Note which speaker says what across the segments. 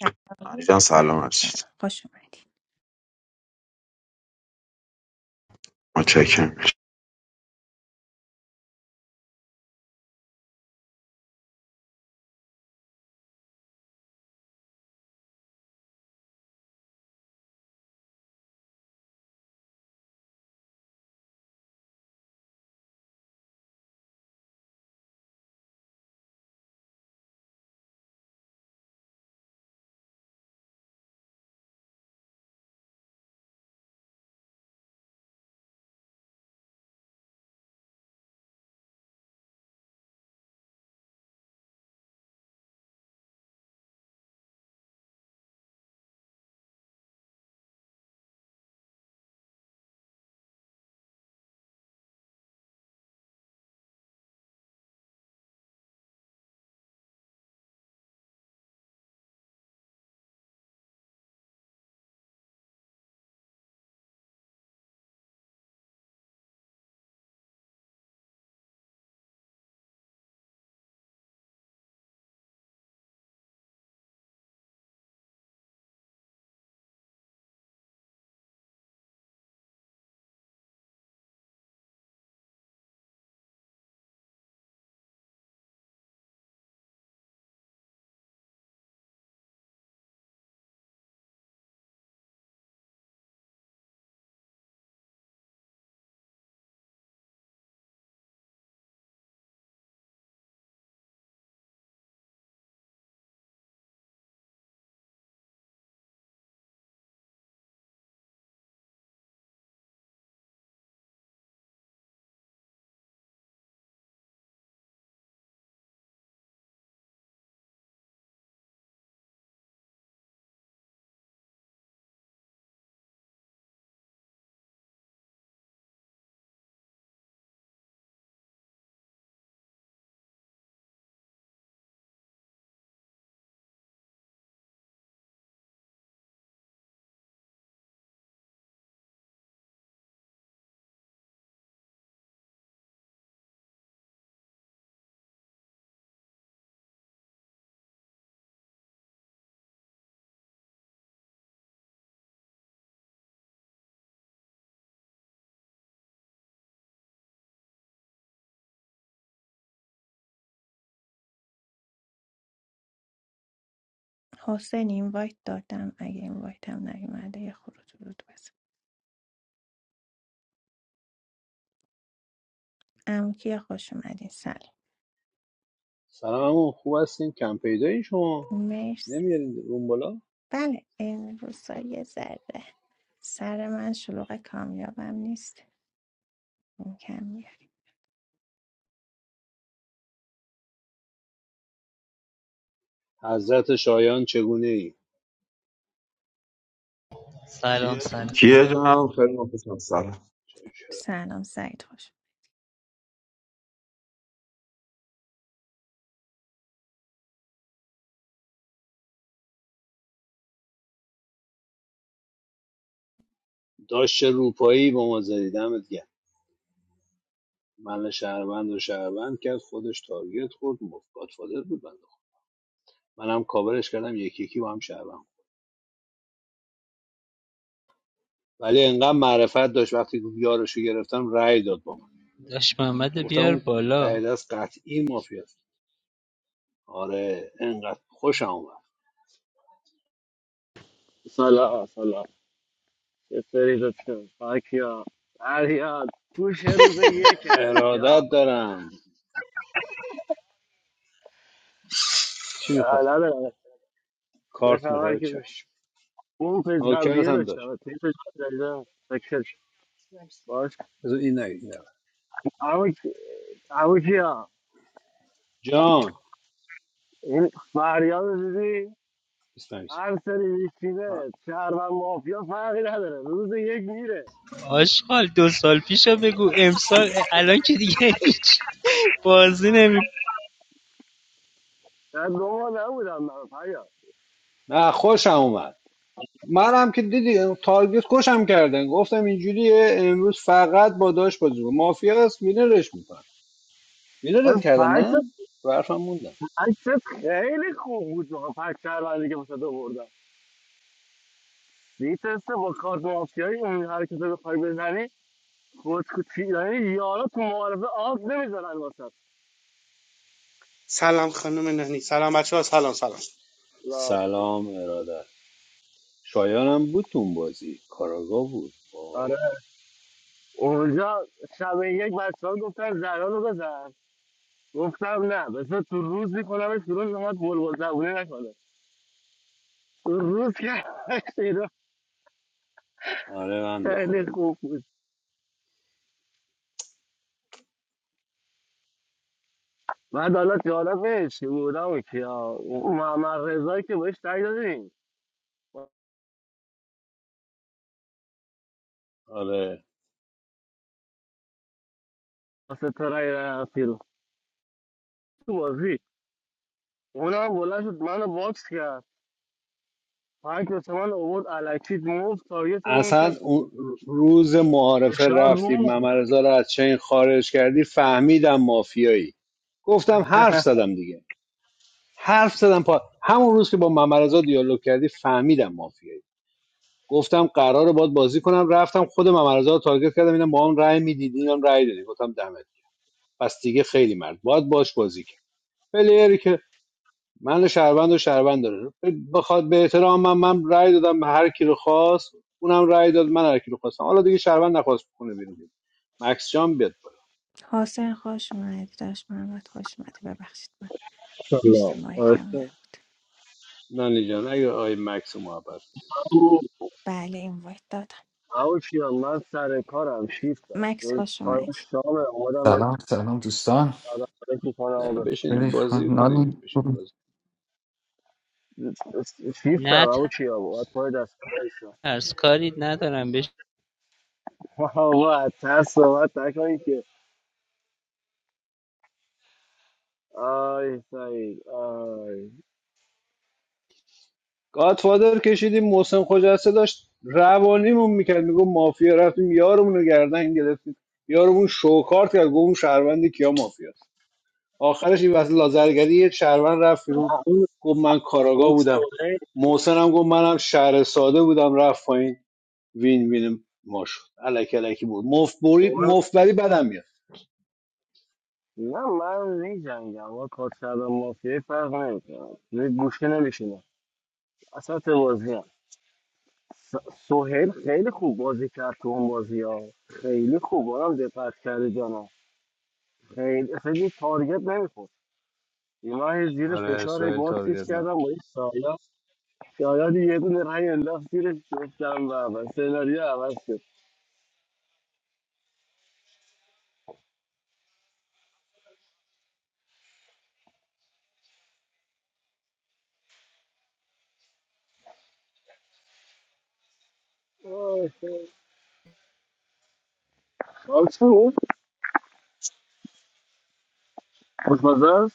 Speaker 1: سلام
Speaker 2: معنی جان سلام
Speaker 1: سلام
Speaker 2: هستید
Speaker 1: سلام. خوش اومدی
Speaker 2: متشکرم
Speaker 1: حسین اینوایت دادم اگه اینوایت هم نیومده یه خروج ورود بزن امکیا خوش اومدین سلام
Speaker 3: سلام عمو خوب هستین کم پیدایی شما
Speaker 1: مرسی
Speaker 3: نمیارین اون بالا
Speaker 1: بله این روزا یه ذره سر من شلوغ کامیابم نیست این کم میاد
Speaker 3: حضرت شایان چگونه ای
Speaker 4: Salon salon.
Speaker 2: کیه جان خیلی مخلصم سلام
Speaker 1: سلام سعید خوش
Speaker 3: داشت چه روپایی با ما زدی دمت گرم من شهروند و شهروند کرد خودش تارگت خورد مفت گادفادر بود بنده خدا. منم کاورش کردم یکی یکی با هم شهروند ولی انقدر معرفت داشت وقتی یارشو گرفتم رأی داد با من
Speaker 4: Ash Mohammad
Speaker 3: گفتم
Speaker 4: biaar
Speaker 3: اون ته
Speaker 4: boloo.
Speaker 3: دست قطعی مافیاست آره انقدر خوشم اومد
Speaker 5: سلام سلام یه سری لطفا فاکیا فریاد گوش روز یک همیشه ها.
Speaker 3: ارادت دارم چی
Speaker 5: نه
Speaker 3: میخوای
Speaker 5: نه نه چه
Speaker 3: کارت
Speaker 5: خبر
Speaker 3: میخوای
Speaker 5: که
Speaker 3: چشم
Speaker 5: اون پیج
Speaker 3: نوکرت
Speaker 5: قبلیه
Speaker 3: هم داشت
Speaker 5: داشتم از این پیج قبلیه فکر شد. باش
Speaker 3: بذار این نگید این نگید.
Speaker 5: اما کی- اما کیا
Speaker 3: جان
Speaker 5: این فریاد رو دیدی
Speaker 3: اسلامیس
Speaker 5: هر سری میشینه شهر و مافیا فرقی نداره روز یک میره
Speaker 4: Ashkall two years before me go eight years. Alon ke diye niq. Pazine boloo.
Speaker 5: در دو ماه نبودم من فریاد
Speaker 3: نه خوشم اومد منم که دیدی تارگت کشم کردن گفتم اینجوریه امروز فقط با داش بازی کن مافیا هست وینرش میکنم
Speaker 5: آخه
Speaker 3: وینرت کردم
Speaker 5: فکت
Speaker 3: نه رو حرفم موندم
Speaker 5: فکت خیلی خوب بود فکت شهروندی که واسه تو میترسه با کارت مافیایی این حرکت رو بخوای بزنی خود کوچی یعنی یارا تو معارفه آب نمیذارن واسه
Speaker 6: سلام خانم نانی سلام بچه ها سلام سلام
Speaker 3: سلام ارادت شایانم بود تو اون بازی کاراگاه بود
Speaker 5: آره
Speaker 3: با
Speaker 5: اونجا شب یک بچه ها گفتن زران رو بزن گفتم نه بذار تو روز میکنم شروع نماد بلبل زبونه نکنه تو روز که شروع
Speaker 3: آره بنده
Speaker 5: خیلی
Speaker 3: خدا
Speaker 5: خوب بود بعد حالا جالبش که بودم که اون محمد رضایی که بهش تایی دادیم
Speaker 3: آره
Speaker 5: واسه تو رای رفتی رو تو بازی اونم بلند شد منو باکس کرد پنج واسه من آورد الکسی مفت تارگتمون
Speaker 3: اصلا
Speaker 5: کرد
Speaker 3: اون روز معارفه
Speaker 5: فشار رو
Speaker 3: رفتی
Speaker 5: بود
Speaker 3: ممرزا رو از چین خارج کردی فهمیدم مافیایی گفتم حرف زدم دیگه حرف زدم پا همون روز که با ممرزا دیالوگ کردی فهمیدم مافیایی گفتم قراره باد بازی کنم رفتم خود ممرزا رو تارگت کردم اینم با هم رأی میدید اینم رأی دادی گفتم دمت پس دیگه خیلی مرد باید باش بازی کرد پلیری که من شهروند و شهروند داره بخواد به احترام من من رأی دادم به هر کی رو خواست اونم رأی داد من هر کی رو خواستم حالا دیگه شهروند نخواست بکنه بیرون مکس جان بیاد بالا
Speaker 1: حسین خوش اومدی داشت محمد خوش اومدی ببخشید من پشت
Speaker 5: سلام
Speaker 1: ماهی کم
Speaker 5: آرسته.
Speaker 1: نبود
Speaker 3: نانی جان اگه آی مکس محبت
Speaker 1: بله اینوایت دادم
Speaker 5: او کیا من سر کارم شیفت داشت
Speaker 1: مکس
Speaker 5: یعنی
Speaker 1: خوش
Speaker 5: تایم
Speaker 1: اومدی
Speaker 5: شامه اومدم یه
Speaker 7: سلام سلام دوستان
Speaker 5: سر تو کنم
Speaker 3: نه
Speaker 5: و برم
Speaker 3: بشینیم
Speaker 7: خیلی خوب.
Speaker 3: بازی کنیم
Speaker 7: نانی
Speaker 3: بشین
Speaker 7: خوبی؟
Speaker 5: شیفت
Speaker 4: Na
Speaker 5: هم او کیا باید پای دست کنشم
Speaker 4: taars karid na taan beesh.
Speaker 5: بابا از ترس صحبت نکنی که آی سعید آی
Speaker 3: گادفادر کشیدیم محسن خجسته داشت روانیمون میکرد میگو مافیا رفتیم یارمون رو گردن گرفتیم یارمون شوکارت کرد گفت اون شهروند کیا مافیاست آخرش این وسط لازرگری یه شهروند رفت بیرون
Speaker 5: اون
Speaker 3: گفت من کاراگاه
Speaker 5: اون
Speaker 3: بودم
Speaker 5: سوهیل
Speaker 3: محسن هم گفت منم شهر ساده بودم رفت پایین وین وین ما شد الکی الکی بود مفبری
Speaker 5: اومد-
Speaker 3: مفبری بدم میاد
Speaker 5: نه من نیجنگم با کار کردم مافیه فرق نمیکنم گوشه نمیشینم اصلا توازی سوهل خیلی خوب بازی کرد تو اون بازی ها خیلی خوب آرام دقت کرده جانا خیلی اصلا یه تارگت نمیخورد یه هی زیر
Speaker 3: آره
Speaker 5: فشار هی
Speaker 3: سوال
Speaker 5: باکسش
Speaker 3: تارگت
Speaker 5: کردم با این سایا سایا دیگه یه دونه رای انداخت زیرش گفتم و سناریو عوض شد آه، آه. آه، چه بود؟ خوشمزه است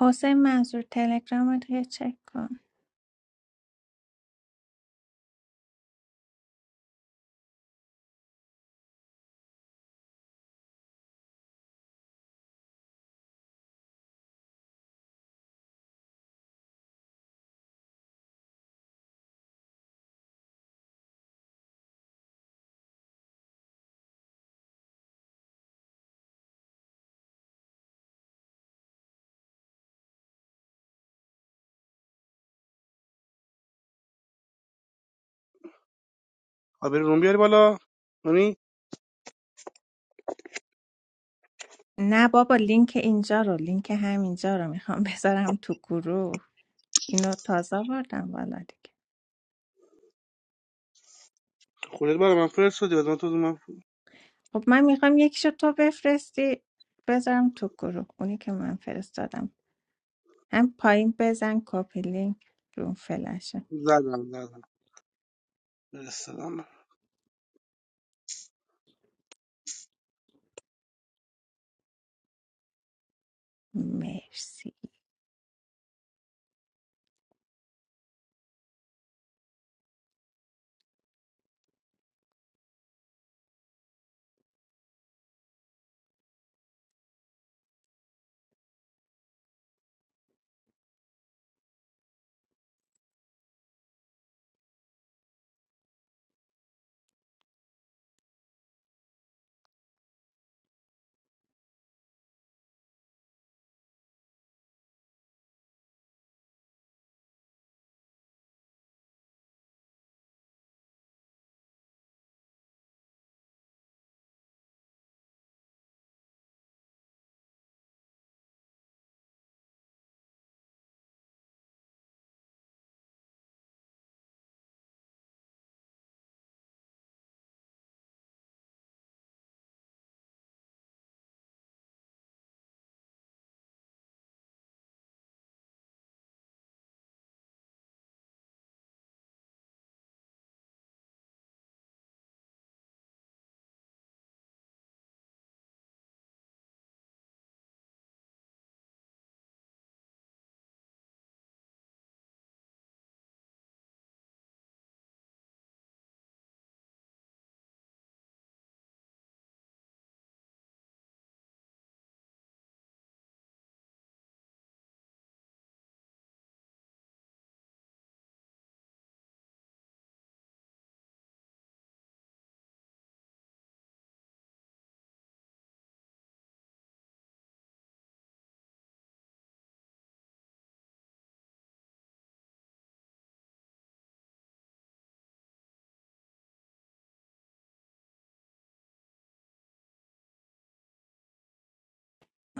Speaker 1: حسین منظور تلگرام رو چک کن
Speaker 6: آبر روم بیاری بالا نانی
Speaker 1: نه بابا لینک اینجا رو لینک همینجا رو میخوام بذارم تو گروه اینو تازه آوردم والا دیگه
Speaker 6: خودت بالا من فرستادی بعد من تو من
Speaker 1: خب من میخوام یکیشو تو بفرستی بذارم تو گروه اونی که من فرستادم هم پایین بزن کپی لینک رو فلشه
Speaker 6: زدم زدم فرستادم
Speaker 1: مرسی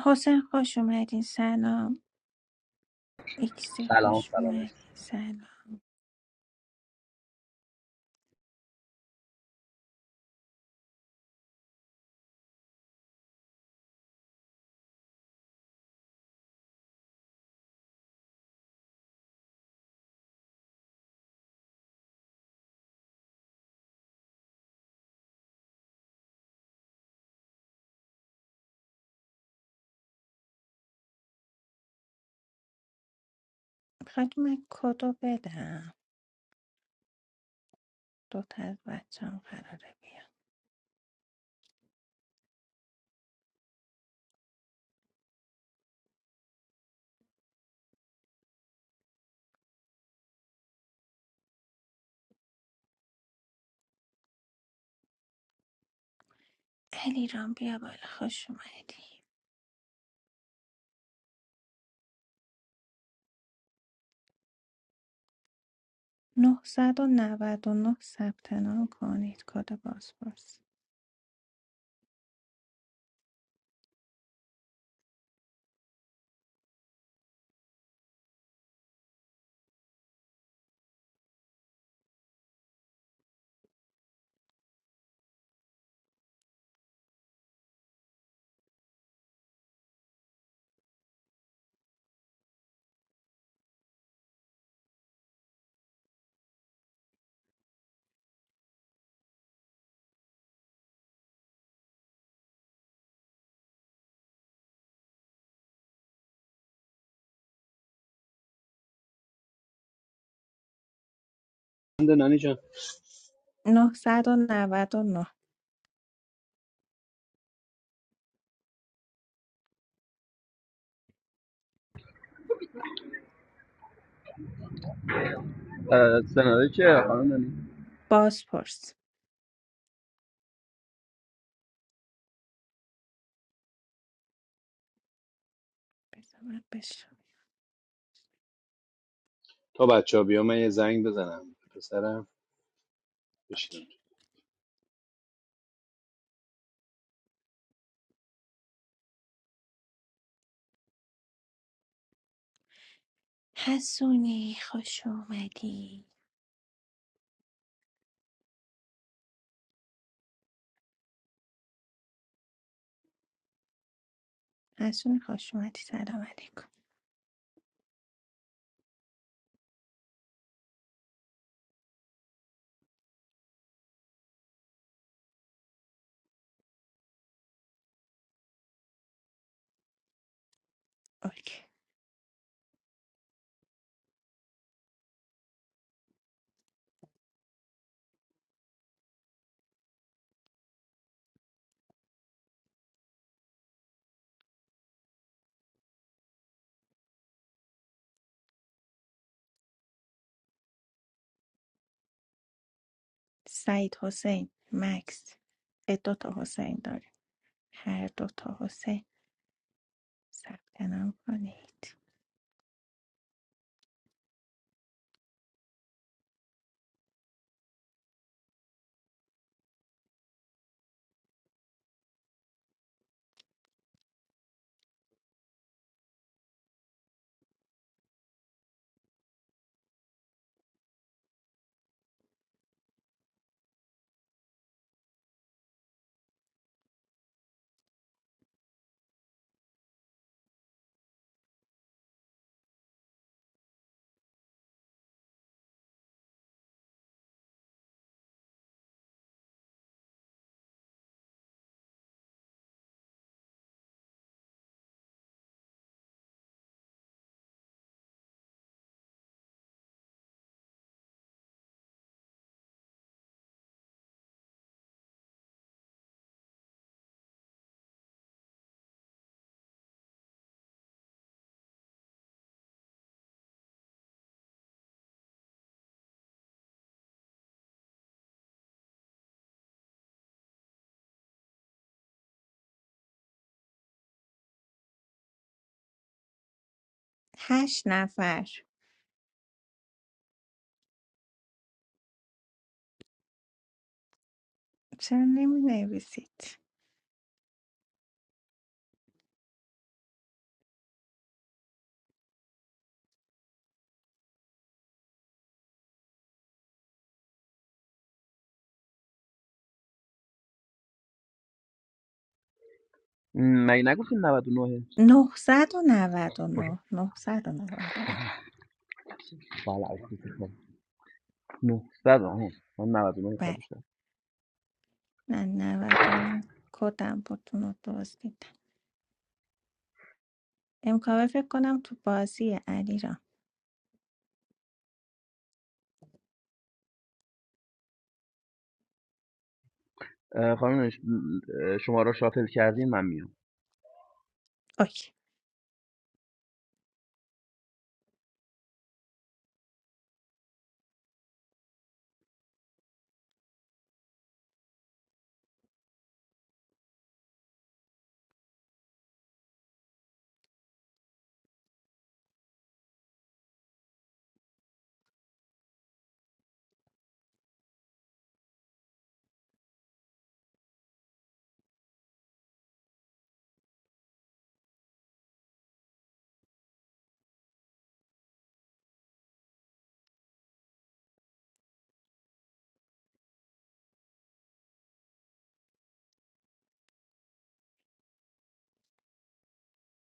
Speaker 1: حسین خوش اومدین سلام ایکسی
Speaker 8: سلام
Speaker 1: خوش
Speaker 8: سلام
Speaker 1: اومدین
Speaker 8: مرسی.
Speaker 1: سلام میخواد من کدو بدم دو تا از بچه هم قراره بیان علی رام بیا بالا خوش اومدی ۹۹۹ ثبت نام کنید کد بازپرس
Speaker 3: نه ننی جان
Speaker 1: 999
Speaker 8: اه، سناریو چه خانم نانی
Speaker 1: بازپرس بذار من بشم
Speaker 3: تا بچه ها بیا من یه زنگ بزنم پسرم بشینم
Speaker 1: اوکی. حسونی خوش اومدی حسون خوش اومدی سلام علیکم اوکی سعید حسین مکس اه، دو تا حسین داریم هر دو تا حسین ثبت نام کنید هشت نفر چرا نمی نویسید
Speaker 8: م، مگه نگفتیم 99
Speaker 1: 999 999
Speaker 8: بله از تو فکر کنم. 900 آها من 99 خالی کرد
Speaker 1: من نود و نه کدم بود اونو دزدیدم امکاوه فکر کنم تو بازی علی رام
Speaker 8: اه، خانم نانی، ش- اه، شما را شاتل کردین من میام
Speaker 1: اوکی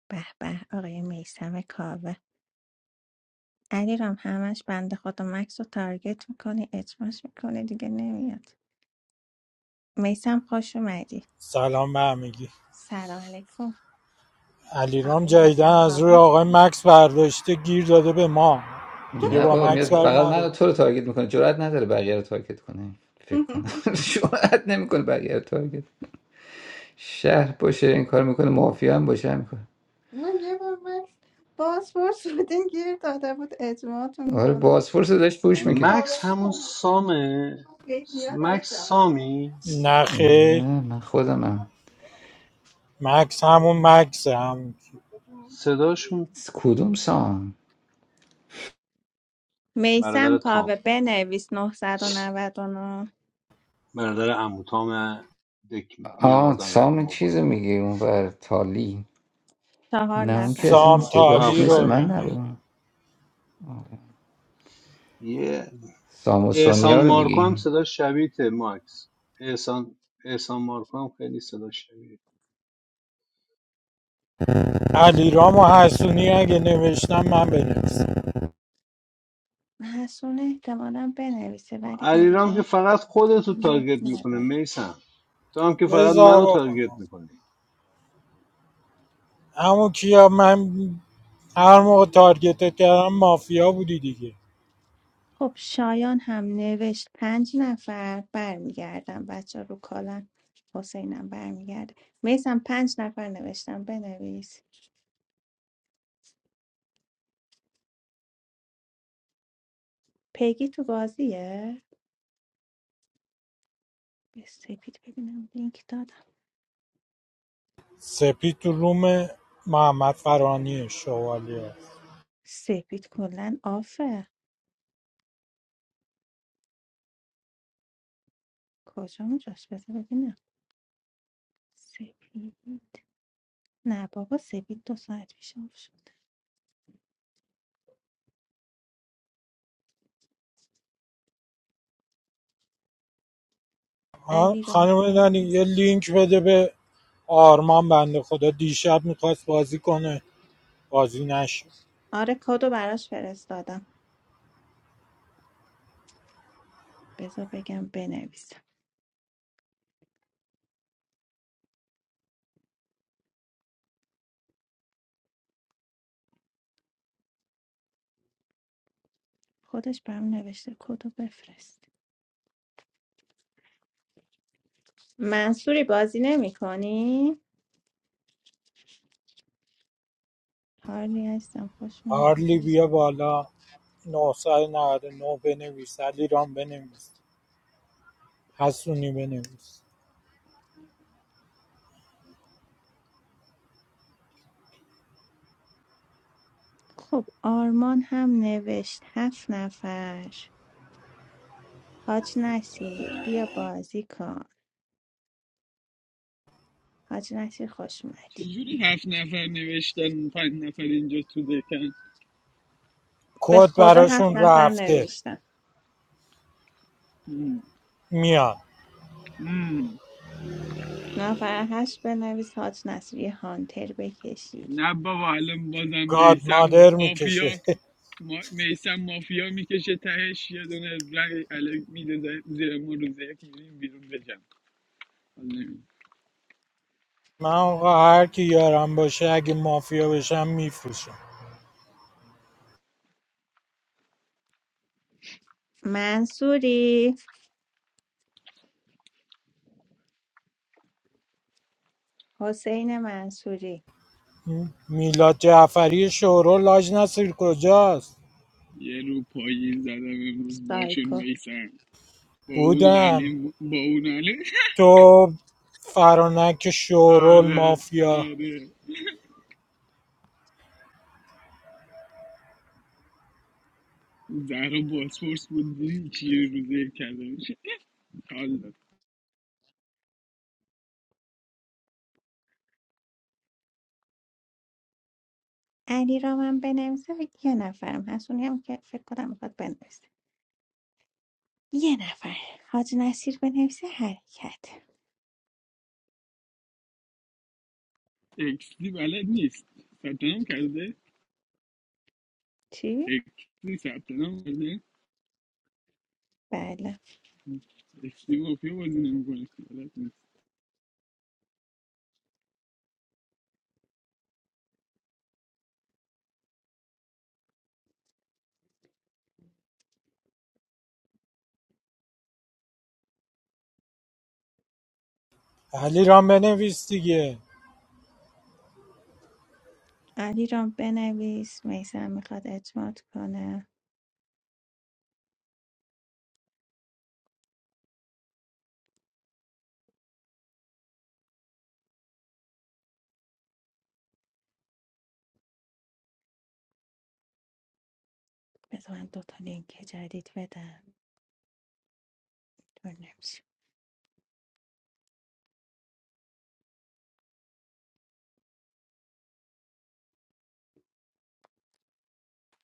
Speaker 1: به به آقای میسم کاوه علی رام همش بند خدا مکس رو تارگت میکنه اجماش میکنه دیگه نمیاد میسم خوش اومدی
Speaker 9: سلام به همگی
Speaker 1: سلام علیکم
Speaker 9: علیرام
Speaker 1: آقای
Speaker 9: جدیدن
Speaker 1: میسم
Speaker 9: از روی
Speaker 1: کاوه
Speaker 9: آقای مکس برداشته گیر داده به ما دیگه
Speaker 7: نه
Speaker 9: با
Speaker 7: بابا میاد
Speaker 9: مکس بر
Speaker 7: فقط من
Speaker 9: نداره
Speaker 7: و تو رو تارگت میکنه جرئت نداره بقیه رو تارگت کنه فکر کنم جرئت نمیکنه بقیه رو تارگت شهر باشه این کار میکنه مافیا هم باشه هم میکنه
Speaker 1: من یه بار مکس پاسپورت بودین گیر داده بود اجماعتون
Speaker 7: آره
Speaker 1: کنه
Speaker 7: بازپرس رو داشت پوش میکرد
Speaker 1: کاوه
Speaker 3: مکس همون
Speaker 1: می‌کنه.
Speaker 3: سامه
Speaker 1: یه نیاد آشنا
Speaker 3: مکس
Speaker 1: می‌کنه.
Speaker 3: سامی
Speaker 9: نه خیر
Speaker 7: نه من خودمم
Speaker 9: مکس همون مکس هم
Speaker 3: صداشون
Speaker 7: س- کدوم سام
Speaker 1: میسم
Speaker 3: برادر تام
Speaker 1: کاوه بنویس 999
Speaker 3: برادر عمو تام دک می
Speaker 7: آه
Speaker 3: آوردن
Speaker 7: سام
Speaker 3: قدیم و
Speaker 7: چیز
Speaker 3: بالا
Speaker 7: میگی اون بر تالی
Speaker 1: چهار
Speaker 7: نه اون که
Speaker 1: نفر
Speaker 7: اصلا
Speaker 9: سام
Speaker 1: نوشت
Speaker 7: صداش
Speaker 9: تالی
Speaker 7: مثل
Speaker 9: رو
Speaker 7: من
Speaker 3: آفرین
Speaker 9: میگه
Speaker 3: آفرین
Speaker 7: نبود
Speaker 3: یه
Speaker 7: سام و
Speaker 3: احسان
Speaker 7: سونیا رو
Speaker 3: مارکو هم
Speaker 7: میگی
Speaker 3: صدا شبیه مکس احسان احسان مارکو هم خیلی صدا شبیه
Speaker 9: علیرام و حسونی اگه نوشتم من بنویسم
Speaker 1: حسون احتمالا بنویسه ولی
Speaker 3: علیرام که
Speaker 1: علیرام
Speaker 3: فقط خودتو
Speaker 1: مایک
Speaker 3: تارگت میکنه
Speaker 1: نداره
Speaker 3: میسم تو هم که فقط
Speaker 9: بزار
Speaker 3: منو تارگت
Speaker 9: بکنم
Speaker 3: میکنی
Speaker 9: همون کیا من هر موقع تارگتت کردم مافیا بودی دیگه
Speaker 1: خب شایان هم نوشت پنج نفر برمیگردم بچه رو کالن حسینم برمیگرده میسم پنج نفر نوشتم بنویس پیگی تو بازیه به سپید ببینم لینک دادم
Speaker 9: سپید تو روم محمد فرانی شوالی هست.
Speaker 1: سپید کلا آفه کجا اونجاست بذار ببینم سپید نه بابا سپید دو ساعت پیش آف شد
Speaker 9: آه،
Speaker 1: علی را
Speaker 9: خانم نانی
Speaker 1: بنویس
Speaker 9: یه لینک بده به آرمان بنده خدا دیشب میخواست بازی کنه بازی نشد
Speaker 1: آره کدو براش فرستادم بذار بگم بنویسم خودش برام نوشته کدو بفرست منصوری بازی نمی کنی؟ هارلی هستم خوش اومدیم
Speaker 9: هارلی بیا بالا 999 بنویس علیرام بنویس حسونی بنویس
Speaker 1: خب آرمان هم نوشت هفت نفر حاج نسیر بیا بازی کن حاج نسیر خوش اومدی
Speaker 10: چجوری هفت نفر نوشتن پنج نفر اینجا تو دکن
Speaker 1: به
Speaker 9: کد
Speaker 1: خدا هفت
Speaker 9: براشون
Speaker 1: نفر
Speaker 9: رفته
Speaker 1: نوشتم
Speaker 10: مم.
Speaker 9: میاد
Speaker 10: مم.
Speaker 1: نفر هشت بنویس حاج نسیر یه هانتر بکشی
Speaker 10: نه بابا الان بازم
Speaker 9: گاد
Speaker 10: میسم
Speaker 9: مادر میکشه
Speaker 10: مافیا ما... میسم مافیا میکشه تهش یه دونه رنگ الک میده ز- زیر ما روز یک میریم بیرون بجم حال نمی‌ده.
Speaker 9: من آقا هر کی یارم باشه اگه مافیا بشم میفروشم
Speaker 1: منصوری حسین منصوری
Speaker 9: میلاد جعفری شورو لاج نصیر کجاست
Speaker 10: یه رو پایین زدم امروز باشون
Speaker 1: سایکو
Speaker 10: میسم با اون و علی
Speaker 9: بودم
Speaker 10: م- با اون و علی
Speaker 9: تو فرانک شورول
Speaker 10: آره
Speaker 9: مافیا
Speaker 10: آره زهرا باسپورس بود دیدی چی روزه کرده میشه
Speaker 1: علی را من بنویسه و یه نفرم هست اونی هم که فکر کنم میخواد بنویسه یه نفر حاج نصیر بنویسه حرکت
Speaker 10: اکسی بلد نیست ثبت نام کرده
Speaker 1: چی؟
Speaker 10: اکسی ثبت نام کرده
Speaker 1: بله
Speaker 10: اکسی مافیا بازی نمیکنه بلد نیست
Speaker 9: علی رام بنویس دیگه
Speaker 1: علی را بنویس میسم میخواد اجماعات کنه بذار من دوتا لینک جدید بدم دور نمیشه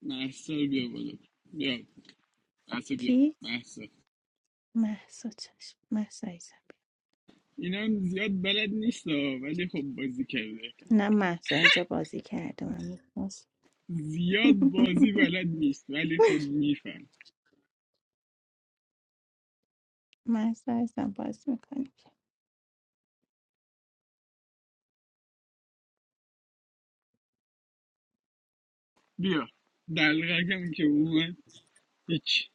Speaker 10: محسا رو بیا بالا بیا محسا بیا
Speaker 1: کی؟
Speaker 10: محسا
Speaker 1: محسا چشم محسا ایزم
Speaker 10: اینا هم زیاد بلد نیست ها، ولی خب بازی کرده
Speaker 1: نه محسا اینجا بازی کرده من می‌خواست.
Speaker 10: زیاد بازی بلد نیست ولی خب میفهم
Speaker 1: محسا ایزم بازی میکنیم
Speaker 10: بیا دلغکم که اومد هیچ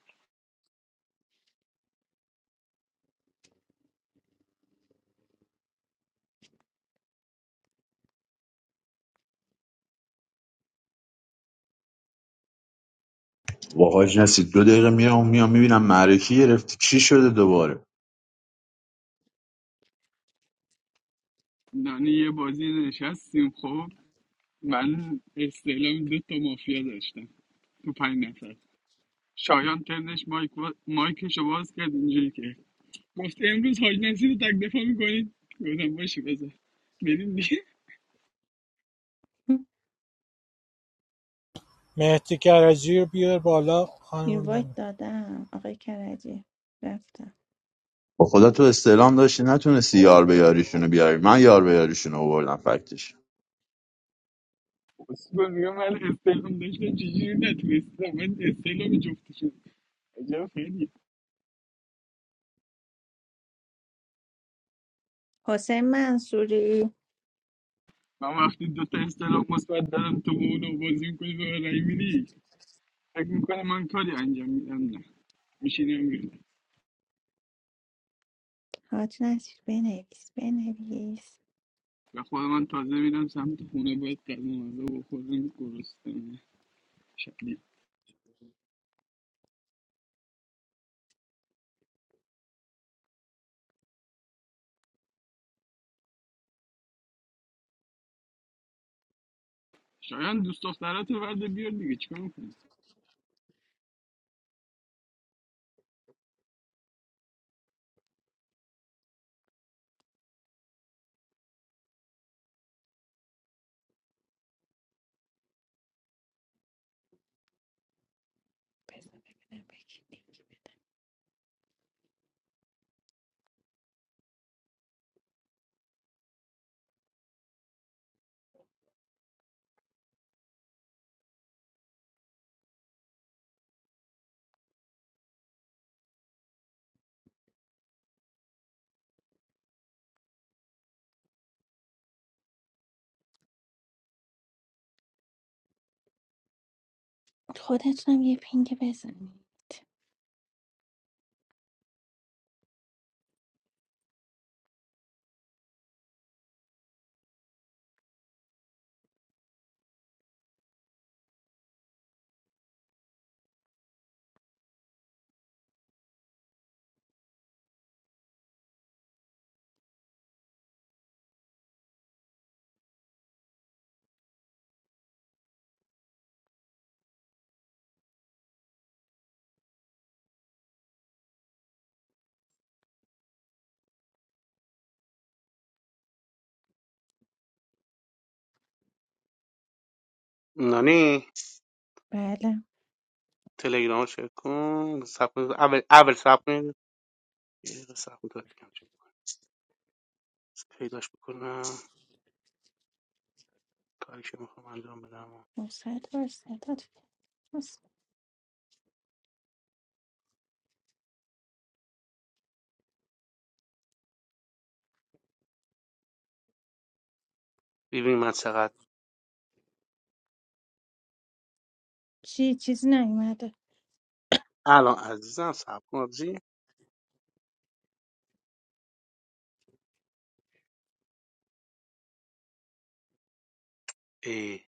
Speaker 2: با حاج نسی دو دقیقه میام میام میبینم معرکی گرفتی چی شده دوباره
Speaker 10: دانه یه بازی نشستیم خب من استعلام دو تا مافیا داشتم تو پنج نفر شایان ترنش مایک وا... مایکشو باز کرد اینجوری که گفت امروز حاج نصیر رو تک دفاع میکنید گفتم باشه بذار بریم دیگه
Speaker 9: مهدی کرجی رو بیار بالا خانم
Speaker 1: اینوایت
Speaker 9: ننه
Speaker 1: دادم آقای کرجی رفتم
Speaker 2: با خدا تو استعلام داشتی نتونستی یار به یاریشونو بیاری من یار به یاریشونو آوردم فکتش
Speaker 10: اصلا میگم من استعلام داشتم چجوری نتونستم من استعلام جفتشون عجب خیلی
Speaker 1: حسین منصوری
Speaker 10: من وقتی دو تا استعلام مثبت دارم تو با اونو بازی میکنی به من رای میدی فکر میکنه من کاری انجام میدم نه میشینم میرم
Speaker 1: حاج نصیر بنویس بنویس
Speaker 10: و خود من تازه میرم سمت خونه باید قدم غذا بخورم گرسنه شدید شایان دوست دخترات رو ورده بیار دیگه چیکار می‌کنی؟
Speaker 1: بذار ببینم به کی دی- خودتونم یه پینگ بزنی
Speaker 6: نانی
Speaker 1: بله
Speaker 6: تلگرام چک کن سب اول اول سب کن یه دقیقه سب کن تا بهت بگم چی. پیداش بکنم کاری که میخوام انجام بدم
Speaker 1: مصد صدات هست.
Speaker 6: ببین من چقدر
Speaker 1: چی چیزی نیومده
Speaker 6: الان عزیزم سب کن آبجی ای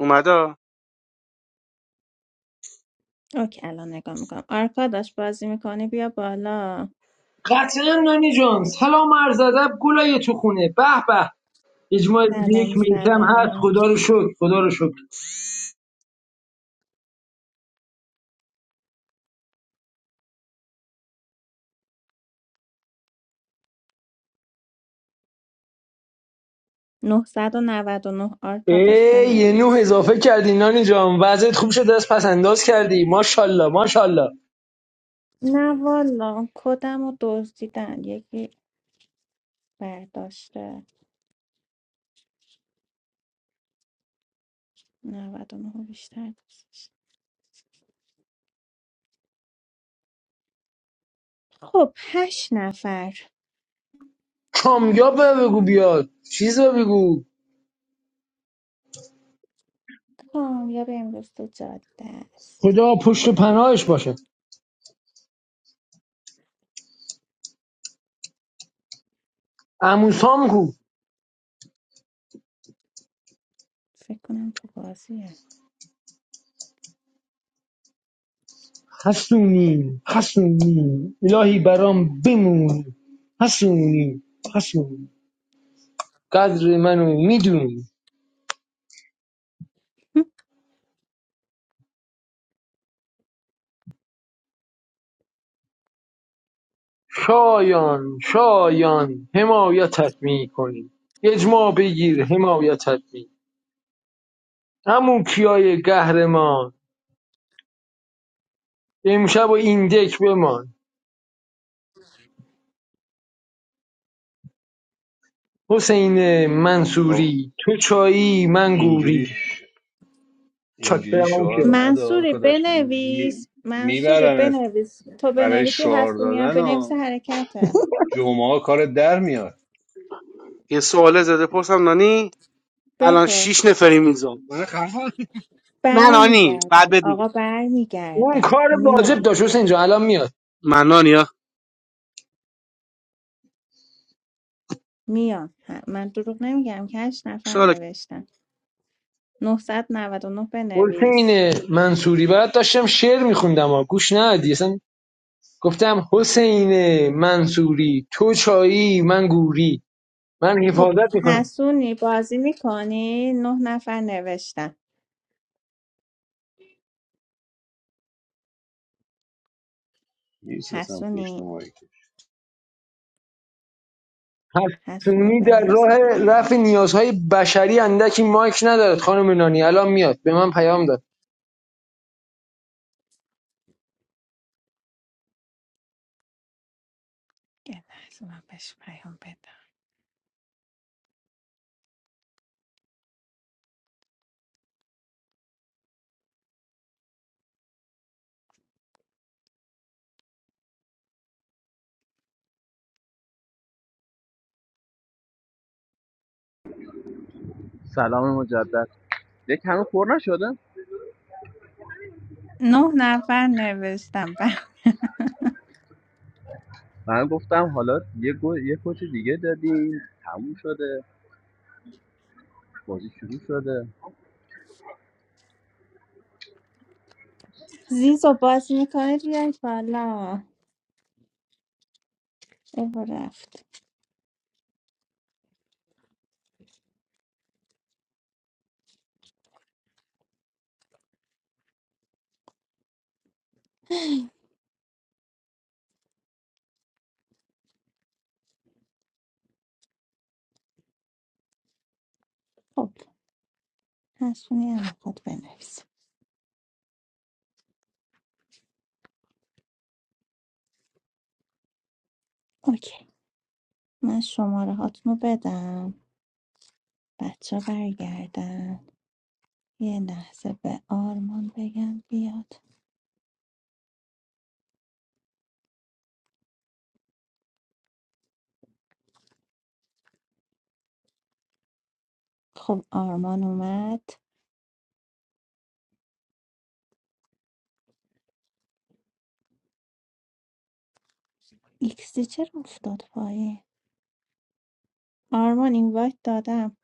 Speaker 6: اومدا
Speaker 1: اوکی الان نگاه میکنم آرکاداش بازی میکنی بیا بالا
Speaker 11: قطعا نانی جان سلام عرض ادب گلای تو خونه به به اجماع روز
Speaker 1: سلام
Speaker 11: یک میتم هست
Speaker 1: سلام
Speaker 11: خدا رو شکر خدا رو شکر
Speaker 1: نهصد و نود و نه آرکاداش
Speaker 11: ای یه نوح
Speaker 1: بنویس
Speaker 11: اضافه کردی نانی جان وضعیت خوب شده از پس انداز کردی ماشالله ماشالله
Speaker 1: نه والا کدم رو دزدیدن یکی برداشته 99 بیشتر نیست. خب هشت نفر
Speaker 11: کامیاب به بگو بیاد چیز به بگو
Speaker 1: کامیاب امروز تو جاده است
Speaker 11: خدا پشت و پناهش باشه اموسام کو
Speaker 1: فکر کنم تو بازیه
Speaker 11: حسونی حسونی الهی برام بمونی حسونی حسونی قدر منو میدونی شایان شایان حمایتت میکنیم اجماع بگیر حمایتت میکنیم همون کیای قهرمان امشب و این دک بمان حسین
Speaker 3: آه.
Speaker 11: منصوری تو چایی من
Speaker 3: اینجوری
Speaker 11: گوری
Speaker 3: ش-
Speaker 11: چاک
Speaker 3: اینجوری
Speaker 11: برم اون
Speaker 3: شعار
Speaker 11: کیا
Speaker 3: ندار
Speaker 1: منصوری
Speaker 3: کداش
Speaker 1: بنویس منصوری
Speaker 3: میبرم
Speaker 1: بنویس تو
Speaker 3: برای
Speaker 1: بنویسی
Speaker 3: شعار
Speaker 1: هستونی هم
Speaker 3: دادن
Speaker 1: بنویس
Speaker 3: ها
Speaker 1: حرکته
Speaker 3: جمعه ها کار در میاد
Speaker 6: یه سوال زده پرسم نانی الان شش
Speaker 1: بپرس
Speaker 6: نفریم اینجا من خفم نه نانی بعد
Speaker 1: برمیگردن
Speaker 6: بد
Speaker 1: آقا
Speaker 6: میگم
Speaker 11: اون
Speaker 1: برمیگردن
Speaker 11: کار واجب
Speaker 1: میان
Speaker 11: داشت حسین جان الان میاد
Speaker 6: من نانی
Speaker 1: میان ه- من دروغ نمیگم که هشت نفر
Speaker 6: ها
Speaker 1: نوشتن 999 بنویس
Speaker 11: حسین منصوری برات داشتم شعر میخوندم ها، گوش ندی اصلا گفتم حسین منصوری تو چایی من گوری من
Speaker 1: خب
Speaker 11: حفاظت میکنم
Speaker 1: حسونی بازی میکنی؟ نه نفر نوشتن
Speaker 3: نیست اصلا پشت
Speaker 1: حسونی
Speaker 3: مایی که
Speaker 1: حسونی
Speaker 11: حسونی در
Speaker 1: بنویسه دیگه
Speaker 11: راه رفع
Speaker 1: حرکت
Speaker 11: نیازهای بشری اندکی مایک ندارد خانم نانی الان میاد به من پیام داد
Speaker 1: یه لحظه من بهش پیام بدم
Speaker 8: سلام مجدد یک هنوز پر نشده
Speaker 1: نه نفر نوشتم
Speaker 8: من گفتم حالا یه گل یه کوچ دیگه دادیم تموم شده بازی شروع شده
Speaker 1: زیزو بازی میکنید بیاید بالا ایو رفت خب حسونی هم خود بنویسه اوکی من شماره هاتونو بدم بچه برگردن یه لحظه به آرمان بگم بیاد خب آرمان اومد ایکسی چرا افتاد پایین آرمان این وایت دادم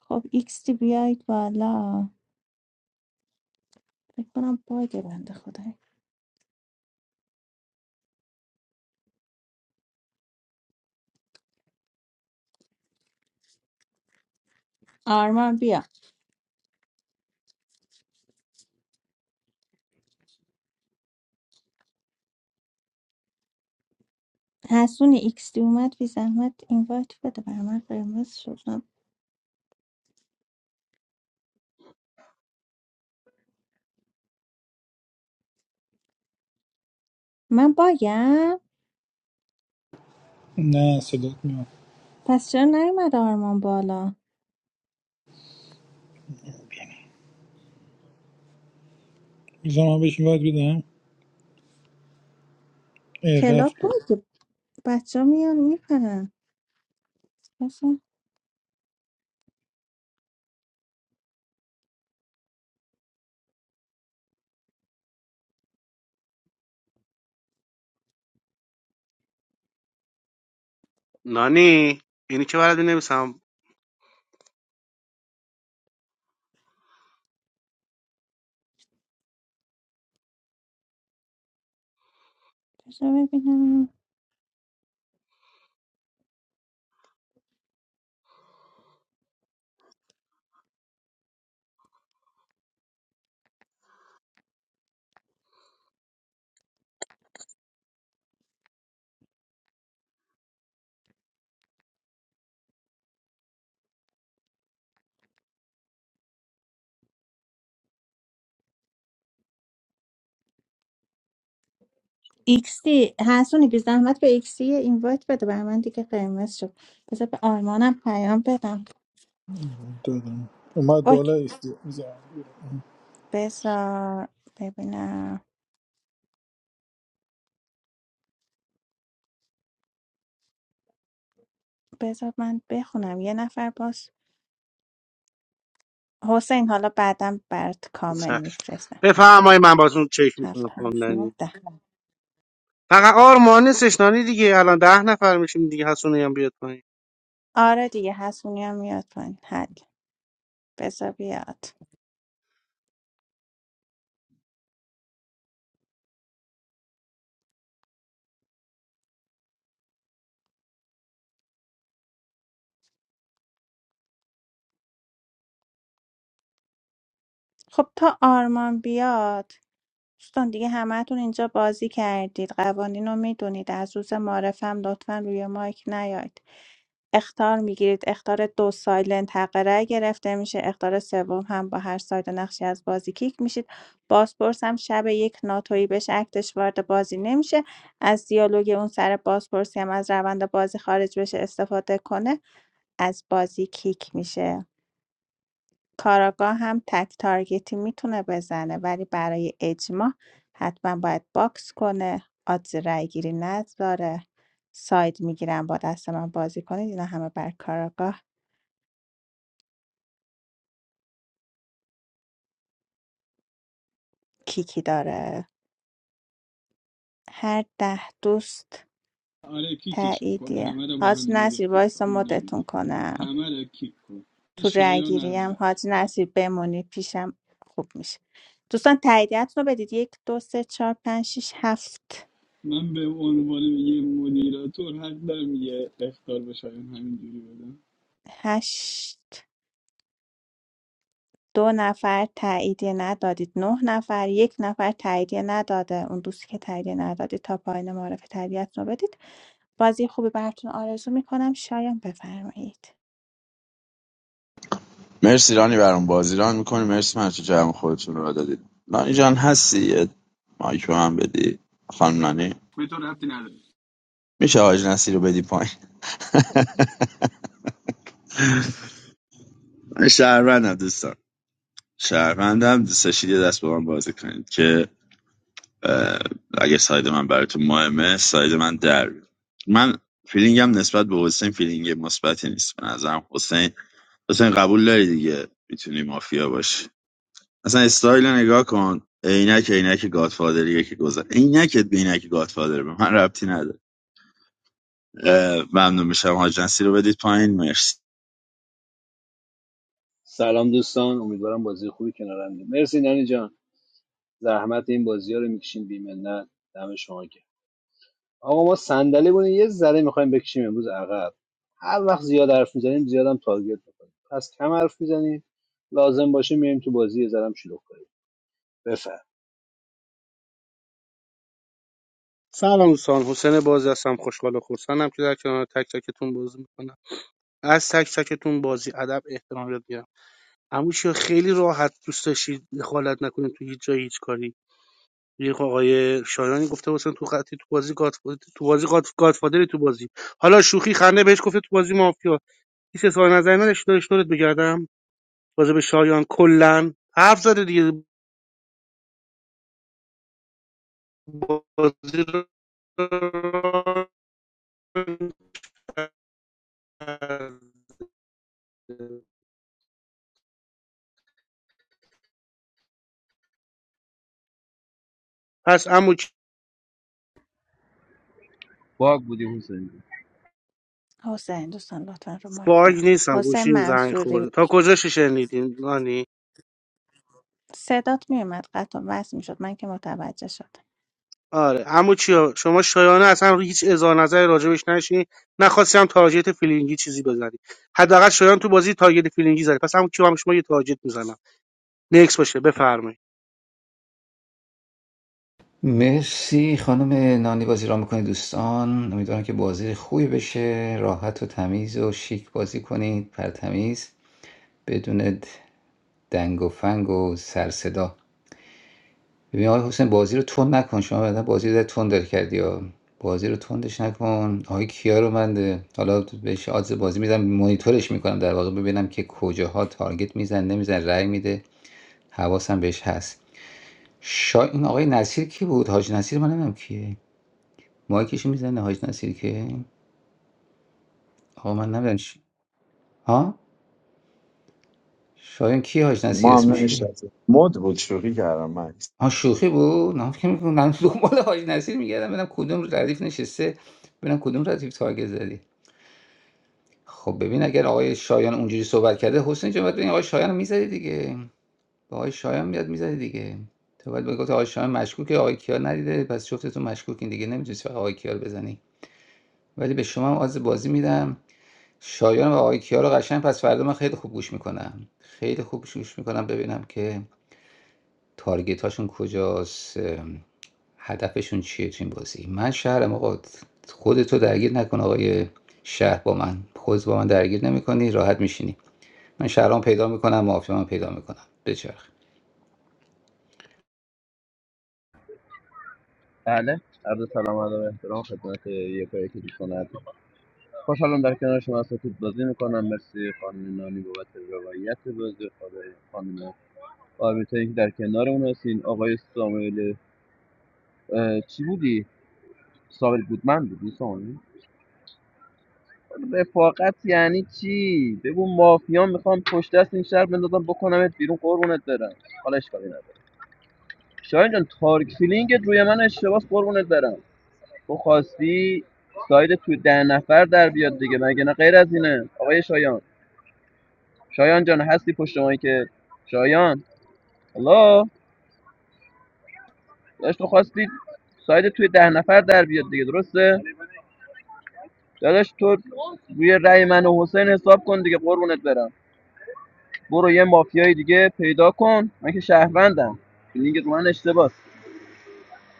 Speaker 1: خب ایکستی بیایید بالا فکر کنم باگه بنده خدایی آرمان بیا حسون ایکستی اومد بی زحمت این وایت بده بر من قرمز شدم من باگم
Speaker 12: نه صدات میاد
Speaker 1: پس چرا نیومد آرمان بالا
Speaker 12: میزم من بهش باید بدم اه،
Speaker 1: کلاب
Speaker 12: رفت
Speaker 1: باگه بچه ها میان میپرن
Speaker 6: نانی یعنی چه بلدی نمیسم
Speaker 1: بذار ببینم ایکستی حسونی بی زحمت به ایکستی این وایت بده بر من دیگه قرمز شد بذار به آرمانم پیام بدم
Speaker 12: دادم اومد
Speaker 1: اوکی
Speaker 12: بالا ایستی میزم
Speaker 1: بذار ببینم بذار من بخونم یه نفر باز حسین حالا بعدم برات کامل میفرستم
Speaker 6: بفهم های من باتون چک
Speaker 1: هفت
Speaker 6: میکنم
Speaker 1: هشت نه
Speaker 6: خواندنی
Speaker 1: ده
Speaker 6: فقط آرمان نیستش نانی دیگه الان ده نفر میشیم دیگه حسونی هم بیاد پایین
Speaker 1: آره دیگه حسونی هم میاد پایین حل بذار بیاد خب تا آرمان بیاد دوستان دیگه همهتون اینجا بازی کردید قوانین رو میدونید از روز معرفم لطفا روی مایک نیاید اختار میگیرید اختار دو سایلنت حق رأی گرفته میشه اختار سوم هم با هر ساید و نقشی از بازی کیک میشید بازپرس هم شب یک ناتویی بش اکتش وارد بازی نمیشه از دیالوگ اون سر بازپرسی هم از روند بازی خارج بشه استفاده کنه از بازی کیک میشه کاراگاه هم تک تارگتی میتونه بزنه ولی برای اجماع حتما باید باکس کنه آدز رای گیری نذاره ساید میگیرم با دست من بازی کنید اینا همه بر کاراگاه کیکی داره هر ده دوست
Speaker 10: آره کیکشون کن
Speaker 1: تاییدیه
Speaker 10: همه رو با
Speaker 1: حاج
Speaker 10: هم دیگه
Speaker 1: نصیر
Speaker 10: کیک
Speaker 1: وایسا
Speaker 10: کن نگو
Speaker 1: مدتون کنم
Speaker 10: همه رو کیک کن این
Speaker 1: تو رای
Speaker 10: شایان
Speaker 1: گیری
Speaker 10: اول
Speaker 1: هم حاج نصیر بمونی پیشم خوب میشه دوستان تاییدیتون رو بدید یک دو سه چهار پنج شیش هفت
Speaker 10: من به عنوان یه مدیراتور حق دارم یه اختار به شایان همینجوری بدم
Speaker 1: هشت دو نفر تاییدیه ندادید نه نفر یک نفر تاییدیه نداده اون دوستی که تاییدیه ندادید تا پایان معرف تربیت رو بدید بازی خوبی براتون آرزو میکنم شایان بفرمایید
Speaker 2: مرسی رانی برام بازی ران میکنی مرسی من تو جمع خودتون رو دادید رانی جان هستی یه مایک رو هم بدی خانم نانی
Speaker 10: به تو ربطی نداره
Speaker 2: میشه حاج نسی رو بدی پایین من شهروندم دوستان شهروندم دوست داشتید یه دست با من بازی کنید که اگه ساید من براتون مهمه ساید من در من فیلینگم نسبت به حسین فیلینگ مثبتی نیست به نظرم حسین حسین قبول داری دیگه میتونی مافیا باشی اصلا استایل نگاه کن عینک عینک گادفادریه که گذر عینکت به عینک گادفادر به من ربطی نداره اه، ممنون میشم هاجنسی رو بدید پایین مرسی
Speaker 3: سلام دوستان امیدوارم بازی خوبی کنار هم دیم. مرسی نانی جان زحمت این بازی ها رو میکشیم بیمنت دم شما گرم آقا ما صندلی بودیم یه ذره میخوایم بکشیم امروز عقب هر وقت زیاد حرف میزنیم زیاد هم تارگت میکنیم پس کم حرف میزنیم لازم باشه میایم تو بازی یه ذره هم شلوغ کنیم بفر
Speaker 6: سلام دوستان حسین بازی هستم خوشحال و خرسندم که در کنار تک تکتون بازی میکنم از تک تکتون بازی ادب احترام یاد گیرم اموشی خیلی راحت دوست داشتید دخالت نکنید تو هیچ جای هیچ کاری یه خب آقای شایانی گفته حسین تو خطی تو بازی گاد تو بازی گاد گادفادری تو بازی حالا شوخی خنده بهش گفته تو بازی مافیا هیچ اظهار نظری نداشت داشت دورت بگردم راجع به شایان کلا حرف زده دیگه بازی رو پس عمو چ-
Speaker 8: باگ بودی حسین جون.
Speaker 1: حسین دوستان لطفا رو مایک
Speaker 6: باگ
Speaker 1: نه
Speaker 6: نیستم
Speaker 1: حسین
Speaker 6: گوشیم زنگ
Speaker 1: منصوری
Speaker 6: خورده تا کجاش شنیدین نانی
Speaker 1: صدات میومد قطع و وصل میشد من که متوجه شدم
Speaker 6: آره عمو چیا شما شایانه اصلا هیچ اظهار نظری راجبش نشین نخواستم تارجت فیلینگی چیزی بزنی حداقل شایان تو بازی تارجت فیلینگی زدی پس عمو کیا هم شما یه تارجت میزنم نکس باشه بفرمایید
Speaker 7: مرسی خانم نانی بازی را میکنید دوستان امیدوارم که بازی خوبی بشه راحت و تمیز و شیک بازی کنید پرتمیز بدون دنگ و فنگ و سر صدا ببین آقای حسین بازی رو تند نکن شما بعدا بازی رو در تند داری کردی یا بازی رو تندش نکن آقای کیا رو من حالا بهش آدز بازی میدم مانیتورش میکنم در واقع ببینم که کجاها تارگت میزن نمیزن رأی میده حواسم بهش هست شا... این آقای نصیر کی بود حاج نصیر من نمیدونم کیه مایکشو میزنه حاج نصیر که آقا من نمیدونم چی ها شایان کی حاج نصیر
Speaker 2: ما هم
Speaker 7: اسمش کیه
Speaker 2: نمیشناسیم مد بود شوخی کردم مکس
Speaker 7: ها شوخی بود نه فکر می‌کنم من دنبال حاج نصیر میگردم ببینم کدوم ردیف نشسته ببینم کدوم ردیف تارگت زدی خب ببین اگر آقای شایان اونجوری صحبت کرده حسین جان باید ببین آقای شایان رو میزدی دیگه با آقای شایان میاد میزدی دیگه تو باید بگو آقای شایان مشکوکه آقای کیار ندیده پس جفتتون مشکوکین دیگه نمی‌تونی فقط آقای کیار بزنی ولی به شما هم آز بازی میدم شایان و آقای کیا رو قشنگ پس فردا من خیلی خوب گوش میکنم خیلی خوب گوش میکنم ببینم که تارگت هاشون کجاست هدفشون چیه تو این بازی من شهرم آقا خودتو درگیر نکن آقای شهر با من خود با من درگیر نمیکنی راحت میشینی من شهرام پیدا میکنم معافیام پیدا میکنم بچرخ
Speaker 8: بله عرض سلام و ادب و احترام خدمت یک و یک دوستان عزیز. خوشحالم در کنار شما سفید بازی میکنم مرسی خانم نانی بابت روایت بازی خدای خانم آرمیتایی که در کنار اون هستین آقای ساموئل چی بودی؟ ساموئل گودمن بودی ساموئل؟ رفاقت یعنی چی؟ بگو مافیا میخوام پشت دست این شهر بندازم بکنمت بیرون قربونت برم حالا اشکالی نداره شاید جان تارک فیلینگت روی من اشتباس قربونت برم تو خواستی ساید تو ده نفر در بیاد دیگه مگه نه غیر از اینه آقای شایان شایان جان هستی پشت مایی که شایان الله داشت تو خواستی ساید توی ده نفر در بیاد دیگه درسته داداش تو روی رأی من و حسین حساب کن دیگه قربونت برم برو یه مافیای دیگه پیدا کن من که شهروندم لیگ من اشتباس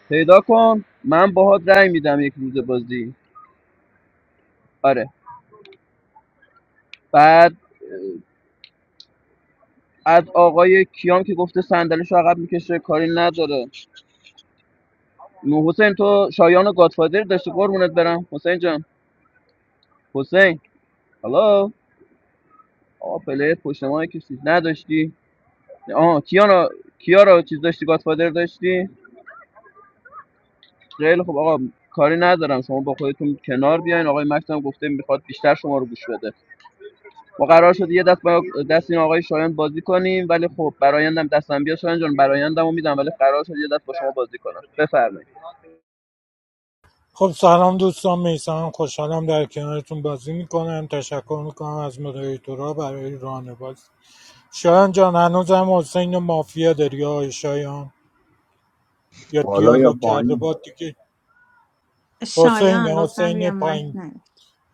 Speaker 8: پیدا کن من باهات رأی میدم یک روز بازی آره بعد از آقای کیام که گفته صندلیش رو عقب میکشه کاری نداره نو حسین تو شایان و گادفادر داشتی قربونت برم حسین جان حسین هالو. آقا پلیر پشت ما که چیز نداشتی آها کیارا کیارا کیا چیز داشتی گاتفادر داشتی خیلی خب آقا کاری ندارم شما با خودتون کنار بیاین آقای مکس هم گفته میخواد بیشتر شما رو گوش بده ما قرار شد یه دست با دست این آقای شایان بازی کنیم ولی خب برایندم دستم بیا شایان جان برایندمو میدم ولی قرار شد یه دست با شما بازی کنم بفرمایید
Speaker 9: خب سلام دوستان میسمم خوشحالم در کنارتون بازی میکنم تشکر میکنم از مدیریتورا برای راهنمایی شایان جان هنوزم حسین و مافیا داری آقای شایان یا
Speaker 2: بالا یا
Speaker 9: دیالوگ کرده با
Speaker 2: پایین
Speaker 9: دیگه حسین
Speaker 1: شایان لطفا
Speaker 9: حسین
Speaker 1: روی مایک
Speaker 9: پایین
Speaker 1: نه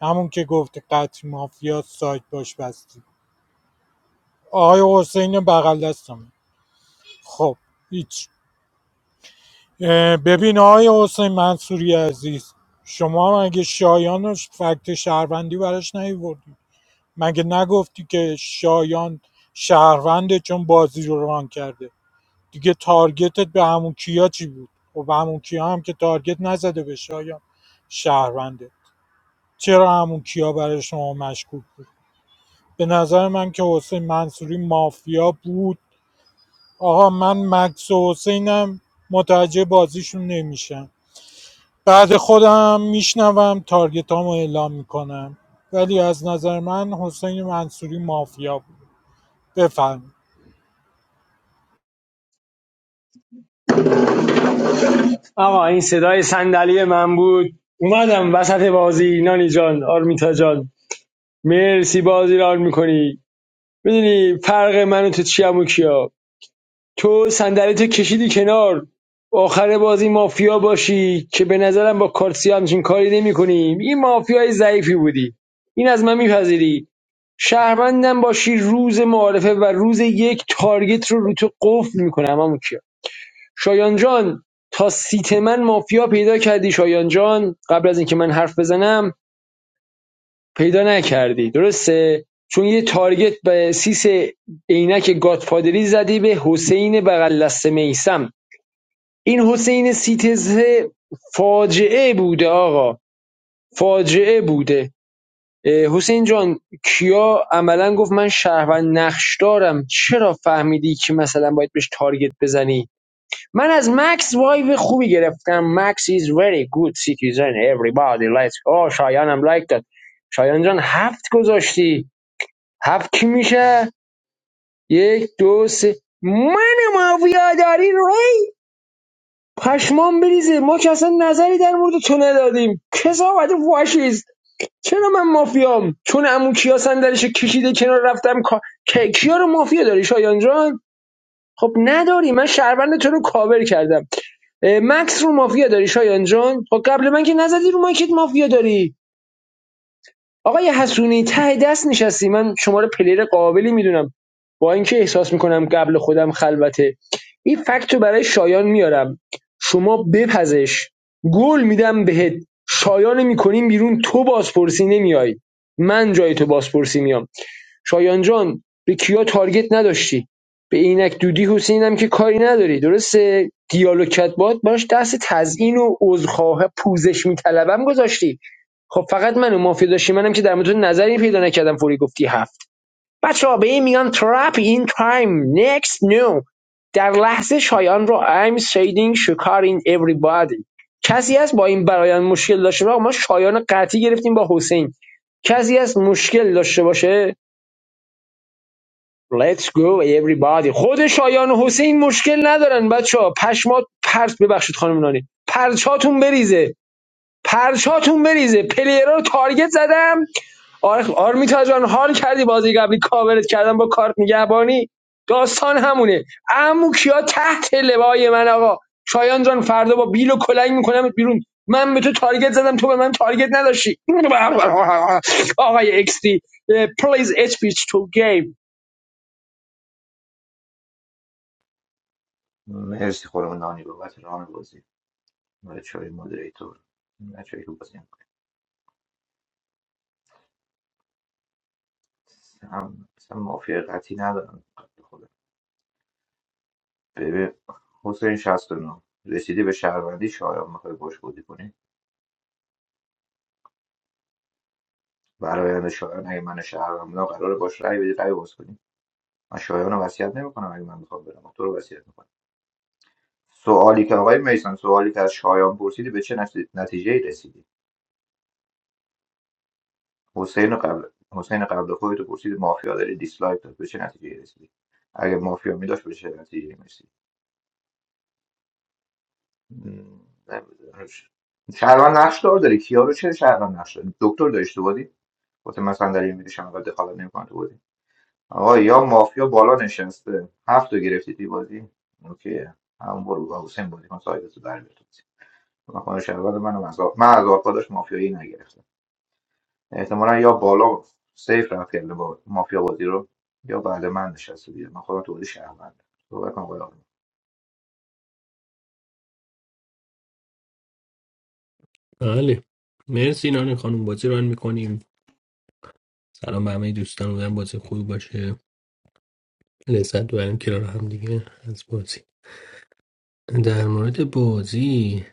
Speaker 9: همون که گفت قطعی مافیا سایت باش بستی آقای حسین بغل دستم خب هیچ اه، ببین آقای حسین منصوری عزیز شما مگه شایان رو فکت شهروندی براش نیوردی مگه نگفتی که شایان شهرونده چون بازی رو روان کرده دیگه تارگتت به همون کیا چی بود و به همون کیا هم که تارگت نزده به شایان شهرونده چرا همون کیا برای شما مشکوک بود به نظر من که حسین منصوری مافیا بود آقا من مکس و حسینم متوجه بازیشون نمیشم بعد خودم میشنوم تارگت تارگتامو اعلام میکنم ولی از نظر من حسین منصوری مافیا بود بفهم
Speaker 11: آقا این صدای صندلی من بود اومدم وسط بازی نانی جان آرمیتا جان مرسی بازی را میکنی میدونی فرق من و تو چیم و کیا تو صندلی تو کشیدی کنار آخر بازی مافیا باشی که به نظرم با کارتسی همچین کاری نمی کنیم. این مافیای ضعیفی بودی این از من میپذیری شهروندم باشی روز معارفه و روز یک تارگت رو رو تو قفل میکنه امام کیا شایان جان تا سیت من مافیا پیدا کردی شایان جان قبل از اینکه من حرف بزنم پیدا نکردی درسته چون یه تارگت به سیس عینک گاتفادری زدی به حسین بغل دست میسم این حسین سیتز فاجعه بوده آقا فاجعه بوده حسین جان کیا عملا گفت من شهروند نقش دارم چرا فهمیدی که مثلا باید بهش تارگت بزنی من از مکس وایو خوبی گرفتم مکس is very good citizen everybody likes آه شایانم لایک داد شایان جان هفت گذاشتی هفت کی میشه یک دو سه من مافیا داری روی پشمان بریزه ما که اصلا نظری در مورد تو ندادیم کسا باید واشیز چرا من مافیام چون عمو کیا صندلیشو کشیده کنار رفتم کا... کی- کیا رو مافیا داری شایان جان خب نداری من شهروند تو رو کاور کردم مکس رو مافیا داری شایان جان خب قبل من که نزدی رو مایکت مافیا داری آقای حسونی ته دست نشستی من شما رو پلیر قابلی میدونم با اینکه احساس میکنم قبل خودم خلوته این فکت رو برای شایان میارم شما بپزش گل میدم بهت شایان میکنیم بیرون تو بازپرسی نمیای من جای تو بازپرسی میام شایان جان به کیا تارگت نداشتی به اینک دودی حسینم که کاری نداری درسته دیالوگ کت باش دست تزیین و عذرخواه پوزش میطلبم گذاشتی خب فقط من و مافیا داشتی منم که در مورد نظری پیدا نکردم فوری گفتی هفت بچه‌ها به این میگن trap in time next نو در لحظه شایان رو I'm shading شکار in everybody کسی هست با این برایان مشکل داشته باشه ما شایان قطعی گرفتیم با حسین کسی هست مشکل داشته باشه Let's go everybody خود شایان و حسین مشکل ندارن بچه‌ها ها پشمات پرت ببخشید خانم نانی پرچاتون بریزه پرچاتون بریزه پلیرها رو تارگت زدم آره خب، آرمیتا جان حال کردی بازی قبلی کاورت کردن با کارت نگهبانی داستان همونه عمو کیا تحت لوای من آقا شایان جان فردا با بیل و کلنگ میکنم بیرون من به تو تارگت زدم تو به من تارگت نداشتی آقای ایکس دی پلیز اچ پیچ تو گیم
Speaker 13: مرسی خانم نانی بابت ران بازی بچه‌های مودریتور بچه‌ای که بازی هم هم مثلا مافیا قطعی ندارم قبل خودم ببین حسین 69 رسیدی به شهروندی شایان میخوای باش بودی کنی برایند شایان اگه من شهروند بودم قرار باش رأی بدی رأی باز کنی من شایان رو وصیت نمیکنم اگه من میخوام برم تو رو وصیت میکنم سوالی که آقای میسان سوالی که از شایان پرسیدی به چه نتیجه ای رسیدی حسین قبل حسین قبل خودتو پرسید مافیا داری دیسلایک داد به چه نتیجه رسیدی اگه مافیا میداشت به چه نتیجه میرسی شهروند نقش دار داری کیا رو چه شهروند نقش داری دکتر داری تو بودی واسه مثلا در این میدیشم اول دخالت نمیکنه تو بودی آقا یا مافیا بالا نشسته هفت رو گرفتی توی بازی اوکی همون برو با حسین بازی کن سایدتو در بیار تو بازی. من خانه شهروند منم از آ- من از آرپاداش مافیایی نگرفتم احتمالا یا بالا سیف رفت کرده با مافیا بازی رو یا بعد من نشسته دیگه من خودم تو بازی شهروند صحبت کنم آقای آرمان.
Speaker 14: بله مرسی نان خانم بازی ران میکنیم سلام به همه دوستان بودن بازی خوب باشه لذت ببریم کنار هم دیگه از بازی در مورد بازی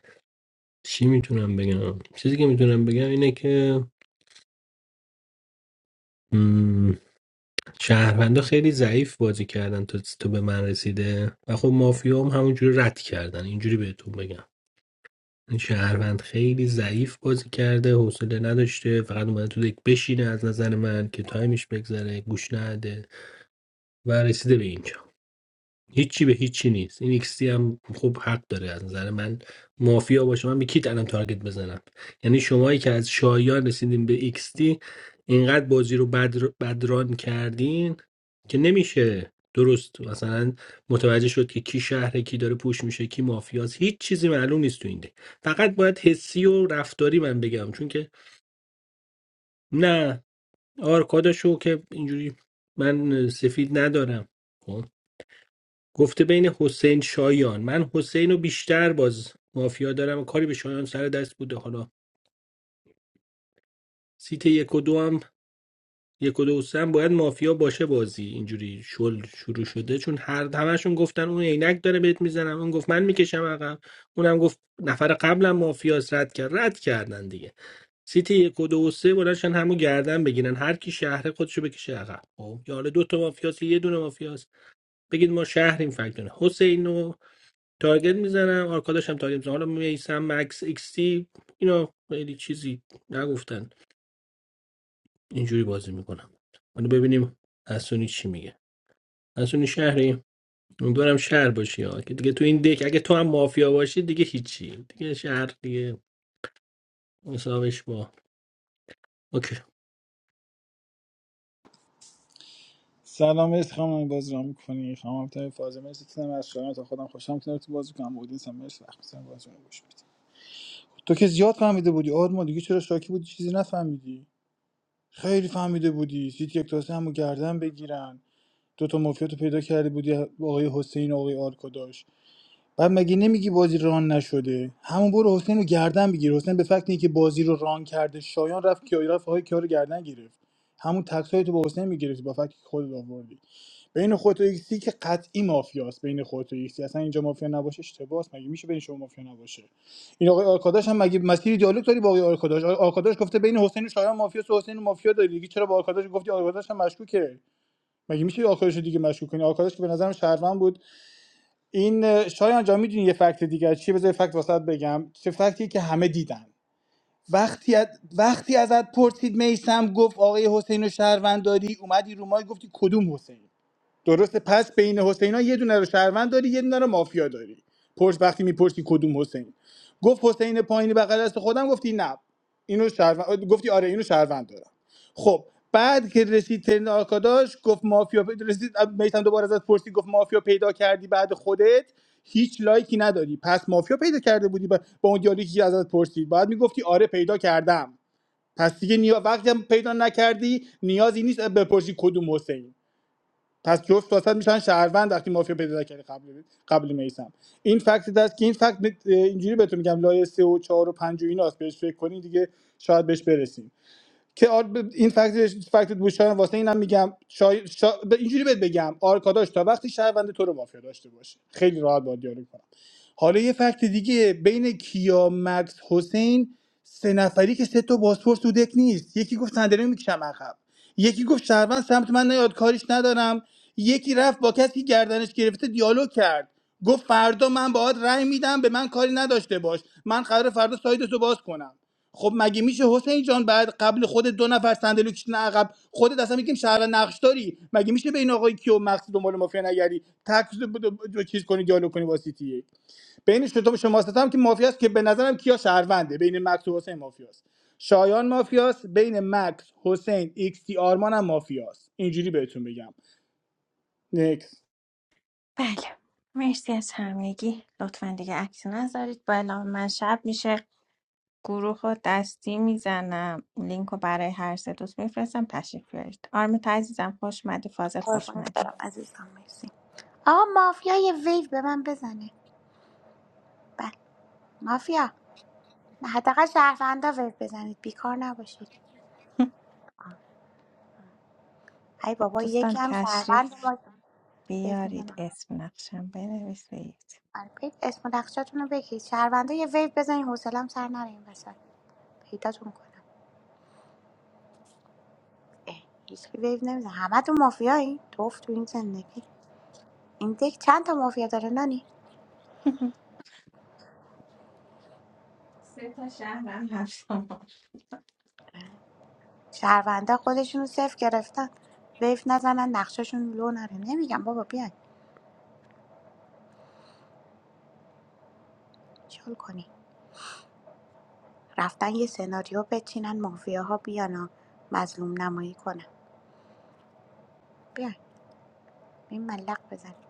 Speaker 14: چی میتونم بگم چیزی که میتونم بگم اینه که مم، شهروندا خیلی ضعیف بازی کردن تا تو به من رسیده و خب مافیا هم همونجوری رد کردن اینجوری بهتون بگم این شهروند خیلی ضعیف بازی کرده حوصله نداشته فقط اومده تو دک بشینه از نظر من که تایمش بگذره گوش نده و رسیده به اینجا هیچی به هیچی نیست این ایکس هم خب حق داره از نظر من مافیا باشه من به کی الان تارگت بزنم یعنی شمایی که از شایان رسیدین به ایکس دی اینقدر بازی رو بد بدران کردین که نمیشه درست مثلا متوجه شد که کی شهره کی داره پوش میشه کی مافیاست هیچ چیزی معلوم نیست تو این ده. فقط باید حسی و رفتاری من بگم چون که نه آرکاداشو که اینجوری من سفید ندارم خب؟ گفته بین حسین شایان من حسین رو بیشتر باز مافیا دارم و کاری به شایان سر دست بوده حالا سیت یک و دو هم یک و دو و سه هم باید مافیا باشه بازی اینجوری شل شروع شده چون هر همشون گفتن اون عینک داره بهت میزنم اون گفت من میکشم عقب اونم گفت نفر قبلم مافیاس رد کرد رد کردن دیگه سیت یک و دو و سه بلاشن همو گردن بگیرن هر کی شهره خودشو بکشه عقب خب یا حالا دو تا مافیاس یه دونه مافیاس بگید ما شهریم فکر کنه. حسین و تارگت میزنم آرکاداش هم تارگت میزنم حالا میسم مکس ایکس تی اینا خیلی چیزی نگفتن اینجوری بازی میکنم حالا ببینیم حسونی چی میگه حسونی شهری امیدوارم شهر باشی ها که دیگه تو این دک اگه تو هم مافیا باشی دیگه هیچی دیگه شهر دیگه مساویش با اوکی
Speaker 12: سلام عشق خانم باز را میکنی خانم ابتای فازه مرسی تنم از شما تا خودم خوشم کنار تو بازی کنم بودین سم مرسی وقت میزنم باز رو گوش میدی تو که زیاد فهمیده بودی آرمان دیگه چرا شاکی بودی چیزی نفهمیدی خیلی فهمیده بودی سیت یک تاسه همو گردن بگیرن دو تا مافیا تو پیدا کرده بودی آقای حسین و آقای آرکاداش. بعد مگه نمیگی بازی ران نشده همون برو حسین رو گردن بگیر حسین به فکت که بازی رو ران کرده شایان رفت کیا رفت های کیا رو گردن گرفت همون تکسای تو با حسین میگرفت با فکت خودت آوردی بین خودت و ایکسی که قطعی مافیاست بین خودت و ایکسی اصلا اینجا مافیا نباشه اشتباهه مگه میشه بین شما مافیا نباشه این آقای آرکاداش هم مگه مسیر دیالوگ داری با آقای آرکاداش آقای آرکاداش گفته بین حسین و شایان مافیاست و حسین و مافیا داری دیگه چرا با آرکاداش گفتی آرکاداش هم مشکوکه مگه میشه آرکاداش رو دیگه مشکوک کنی آرکاداش که به نظرم شهروند بود این شایان جا میدونی یه فکت دیگر چیه بذار یه فکت واسط بگم چه فکتیه که همه دیدن وقتی از وقتی ازت پرسید میسم گفت آقای حسین و شهرونداری اومدی رو مای گفتی کدوم حسین درسته پس بین حسینا یه دونه رو شهروند داری یه دونه رو مافیا داری پرس وقتی میپرسی کدوم حسین گفت حسین پایینی بغل دست خودم گفتی نه اینو شهروند گفتی آره اینو شهروند دارم خب بعد که رسید ترن آرکاداش گفت مافیا پیدا رسید میتم دوباره ازت پرسی گفت مافیا پیدا کردی بعد خودت هیچ لایکی نداری پس مافیا پیدا کرده بودی با, با اون دیالی که ازت پرسید بعد میگفتی آره پیدا کردم پس دیگه نیا وقتی هم پیدا نکردی نیازی نیست بپرسی کدوم حسین پس جفت واسط میشن شهروند وقتی مافیا پیدا کردی قبل قبل میسم این فکت است که این فکت اینجوری بهتون میگم لایه 3 و چهار و پنج و ایناست بهش فکر کنین دیگه شاید بهش برسیم که آر... ب- این فکت فکت بوشاهن واسه اینم میگم شای... شا... ب- اینجوری بهت بگم آرکاداش تا وقتی شهروند تو رو مافیا داشته باشه خیلی راحت با دیالوگ کنم حالا یه فکت دیگه بین کیا مکس حسین سه نفری که سه تا پاسپورت تو دک نیست یکی گفت صندلی میکشم عقب یکی گفت شهروند سمت من نیاد کاریش ندارم یکی رفت با کسی که گردنش گرفته دیالوگ کرد گفت فردا من باهات رأی میدم به من کاری نداشته باش من قرار فردا سایدتو باز کنم خب مگه میشه حسین جان بعد قبل خود دو نفر صندلی کشیدن عقب خودت اصلا میگیم شهر نقش داری مگه میشه به این آقای کیو مقصد دنبال مافیا نگری تک چیز کنی دیالوگ کنی واسیتیه. بین شتاب شما ستم که مافیاست که به نظرم کیا شهرونده بین مکس و حسین مافیاست شایان مافیاست بین مکس حسین ایکس تی آرمان هم مافیاست اینجوری بهتون بگم نکس
Speaker 1: بله مرسی از همگی لطفا دیگه عکس نذارید با اعلام من شب میشه گروه رو دستی میزنم لینک رو برای هر سه دوست میفرستم تشریف بیارید آرمیت عزیزم خوش اومدی فاضل خوش
Speaker 15: قربونت
Speaker 1: اومدی
Speaker 15: برم عزیزم مرسی آقا مافیا یه ویو به من بزنه بله مافیا نه حداقل شهروندا ویو بزنید بیکار نباشید ای
Speaker 1: خب
Speaker 15: بابا یکی
Speaker 1: دوستان
Speaker 15: هم شهروند
Speaker 1: تشریف
Speaker 15: ما ویو
Speaker 1: بیارید
Speaker 15: میزنم
Speaker 1: اسم نقشم بنویسید
Speaker 15: پیت اسم و نقشاتون رو بگید شهروندا یه ویو بزنید حوصلم سر نره این وسط پیداتون کنم اه، هیچ ویو نمیزنه همه تو مافیایی توف تو این زندگی این دک چند تا مافیا داره نانی
Speaker 1: سه تا شهرم هست
Speaker 15: شهروندا خودشون رو صفر گرفتن ویو نزنن نقشاشون لو نره نمیگم بابا بیاین شل کنید رفتن یه سناریو بچینن مافیاها بیانا مظلوم نمایی کنن بیاین این ملق بزنیم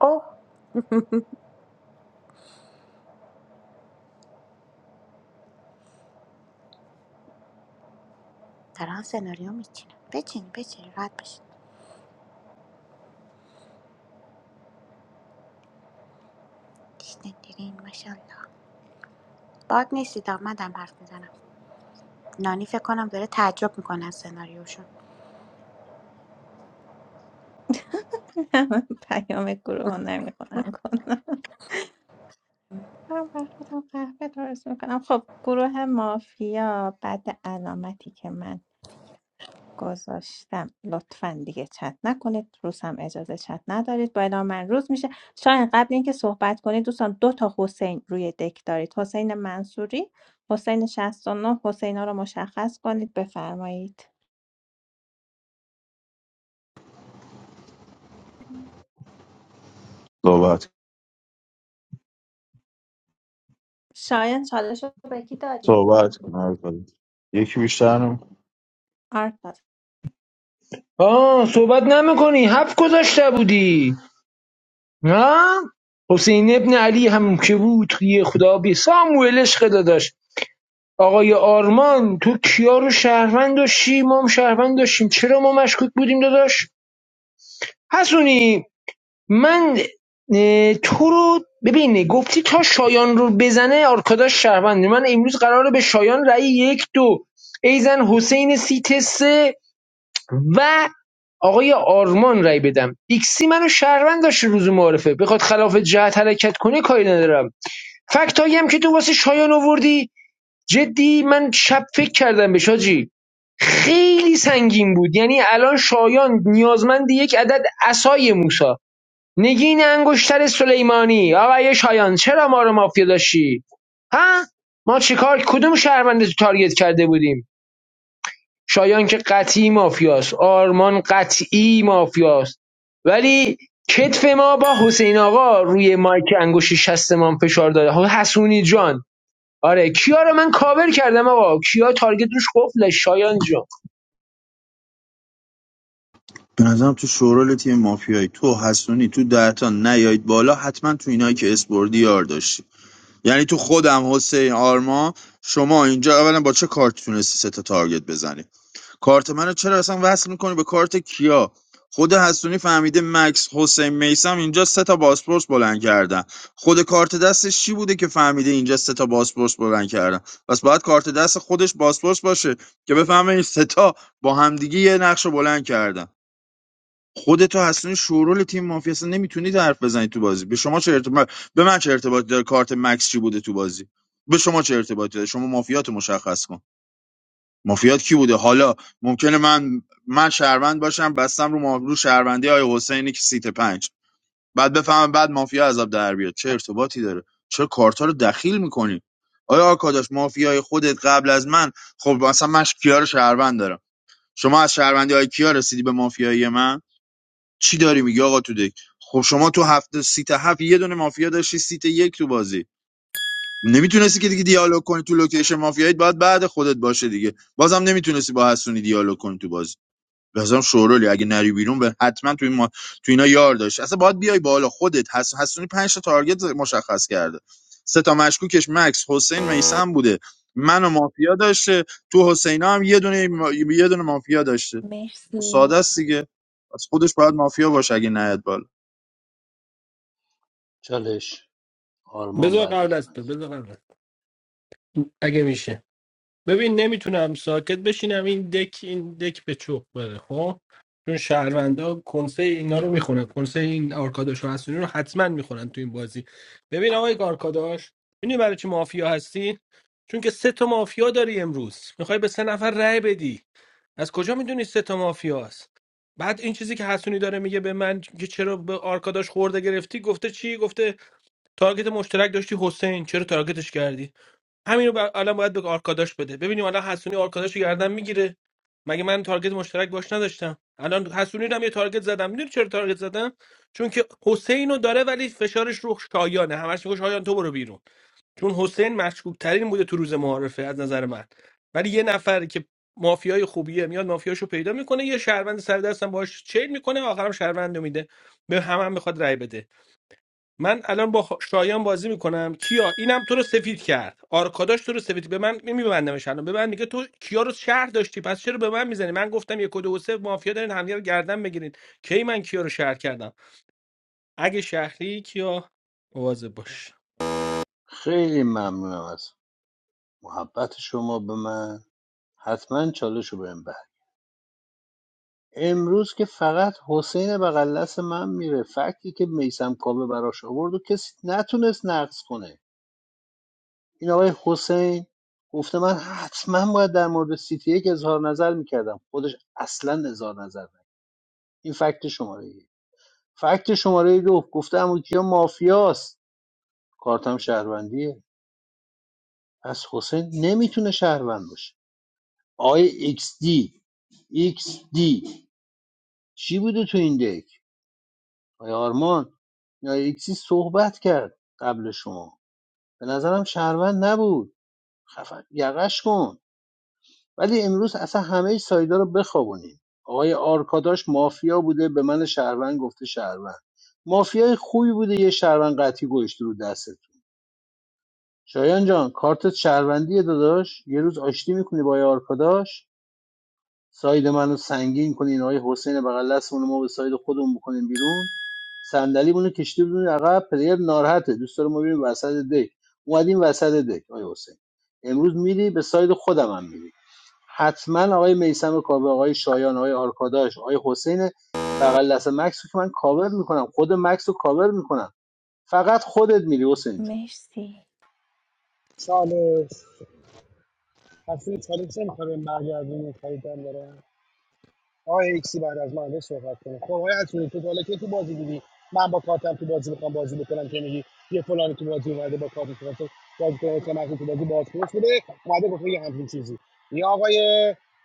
Speaker 15: اوه دارن سناریو میچینن بچین بچین راحت بشین دیشتین دیرین ماشاءالله باگ نیستید آمدم حرف میزنم نانی فکر کنم داره تعجب میکنه از سناریوشون
Speaker 1: نه، من پیام گروه رو نمیخونم کنم من بر خودم قهوه درست میکنم خب گروه مافیا بعد علامتی که من گذاشتم لطفا دیگه چت نکنید روز هم اجازه چت ندارید با اعلام من روز میشه شاید قبل اینکه صحبت کنید دوستان دو تا حسین روی دک دارید حسین منصوری حسین 69 حسین ها رو مشخص کنید بفرمایید
Speaker 2: صحبت
Speaker 1: شاید چالش رو به کی دادیم باگ
Speaker 2: صحبت
Speaker 1: بود
Speaker 2: کن، حرف بزن. یکی بیشتر نه.
Speaker 1: آرتا
Speaker 11: آه صحبت نمیکنی هفت گذاشته بودی نه حسین ابن علی هم که بود توی خدا بی ساموئل عشق داداش آقای آرمان تو کیا رو شهروند داشتی ما هم شهروند داشتیم چرا ما مشکوک بودیم داداش حسونی من اه، تو رو ببین گفتی تا شایان رو بزنه آرکاداش شهروند من امروز قراره به شایان رأی یک دو ایزن حسین سیت سه و آقای آرمان رأی بدم ایکسی منو شهروند داشته روز معارفه بخواد خلاف جهت حرکت کنه کاری ندارم فکتایی هم که تو واسه شایان آوردی جدی من شب فکر کردم به شاجی خیلی سنگین بود یعنی الان شایان نیازمند یک عدد عصای موسی نگین انگشتر سلیمانی آقای شایان چرا ما رو مافیا داشتی ها ما چیکار کدوم شهرونده تو تارگت کرده بودیم شایان که قطعی مافیاست آرمان قطعی مافیاست ولی کتف ما با حسین آقا روی مایک انگشت شست ما فشار داده حسونی جان آره کیا رو من کاور کردم آقا کیا تارگت روش قفله شایان جان
Speaker 2: به نظرم تو شورال تیم مافیایی تو حسونی تو دهتا نیایید بالا حتما تو اینایی که اسپوردی یار داشتی یعنی تو خودم حسین آرما شما اینجا اولا با چه کارت تونستی سه تا تارگت بزنی کارت منو چرا اصلا وصل میکنی به کارت کیا خود حسونی فهمیده مکس حسین میسم اینجا سه تا باسپورس بلند کردن خود کارت دستش چی بوده که فهمیده اینجا سه تا باسپورس بلند کردن پس باید کارت دست خودش باسپورس باشه که بفهمه این سه تا با همدیگه یه نقش رو بلند کردن خودتو اصلا شورول تیم مافیا اصلا نمیتونید حرف بزنید تو بازی به شما چه ارتباط به من چه ارتباطی داره کارت مکس چی بوده تو بازی به شما چه ارتباطی داره شما مافیاتو مشخص کن مافیات کی بوده حالا ممکنه من من شهروند باشم بستم رو ما... رو شهروندی آی حسینی که سیت پنج بعد بفهمم بعد مافیا عذاب در بیاد چه ارتباطی داره چرا کارتا رو دخیل میکنی آیا آکاداش مافیای خودت قبل از من خب مثلا من کیا رو شهروند دارم شما از شهروندی های کیا رسیدی به مافیایی من چی داری میگی آقا تو دک خب شما تو هفته سیت هفت یه دونه مافیا داشتی سیت یک تو بازی نمیتونستی که دیگه دیالوگ کنی تو لوکیشن مافیایی باید بعد خودت باشه دیگه بازم نمیتونستی با حسونی دیالوگ کنی تو بازی بازم شورولی اگه نری بیرون به حتما تو این ما... تو اینا یار داشت اصلا باید بیای بالا خودت حس... حسونی پنج تا تارگت مشخص کرده سه تا مشکوکش مکس حسین میسم بوده من و مافیا داشته تو حسینا هم یه دونه ما- یه دونه مافیا داشته خب ساده
Speaker 1: مرسی
Speaker 2: است دیگه از خودش باید مافیا باشه اگه نیاد بالا
Speaker 3: چالش آرمان
Speaker 14: بذار
Speaker 3: بعد
Speaker 14: قبل
Speaker 3: از
Speaker 14: از
Speaker 3: من
Speaker 14: تو بذار قبل از اگه میشه ببین نمیتونم ساکت بشینم این دک این دک به چوب بره خب چون شهروندا کنسه اینا رو میخونن کنسه این آرکاداش و حسونی رو حتما میخونن تو این بازی ببین آقای آرکاداش میدونی برای چی مافیا هستی چون که سه تا مافیا داری امروز میخوای به سه نفر رأی بدی از کجا میدونی سه تا مافیاست بعد این چیزی که حسونی داره میگه به من که چرا به آرکاداش خورده گرفتی گفته چی گفته تارگت مشترک داشتی حسین چرا تارگتش کردی همین رو بر- الان باید به آرکاداش بده ببینیم الان حسونی آرکاداش رو گردن میگیره مگه من تارگت مشترک باش نداشتم الان حسونی رو هم یه تارگت زدم میدونی چرا تارگت زدم چون که حسین رو داره ولی فشارش رو شایانه همش میگه شایان تو برو بیرون چون حسین مشکوک ترین بوده تو روز معارفه از نظر من ولی یه نفر که مافیای خوبیه میاد مافیاشو پیدا میکنه یه شهروند سر دستم باش چیل میکنه آخرم شهروند رو میده به هم هم میخواد رای بده من الان با شایان بازی میکنم کیا اینم تو رو سفید کرد آرکاداش تو رو سفید به من میبندمش الان به من میگه تو کیا رو شهر داشتی پس چرا به من میزنی من گفتم یک و دو و سه مافیا دارین همدیگه رو گردن بگیرین کی من کیا رو شهر کردم اگه شهری کیا مواظب باش
Speaker 3: خیلی ممنونم از محبت شما به من حتما چالش رو بهم بر امروز که فقط حسین بغل دست من میره فکتی که میسم کاوه براش آورد و کسی نتونست نقض کنه این آقای حسین گفته من حتما باید در مورد سیتی یک اظهار نظر میکردم خودش اصلا اظهار نظر نکرد این فکت شماره یک فکت شماره دو گفته امو کیا مافیاست کارتم شهروندیه پس حسین نمیتونه شهروند باشه آقای ایکس دی ایکس دی چی بوده تو این دک آیا آرمان یا ایکسی صحبت کرد قبل شما به نظرم شهروند نبود خفن یقش کن ولی امروز اصلا همه سایدا رو بخوابونیم آقای آرکاداش مافیا بوده به من شهروند گفته شهروند مافیای خوبی بوده یه شهروند قطعی گوشته رو دستتون شایان جان کارتت شهروندیه داداش یه روز آشتی میکنی با آقای آرکاداش ساید منو سنگین کنین آقای حسین بغل دستمون رو ما به ساید خودمون بکنیم بیرون صندلیمون رو کشیده بدون عقب پلیر ناراحته دوست داره ما بریم وسط دک اومدیم وسط دک آقای حسین امروز میری به ساید خودم هم میری حتما آقای میسم کاوه آقای شایان آقای آرکاداش آقای حسین بغل دست مکس رو که من کاور میکنم خود مکس رو کاور میکنم فقط خودت میری حسین جون.
Speaker 1: مرسی
Speaker 6: چالش حسن چالش نمیخوای برگردونی خریدن داره آقای ایکسی بعد از من صحبت کنه خب آقای حسنی تو تا حالا کی تو بازی دیدی من با کارتم تو بازی میخوام بازی بکنم که میگی یه فلانی تو بازی اومده با کارت تو بازی کنه مثلا مخصوص تو بازی باز کنه شده اومده گفته یه همچین چیزی یه آقای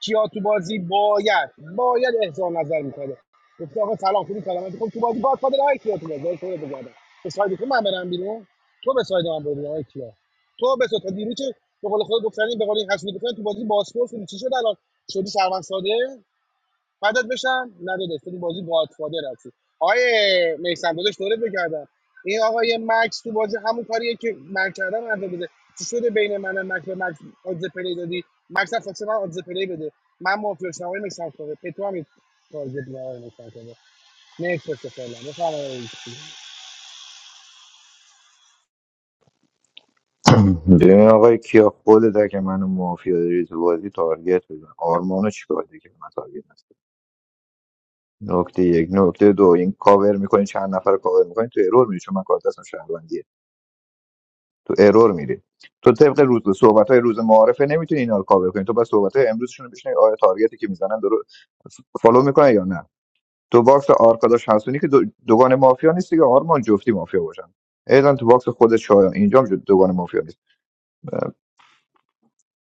Speaker 6: کیا تو بازی باید باید احضار نظر میکنه گفته آقا سلام خوبی سلامتی خب تو بازی باز کنه آقای کیا تو بازی تو بگردم به سایدی که من برم بیرون تو به ساید من برو آقای کیا تو به ساید دیروز چه؟ به قول خود گفتنی به قول این حسنی گفتن تو بازی باز چی شد الان شدی سروان ساده فدات بشم نداداش تو تو بازی گادفادر هستی آیه میسم داداش دورت بگردم این آقای مکس تو بازی همون کاریه که من کردم انجام بده چی شده بین من و مکس به مکس آدز پلی دادی مکس هم خواسته من آدز پلی بده من موافق شدم آقای کنه پتو هم این تارگت به آقای کنه نیکس بسته فعلا بفرمایید
Speaker 13: ببین آقای کیا خودت که منو مافیا داری تو بازی تارگت بزن آرمانو چیکار دیگه که من تارگت هست نکته یک نکته دو این کاور میکنی چند نفر رو کاور میکنی تو ارور میری چون من کار دستم شهروندیه تو ارور میری تو طبق روز صحبت های روز معارفه نمیتونی اینا رو کاور کنی تو بس صحبت های امروزشون رو بشنوی آیا تارگتی که میزنن درو فالو میکنن یا نه تو باکس آرکاداش حسونی که دو- دوگان مافیا نیست دیگه آرمان جفتی مافیا باشن ایدن تو باکس خود شایان اینجا هم جو- دوگان مافیا نیست اه،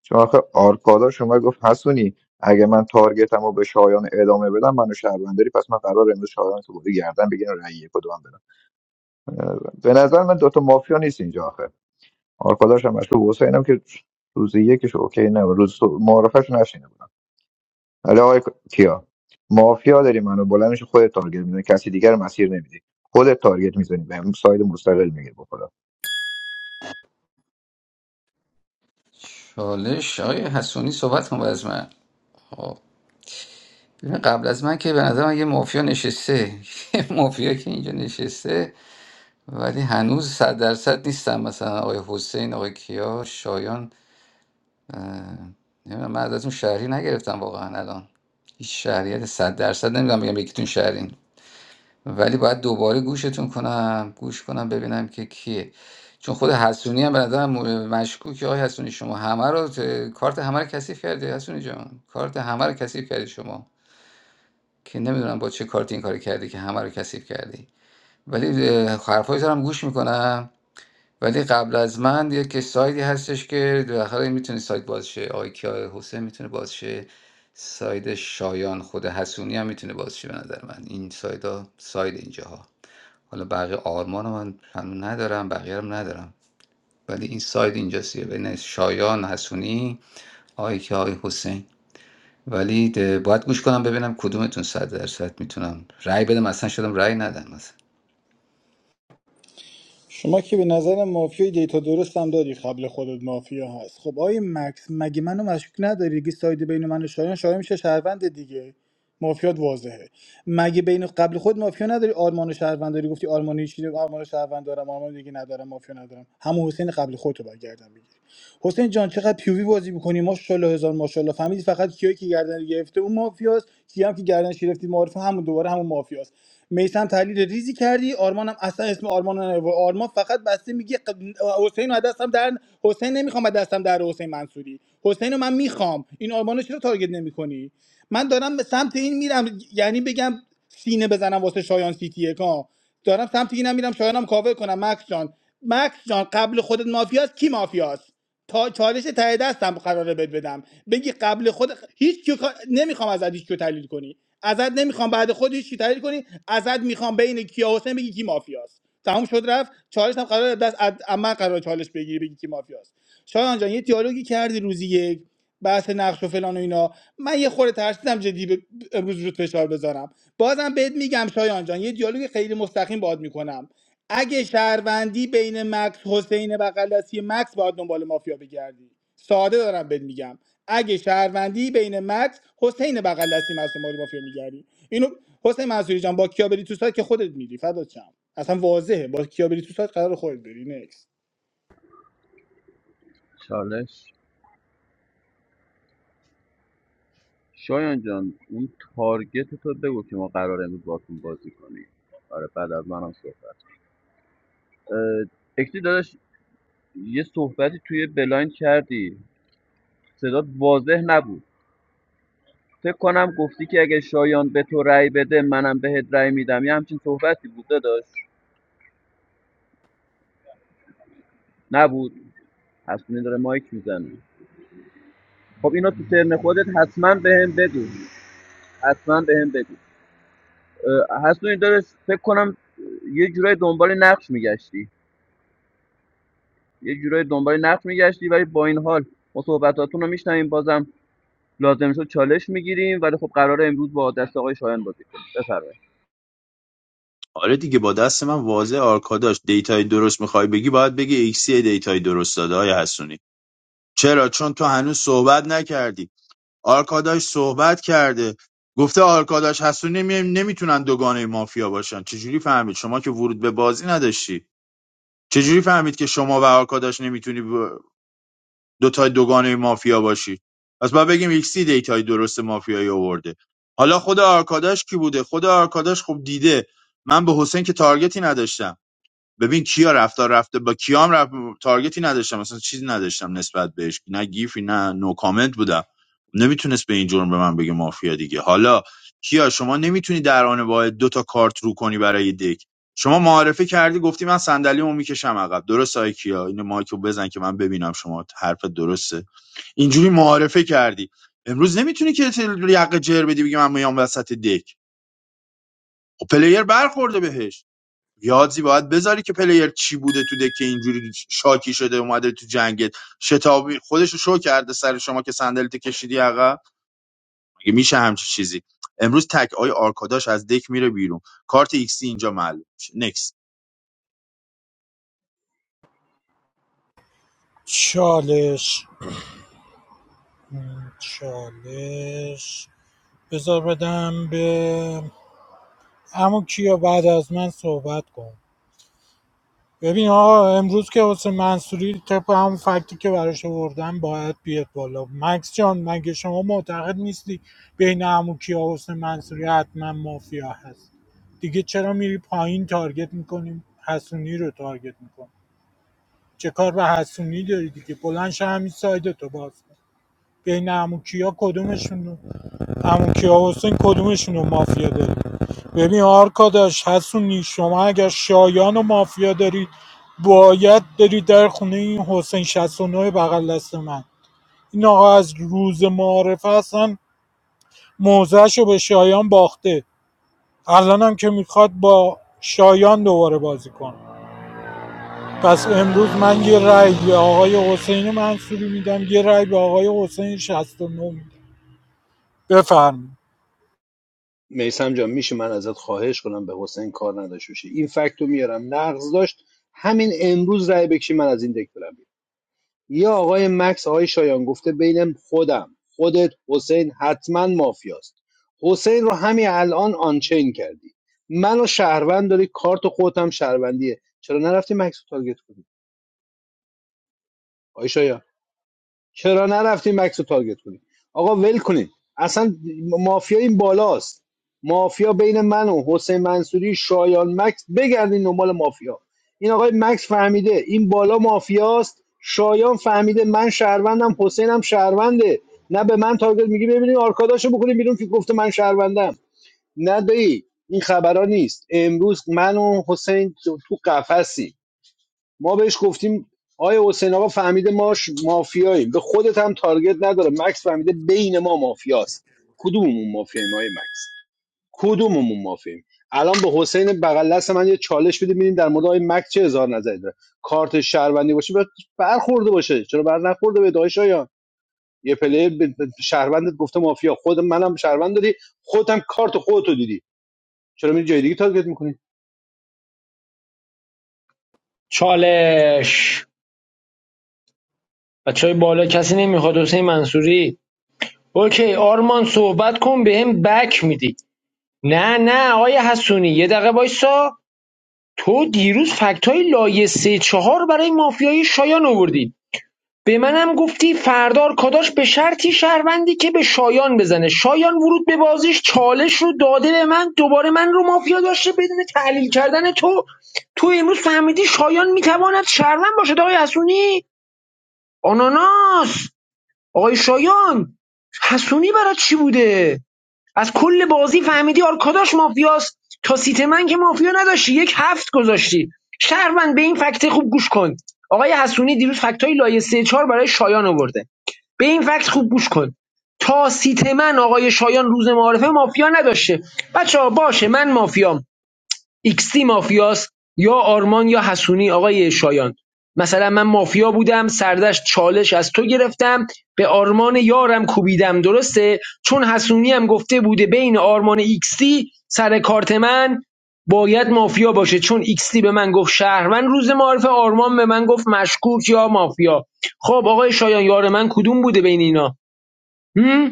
Speaker 13: چون آخه آرکادا شما گفت حسونی اگه من تارگتم رو به شایان ادامه بدم منو شهرونداری پس من قرار امروز شایان تو بودی گردن بگیرم رأی کدوم بدم اه، به نظر من دوتا مافیا نیست اینجا آخه آرکاداش هم مشکل حسینم که روزی یکش اوکی نه روز معرفش نشینه حالا آقای کیا مافیا داری منو بلند میشه خودت تارگت میزنی کسی دیگر مسیر نمیدی خودت تارگت میزنی بهم ساید مستقل میگیری بخدا
Speaker 7: چالش آقای حسونی صحبت کن از من آقا، قبل از من که به نظر من یه مافیا نشسته یه مافیا که اینجا نشسته ولی هنوز صد درصد نیستم مثلا آقای حسین آقای کیا شایان نمیدونم من ازتون شهری نگرفتم واقعا الان هیچ شهریت صد درصد نمیدونم بگم یکیتون شهرین ولی باید دوباره گوشتون کنم گوش کنم ببینم که کیه چون خود حسونی هم به نظرم م- مشکوکه آقای حسونی شما همه رو ت- کارت همه رو کثیف کردی حسونی جان کارت همه رو کثیف کردی شما که نمیدونم با چه کارتی این کار کردی که همه رو کثیف کردی ولی اه، حرفای تو رو هم گوش میکنم ولی قبل از من یه که سایدی هستش که بالاخره میتونه ساید باز شه آقای کیا حسین میتونه باز شه ساید شایان خود حسونی هم میتونه باز شه به نظر من این سایدا ساید اینجاها حالا بقیه آرمان رو من هنوز ندارم بقیه رو هم ندارم ولی این ساید اینجاست یه بین شایان حسونی آقای کیا آقای حسین ولی ده- باید گوش کنم ببینم کدومتون صد درصد میتونم رأی بدم اصلا شدم رأی ندم
Speaker 12: شما که به نظر مافیای دیتا درست هم داری قبل خودت مافیا هست خب آقای مکس مگه منو مشکوک نداری دیگه ساید بین من و شایان شایان میشه شهروند دیگه مافیات واضحه مگه بین قبل خود مافیا نداری آرمان و شهروند داری گفتی آرمان چیزی آرمان و شهروند دارم آرمان دیگه ندارم مافیا ندارم همون حسین قبل خودتو برگردم بگیری. حسین جان چقدر پیوی بازی میکنی ماشاءالله هزار ماشاءالله فهمیدی فقط کیایی که گردن گرفته اون مافیاست کیام که گردن گرفتی معرفه همون دوباره همون مافیاست میسم تحلیل ریزی کردی آرمانم اصلا اسم آرمان رو نیاورد. آرمان فقط بسته میگه ق- حسین رو از دستم در حسین نمیخوام از دستم در حسین منصوری حسین رو من میخوام این آرمانو رو چرا تارگت نمیکنی من دارم به سمت این میرم یعنی بگم سینه بزنم واسه شایان سیتی ها دارم سمت اینم میرم شایانم کاور کنم مکس جان مکس جان قبل خودت مافیاست کی مافیاست تا چالش ته دستم قراره بد بدم بگی قبل خود هیچ کیو نمیخوام ازت هیچ کیو تحلیل کنی ازت نمیخوام بعد خود هیچ کی تحلیل کنی ازت میخوام بین کیا حسین بگی کی مافیاست تموم شد رفت چالش هم قرار دست از از من قرار چالش بگیری بگی کی مافیاست شایان جان یه دیالوگی کردی روزی یک بحث نقش و فلان و اینا من یه خورده ترسیدم جدی به- امروز رود فشار بذارم بازم بهت میگم شایان جان یه دیالوگ خیلی مستقیم باد میکنم اگه شهروندی بین مکس حسین بغلسی مکس باید دنبال مافیا بگردی ساده دارم بهت میگم اگه شهروندی بین مکس حسین بغلسی مکس دنبال مافیا میگردی اینو حسین منصوری جان با کیا بری تو سایت که خودت میری فدات شم اصلا واضحه با کیا بری تو سایت قرار خودت بری نکس
Speaker 8: چالش شایان جان اون تارگت تو بگو که ما قراره امروز باهاتون بازی کنیم آره بعد از منم صحبت اه، اکتی داداش یه صحبتی توی بلایند کردی صدات واضح نبود فکر کنم گفتی که اگه شایان به تو رأی بده منم بهت رأی میدم یه همچین صحبتی بوده داشت نبود حسونی داره مایک میزنه خب اینو تو ترن خودت حتما بهم بگو حتما بهم بگو اه، حسونی داره فکر کنم یه جورای دنبال نقش میگشتی یه جورای دنبال نقش میگشتی ولی با این حال ما صحبتاتون رو میشنویم بازم لازم شد چالش میگیریم ولی خب قراره امروز با دست آقای شایان بازی کنیم بفرمایید
Speaker 2: آره دیگه با دست من واضح آرکاداش دیتای درست میخوای بگی باید بگی ایکسی دیتای درست داده های حسونی چرا چون تو هنوز صحبت نکردی آرکاداش صحبت کرده گفته آرکاداش حسونی نمی... نمیتونن دوگانه مافیا باشن چجوری فهمید شما که ورود به بازی نداشتی چجوری فهمید که شما و آرکاداش نمیتونی ب... دوتای دوگانه مافیا باشی پس باید بگیم ایکسی دیتای درست مافیایی آورده حالا خود آرکاداش کی بوده خود آرکاداش خب دیده من به حسین که تارگتی نداشتم ببین کیا رفتار رفته با کیام رفت تارگتی نداشتم مثلا چیزی نداشتم نسبت بهش نه گیفی نه نو کامنت بودم نمیتونست به این جرم به من بگه مافیا دیگه حالا کیا شما نمیتونی در آن واحد دو تا کارت رو کنی برای دک شما معارفه کردی گفتی من صندلیمو میکشم عقب درست های کیا اینو مایکو بزن که من ببینم شما حرف درسته اینجوری معارفه کردی امروز نمیتونی که یقه جر بدی بگی من میام وسط دک خب پلیر برخورده بهش یادی باید بذاری که پلیر چی بوده تو دک که اینجوری شاکی شده اومده تو جنگت شتابی خودش شو کرده سر شما که صندلیت کشیدی عقب مگه میشه همچی چیزی امروز تک آی آرکاداش از دک میره بیرون کارت ایکسی اینجا معلوم میشه نکس
Speaker 9: چالش چالش بذار بدم به اما کیا بعد از من صحبت کن ببین آقا امروز که حسین منصوری طبق هم فکتی که براش آوردن باید بیاد بالا مکس جان مگه شما معتقد نیستی بین اموکی و حسین منصوری حتما مافیا هست دیگه چرا میری پایین تارگت میکنیم حسونی رو تارگت میکنیم چه کار به حسونی داری دیگه بلند شو همین سایدتو باز کن بین اموکی کدومشون عمو کیاوسین کدومشون رو مافیا داری ببین آرکاداش حسونی شما اگر شایان و مافیا دارید باید برید در خونه این حسین 69 بغل دست من این آقا از روز معارفه اصلا موزهش رو به شایان باخته الان هم که میخواد با شایان دوباره بازی کنه پس امروز من یه رأی به آقای حسین منصوری میدم یه رأی به آقای حسین 69 میدم بفرمایید
Speaker 3: میسم جان میشه من ازت خواهش کنم به حسین کار نداشته باشی این فکت رو میارم نقض داشت همین امروز رأی بکشی من از این دک برم بیرون. یه آقای مکس آقای شایان گفته بین خودم خودت حسین حتما مافیاست حسین رو همین الان آنچین کردی منو شهروند داری کارت خودت هم شهروندیه چرا نرفتی مکس رو تارگت کنی آقای شایان چرا نرفتیم مکس رو تارگت کنیم آقا ول کنیم اصلا مافیا این بالاست مافیا بین من و حسین منصوری شایان مکس بگردین دنبال مافیا این آقای مکس فهمیده این بالا مافیاست شایان فهمیده من شهروندم حسینم شهرونده نه به من تارگت میگی ببینید آرکاداشو بکنیم بیرون که گفته من شهروندم نه دایی این خبرها نیست امروز من و حسین تو تو قفسیم ما بهش گفتیم آیا حسین آقا فهمیده ما مافیاییم به خودت هم تارگت نداره مکس فهمیده بین ما مافیاست کدوممون مافیاییم آیا مکس کدوممون مافیاییم الان به حسین بغل دست من یه چالش بده ببینیم در مورد آقای مکس چه اظهار نظری داره کارت شهروندی باشه باید برخورده باشه چرا بر نخورده به دایش آیا یه پلیر به شهروندت گفته مافیا خود منم شهروند داری خودم کارت خودتو دیدی چرا میری جای دیگه تارگت می‌کنی؟
Speaker 11: چالش بچه بالا کسی نمیخواد حسین منصوری اوکی آرمان صحبت کن به هم بک میدی نه نه آقای حسونی یه دقیقه وایسا تو دیروز فکت های لایه سه چهار برای مافیای شایان آوردی به منم گفتی فردار کاداش به شرطی شهروندی که به شایان بزنه شایان ورود به بازیش چالش رو داده به من دوباره من رو مافیا داشته بدون تحلیل کردن تو تو امروز فهمیدی شایان میتواند شهروند باشه. آقای حسونی آناناس آقای شایان حسونی برای چی بوده از کل بازی فهمیدی آرکاداش مافیاست تا سیت من که مافیا نداشتی یک هفت گذاشتی شهروند به این فکت خوب گوش کن آقای حسونی دیروز فکتای لایه سه چهار برای شایان آورده به این فکت خوب گوش کن تا سیت من آقای شایان روز معارفه مافیا نداشته بچه باشه من مافیام ایکستی مافیاست یا آرمان یا حسونی آقای شایان مثلا من مافیا بودم سردش چالش از تو گرفتم به آرمان یارم کوبیدم درسته چون حسونی هم گفته بوده بین آرمان ایکستی سر کارت من باید مافیا باشه چون ایکستی به من گفت شهروند روز معارف آرمان به من گفت مشکوک یا مافیا خب آقای شایان یار من کدوم بوده بین اینا هم؟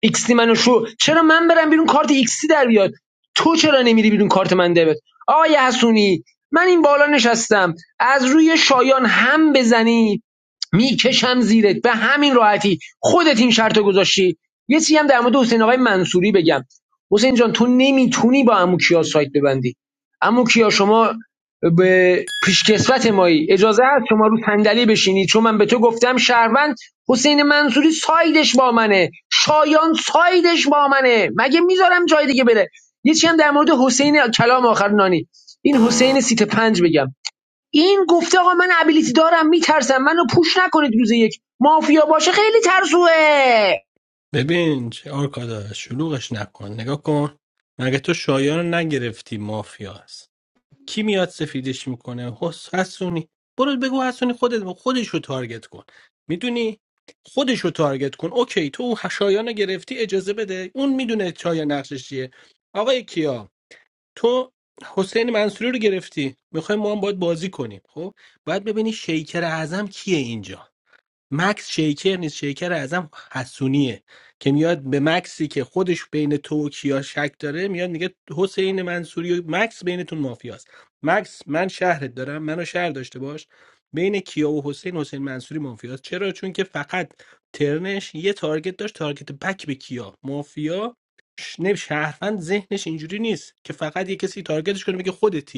Speaker 11: ایکسی منو شو چرا من برم بیرون کارت ایکسی در بیاد تو چرا نمیری بیرون کارت من در بیاد آقای حسونی من این بالا نشستم از روی شایان هم بزنی میکشم زیرت به همین راحتی خودت این شرط رو گذاشتی یه چیزی هم در مورد حسین آقای منصوری بگم حسین جان تو نمیتونی با عمو کیا سایت ببندی عمو کیا شما به پیشکسوت مایی اجازه هست شما رو صندلی بشینی چون من به تو گفتم شهروند حسین منصوری سایدش با منه شایان سایدش با منه مگه میذارم جای دیگه بره یه چی هم در مورد حسین کلام آخر نانی این حسین سیت پنج بگم این گفته آقا من ابیلیتی دارم میترسم منو پوش نکنید روز یک مافیا باشه خیلی ترسوه
Speaker 14: ببین چه آرکادا شلوغش نکن نگاه کن مگه تو شایان رو نگرفتی مافیا کی میاد سفیدش میکنه حس حسونی برو بگو حسونی خودت خودش رو تارگت کن میدونی خودش رو تارگت کن اوکی تو اون شایان رو گرفتی اجازه بده اون میدونه چای نقشش چیه آقای کیا تو حسین منصوری رو گرفتی میخوای ما هم باید بازی کنیم خب باید ببینی شیکر اعظم کیه اینجا مکس شیکر نیست شیکر اعظم حسونیه که میاد به مکسی که خودش بین تو و کیا شک داره میاد میگه حسین منصوری و مکس بینتون مافیاست مکس من شهرت دارم منو شهر داشته باش بین کیا و حسین حسین منصوری مافیاست چرا چون که فقط ترنش یه تارگت داشت تارگت بک به کیا مافیا ش- نه شهروند ذهنش اینجوری نیست که فقط یه کسی تارگتش کنه میگه خودتی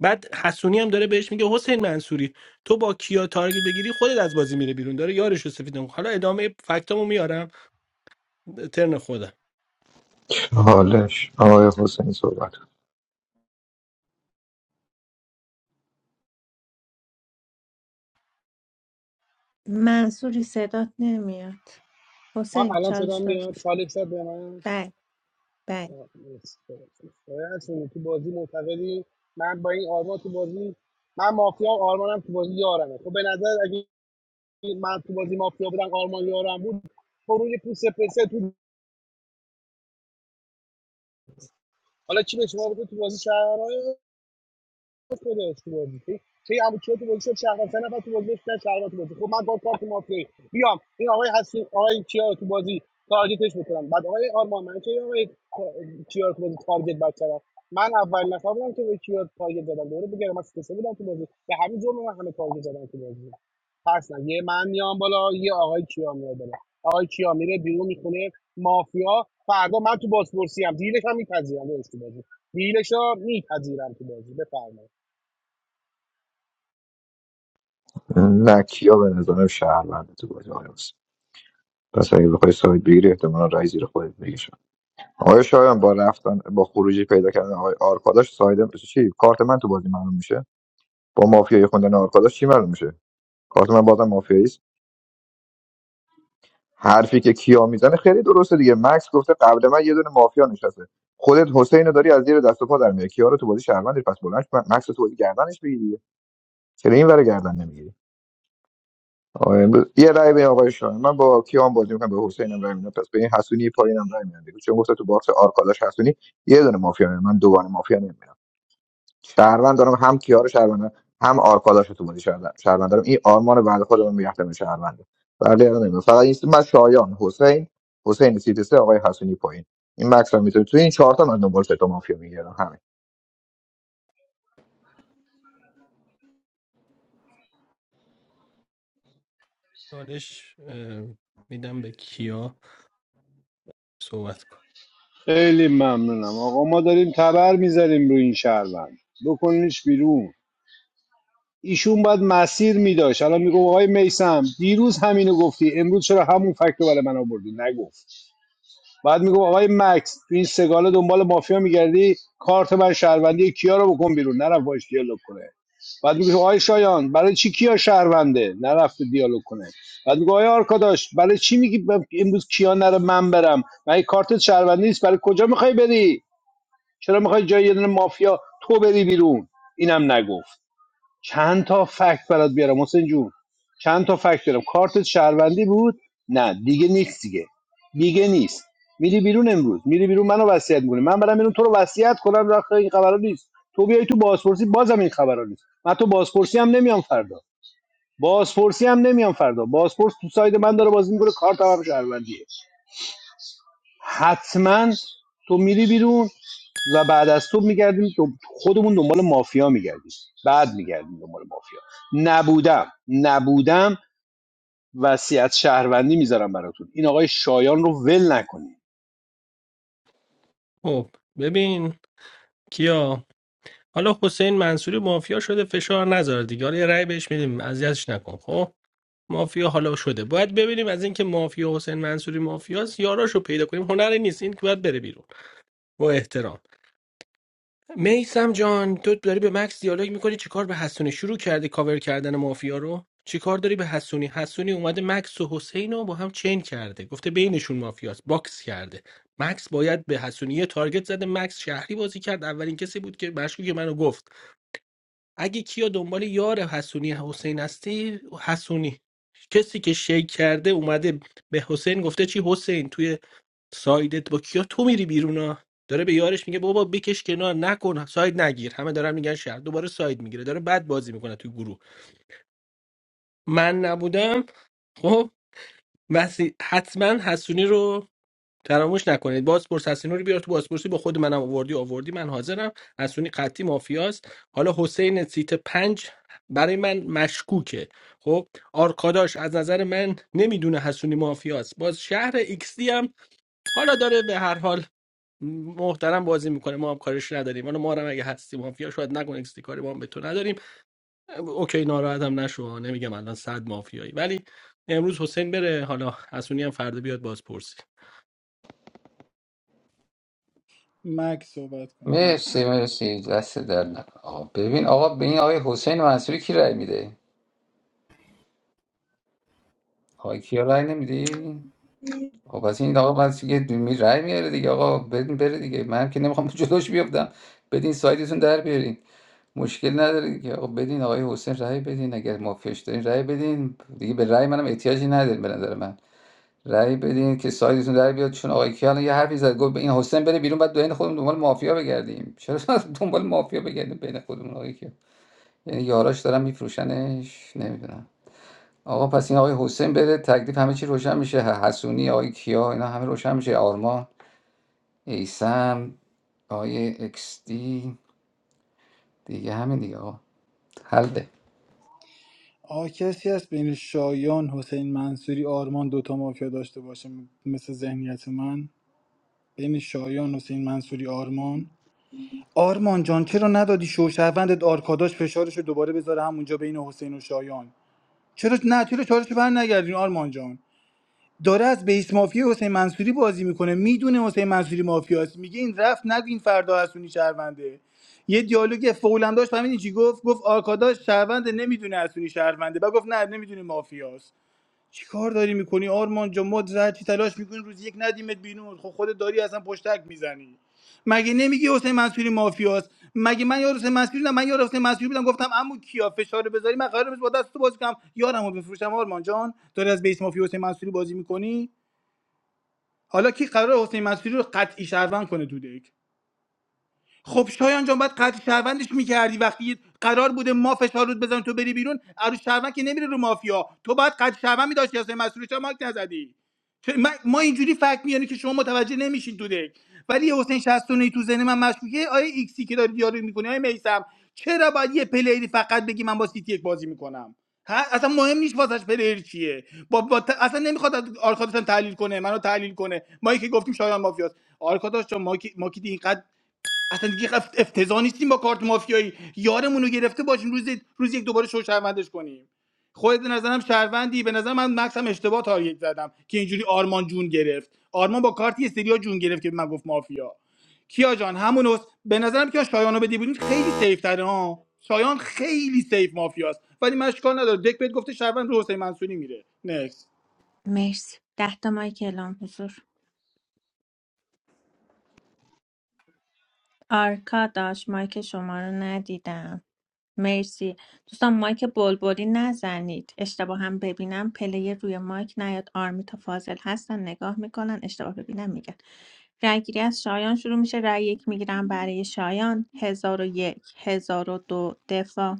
Speaker 14: بعد حسونی هم داره بهش میگه حسین منصوری تو با کیا تارگت بگیری خودت از بازی میره بیرون داره یارش رو سفید می‌کنه. حالا ادامه فکتامو میارم ترن خودم
Speaker 13: حالش آقای حسین صحبت کن.
Speaker 1: منصوری صدات نمیاد
Speaker 6: آه،
Speaker 1: حسین
Speaker 6: الان صدا
Speaker 1: چالش داد
Speaker 6: میاد چالش داد به من
Speaker 1: بله بله
Speaker 6: آه، نیست. آقای حسونی، تو بازی معتقدی من با این آرما تو بازی من مافیا آرمانم تو بازی یارمه خب به نظر من تو بازی مافیا بودم آرمان یارم بود خروج پوست پسه تو حالا چی به شما بگه تو بازی شهرهای خودش تو بازی چی چه یه کیا تو بازی شد شهروند سه نفر تو بازی شدن شهروند تو بازی خب من با کارت مافیایی بیام این آقای هستی آقای کیا تو بازی تارگتش بکنم بعد آقای آرمان من چه آقای کیا رو تو بازی تارگت بک کردم من اول نفر بودم که به کیا تارگت زدم دوره بگم من سه بودم تو بازی به همین جرم من همه تارگت زدم تو بازی پس نه یه من میام بالا یه آقای کیا میاد بالا آقای کیا میره بیرون میخونه مافیا فردا من تو بازپرسی هم دیلش هم میپذیرم داداش تو بازی دیلش رو میپذیرم تو بازی بفرمایید
Speaker 13: نه کیا به نظرم شهروند تو بازی آقای حسین پس اگه بخوای ساید بگیری احتمالا رئیس زیر خودت میگیشن آقای شایان با رفتن با خروجی پیدا کردن آقای آرکاداش سایدم چی کارت من تو بازی معلوم میشه با مافیای خوندن آرکاداش چی معلوم میشه کارت من بازم مافیایی حرفی که کیا میزنه خیلی درسته دیگه مکس گفته قبل من یه دونه مافیا نشسته خودت حسین رو داری از زیر دست و پا در میاری کیا رو تو بازی شهروند داری، پس بلند شو، مکس رو تو بازی گردنش بگیر دیگه چرا این ور گردن نمیگیری آقا امروز یه رای به آقای شاهین من با کیام بازی میکنم به حسینم رای میدم پس به این حسونی پایینم رای میدم دیگه. چون گفته تو باکس آرکاداش حسونی یه دونه مافیا نمیاد. من دوگانه مافیا نمیاد شهروند دارم هم کیار شهروند هم آرکاداش تو بازی شهروند شهروند دارم این آرمان بعد خودم میرفتم به شهروند ولی الان نمی‌دونم. فقط این من شایان حسین حسین سیتسه آقای حسنی پایین این مکس هم میتونه تو این چهار تا من دنبال سه تا مافیا میگردم همین
Speaker 14: چالش اه، میدم به کیا صحبت کن
Speaker 3: خیلی ممنونم آقا ما داریم تبر میذاریم رو این شهروند بکنیش بیرون ایشون باید مسیر میداشت الان میگو آقای میسم دیروز همینو گفتی امروز چرا همون فکت رو برای من آوردی نگفت بعد میگو آقای مکس تو این سگاله دنبال مافیا میگردی کارت من شهروندی کیا رو بکن بیرون نرفت باش دیالوگ کنه بعد میگه آقای شایان برای چی کیا شهرونده نرفته دیالوگ کنه بعد میگه آقای آرکاداش برای چی میگی امروز کیا نره من برم من کارت شهروندی نیست برای کجا میخوای بری چرا میخوای جای یه دونه مافیا تو بری بیرون اینم نگفت چند تا فکت برات بیارم حسین جون چند تا فکت بیارم کارت شهروندی بود نه دیگه نیست دیگه دیگه نیست میری بیرون امروز میری بیرون منو وصیت میکنی من برم بیرون تو رو وصیت کنم رخ این خبرا نیست تو بیای تو بازپرسی بازم این خبرا نیست من تو بازپرسی هم نمیام فردا بازپرسی هم نمیام فردا بازپرس تو ساید من داره بازی میکنه کارت هم شهروندیه حتما تو میری بیرون و بعد از تو میگردیم خودمون دنبال مافیا میگردیم بعد میگردیم دنبال مافیا نبودم نبودم وصیت شهروندی میذارم براتون این آقای شایان رو ول نکنید
Speaker 14: خب ببین کیا حالا حسین منصوری مافیا شده فشار نذار دیگه حالا یه رأی بهش میدیم اذیتش نکن خب مافیا حالا شده باید ببینیم از اینکه مافیا حسین منصوری مافیاست یاراشو پیدا کنیم هنری نیست این که باید بره بیرون با احترام میسم جان تو داری به مکس دیالوگ میکنی چیکار به حسونی شروع کردی کاور کردن مافیا رو چیکار داری به حسونی حسونی اومده مکس و حسین رو با هم چین کرده گفته بینشون مافیاست باکس کرده مکس باید به حسونی یه تارگت زده مکس شهری بازی کرد اولین کسی بود که مشکوک که منو گفت اگه کیا دنبال یار حسونی حسین هستی حسونی کسی که شیک کرده اومده به حسین گفته چی حسین توی سایدت با کیا تو میری بیرون ها داره به یارش میگه بابا بکش کنار نکن ساید نگیر همه دارن میگن شهر دوباره ساید میگیره داره بد بازی میکنه تو گروه من نبودم خب وسی حتما حسونی رو تراموش نکنید بازپرس حسونی رو بیار تو بازپرسی با خود منم آوردی آوردی من حاضرم حسونی قطعی مافیاست حالا حسین سیت پنج برای من مشکوکه خب آرکاداش از نظر من نمیدونه حسونی مافیاست باز شهر ایکس دی هم حالا داره به هر حال محترم بازی میکنه ما هم کارش نداریم حالا ما رو هم اگه هستی مافیا شاید نکن اکستی کاری ما هم به تو نداریم اوکی ناراحت هم نشو نمیگم الان صد مافیایی ولی امروز حسین بره حالا حسونی هم فردا بیاد بازپرسی
Speaker 12: مکس صحبت کن
Speaker 7: مرسی
Speaker 12: مکس
Speaker 7: مرسی دست در نکن آقا ببین آقا به این آقای حسین منصوری کی رأی میده آقای کیا رأی نمیدی خب پس این آقا منصوری که می رأی میاره دیگه آقا بدین بره دیگه من که نمیخوام جلوش بیفتم بدین سایدتون در بیارین مشکل نداره دیگه آقا بدین آقای حسین رأی بدین اگر مافیاش دارین رأی بدین دیگه به رأی منم احتیاجی نداره به نظر من رأی بدین که سایدتون در بیاد چون آقای کیا الان یه حرفی زد گفت این حسین بره بیرون بعد دوین خودمون دنبال مافیا بگردیم چرا دنبال مافیا بگردیم بین خودمون آقای کیا یاراش دارن میفروشنش نمیدونم آقا پس این آقای حسین بره تکلیف همه چی روشن میشه ح- حسونی آقای کیا اینا همه روشن میشه آرمان ایسم آقای اکس دی دیگه همین دیگه آقا حله
Speaker 12: آ کسی هست بین شایان حسین منصوری آرمان دوتا مافیا داشته باشه مثل ذهنیت من بین شایان حسین منصوری آرمان آرمان جان چرا ندادی شوشهروندت آرکاداش فشارش رو دوباره بذاره همونجا بین حسین و شایان چرا نه چرا چارش بر نگردین آرمان جان داره از بیس مافیا حسین منصوری بازی میکنه میدونه حسین منصوری مافیاست میگه این رفت نگین فردا حسونی شهرونده یه دیالوگ فولم داشت فهمیدین چی گفت گفت آرکاداش شهرونده نمیدونه حسونی شهرونده بعد گفت نه نمیدونه مافیاست چی کار داری میکنی آرمان جان ما زهرچی تلاش میکنیم روز یک ندیمت بیرون خب خودت داری اصلا پشتک میزنی مگه نمیگی حسین منصوری مافیاست مگه من یار حسین منصوری بودم من یار حسین منصوری بودم گفتم عمو کیا فشار رو بذاری من قرار نیست با دست تو بازی کنم یارمو بفروشم آرمان جان داری از بیس مافیا حسین منصوری بازی میکنی حالا کی قرار حسین منصوری رو قطعی شهروند کنه تو دک خب شایان جان باید قطع شهروندش میکردی وقتی قرار بوده ما فشار رود بزنیم تو بری بیرون عروس شهروند که نمیره رو مافیا تو باید قطع شهروند میداشتی اصلا مسئول چرا مایک نزدی چه- ما, ما اینجوری فکر میانه که شما متوجه نمیشین تو دک ولی یه حسین شستونه تو ذهن من مشکوکه آیا ایکسی که داری دیالوگ میکنی آیا میسم چرا باید یه پلیری فقط بگی من با سیتی یک بازی میکنم ها اصلا مهم نیست واسش پلیر چیه با, با ت- اصلا نمیخواد از آرکاداش هم تحلیل کنه منو تحلیل کنه ما که گفتیم شایان مافیاست آرکاداش جان ما که ما که دیگه اینقدر اصلا دیگه اف- افتضاح نیستیم با کارت مافیایی یارمون رو گرفته باشیم روز روز یک دوباره شو شهروندش کنیم خودت به نظرم شهروندی به نظر من مکس هم اشتباه تارگت زدم که اینجوری آرمان جون گرفت آرمان با کارتی استریا جون گرفت که به من گفت مافیا کیا جان همون است. به نظرم که شایانو بدی بودین خیلی سیف تره ها شایان خیلی سیف مافیاست ولی من اشکال نداره دک بهت گفته شهروند رو حسین منصوری میره نکس
Speaker 1: مرسی ده تا مایک اعلام حضور آرکاداش مایک شما رو ندیدم مرسی دوستان مایک بلبلی نزنید اشتباه هم ببینم پله روی مایک نیاد آرمیتا فاضل هستن نگاه میکنن اشتباه ببینم میگن رأی گیری از شایان شروع میشه رأی یک میگیرم برای شایان هزار و یک هزار و دو دفاع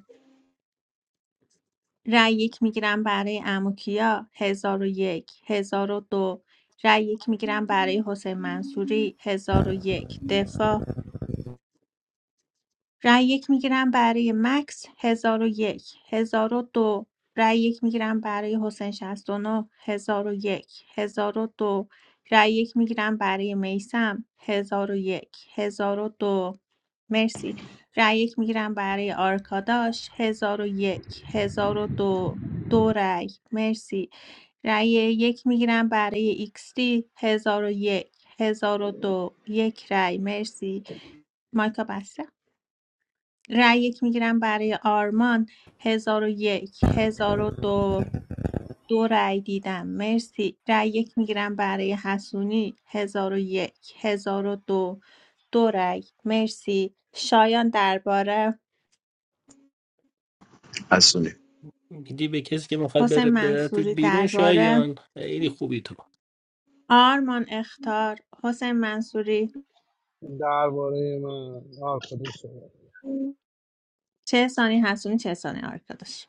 Speaker 1: رأی یک میگیرم برای اموکیا هزار و یک هزار و دو رأی یک میگیرم برای حسین منصوری هزار و یک دفاع رای یک میگیرم برای مکس 1001 دو رای یک میگیرم برای حسین 69 1001 دو رای یک میگیرم برای میسم 1001 دو مرسی رای یک میگیرم برای آرکاداش 1001 1002 دو دو رای مرسی رای یک میگیرم برای ایکس دی 1001 1002 یک هزار و دو. یک رای مرسی مایکا بسته رأی یک میگیرم برای آرمان هزار و یک هزار و دو دو رأی دیدم مرسی رأی یک میگیرم برای حسونی هزار و یک هزار و دو دو رأی مرسی شایان درباره
Speaker 14: میدی به کسی که میخواد
Speaker 1: حسین
Speaker 14: بره بره
Speaker 1: منصوری
Speaker 14: بیرون
Speaker 1: درباره
Speaker 14: شایان خیلی خوبی تو
Speaker 1: آرمان اختار حسین منصوری
Speaker 6: درباره من آه خودم شده
Speaker 1: چه سانی حسونی چه سانی آرکاداش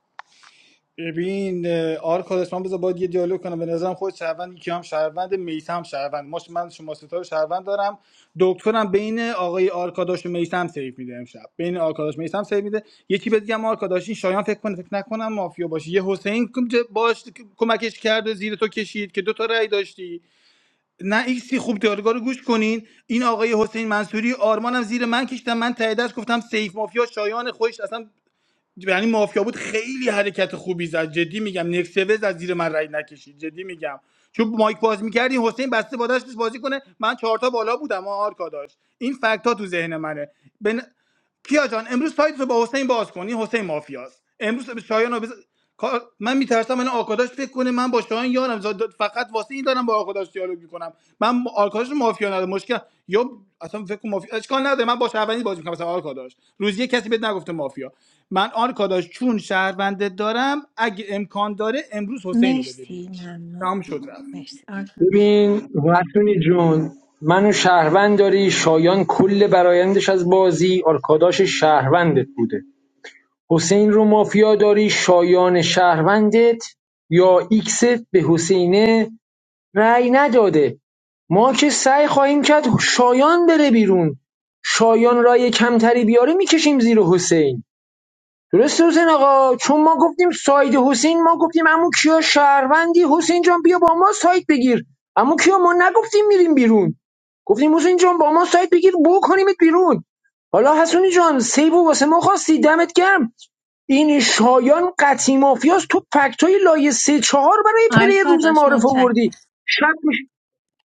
Speaker 12: ببین اه، آرکادش من بذار باید یه دیالوگ کنم به نظرم خود شهروند یکی هم شهروند میثم شهروند ماش من شما ستا رو شهروند دارم دکترم بین آقای آرکاداش و میثم سیف میده امشب بین آرکاداش میثم سیف میده یکی بهت بگم آرکاداش این شایان فکر کنه فکر نکنم مافیا باشه یه حسین کم- که باش کمکش کرده زیر تو کشید که دو تا رأی داشتی نه ایکسی خوب دیالوگا رو گوش کنین این آقای حسین منصوری آرمانم زیر من کشیدم من ته دست گفتم سیف مافیا شایان خوش اصلا یعنی مافیا بود خیلی حرکت خوبی زد جدی میگم نکسوز از زیر من رای نکشید جدی میگم چون مایک باز میکردی حسین بسته با دستش بازی کنه من چهارتا بالا بودم آرکا داشت این فکت ها تو ذهن منه به کیا جان امروز سایت رو با حسین باز کنی حسین مافیاست امروز به شایان رو بز... کار- من میترسم من آکاداش فکر کنه من با شایان یارم زاد- فقط واسه این دارم با آکاداش دیالوگ میکنم من آکاداش رو مافیا ندارم مشکل یا اصلا فکر کن مافیا اشکال نداره من با شهروندی بازی میکنم مثلا آکاداش روزی کسی بهت نگفته مافیا من آکاداش چون شهرونده دارم اگه امکان داره امروز حسین رو بده
Speaker 1: مرسی
Speaker 12: بیرون
Speaker 1: ممنون
Speaker 12: تمام شد رفت
Speaker 1: مرسی آرکاداش
Speaker 11: ببین وطنی جون منو شهروند داری شایان کل برایندش از بازی آرکاداش شهروندت بوده حسین رو مافیا داری شایان شهروندت یا ایکست به حسینه رأی نداده ما که سعی خواهیم کرد شایان بره بیرون شایان رای کمتری بیاره میکشیم زیر حسین درست حسین آقا چون ما گفتیم ساید حسین ما گفتیم امو کیا شهروندی حسین جان بیا با ما ساید بگیر امو کیا ما نگفتیم میریم بیرون گفتیم حسین جان با ما ساید بگیر بو کنیمت بیرون حالا حسونی جان سیبو واسه ما خواستی دمت گرم این شایان قطعی مافیاست تو فکت های لایه سه چهار برای پلی روز
Speaker 1: آرکاداش
Speaker 11: معارف
Speaker 1: متشکرم
Speaker 11: آوردی شب میشه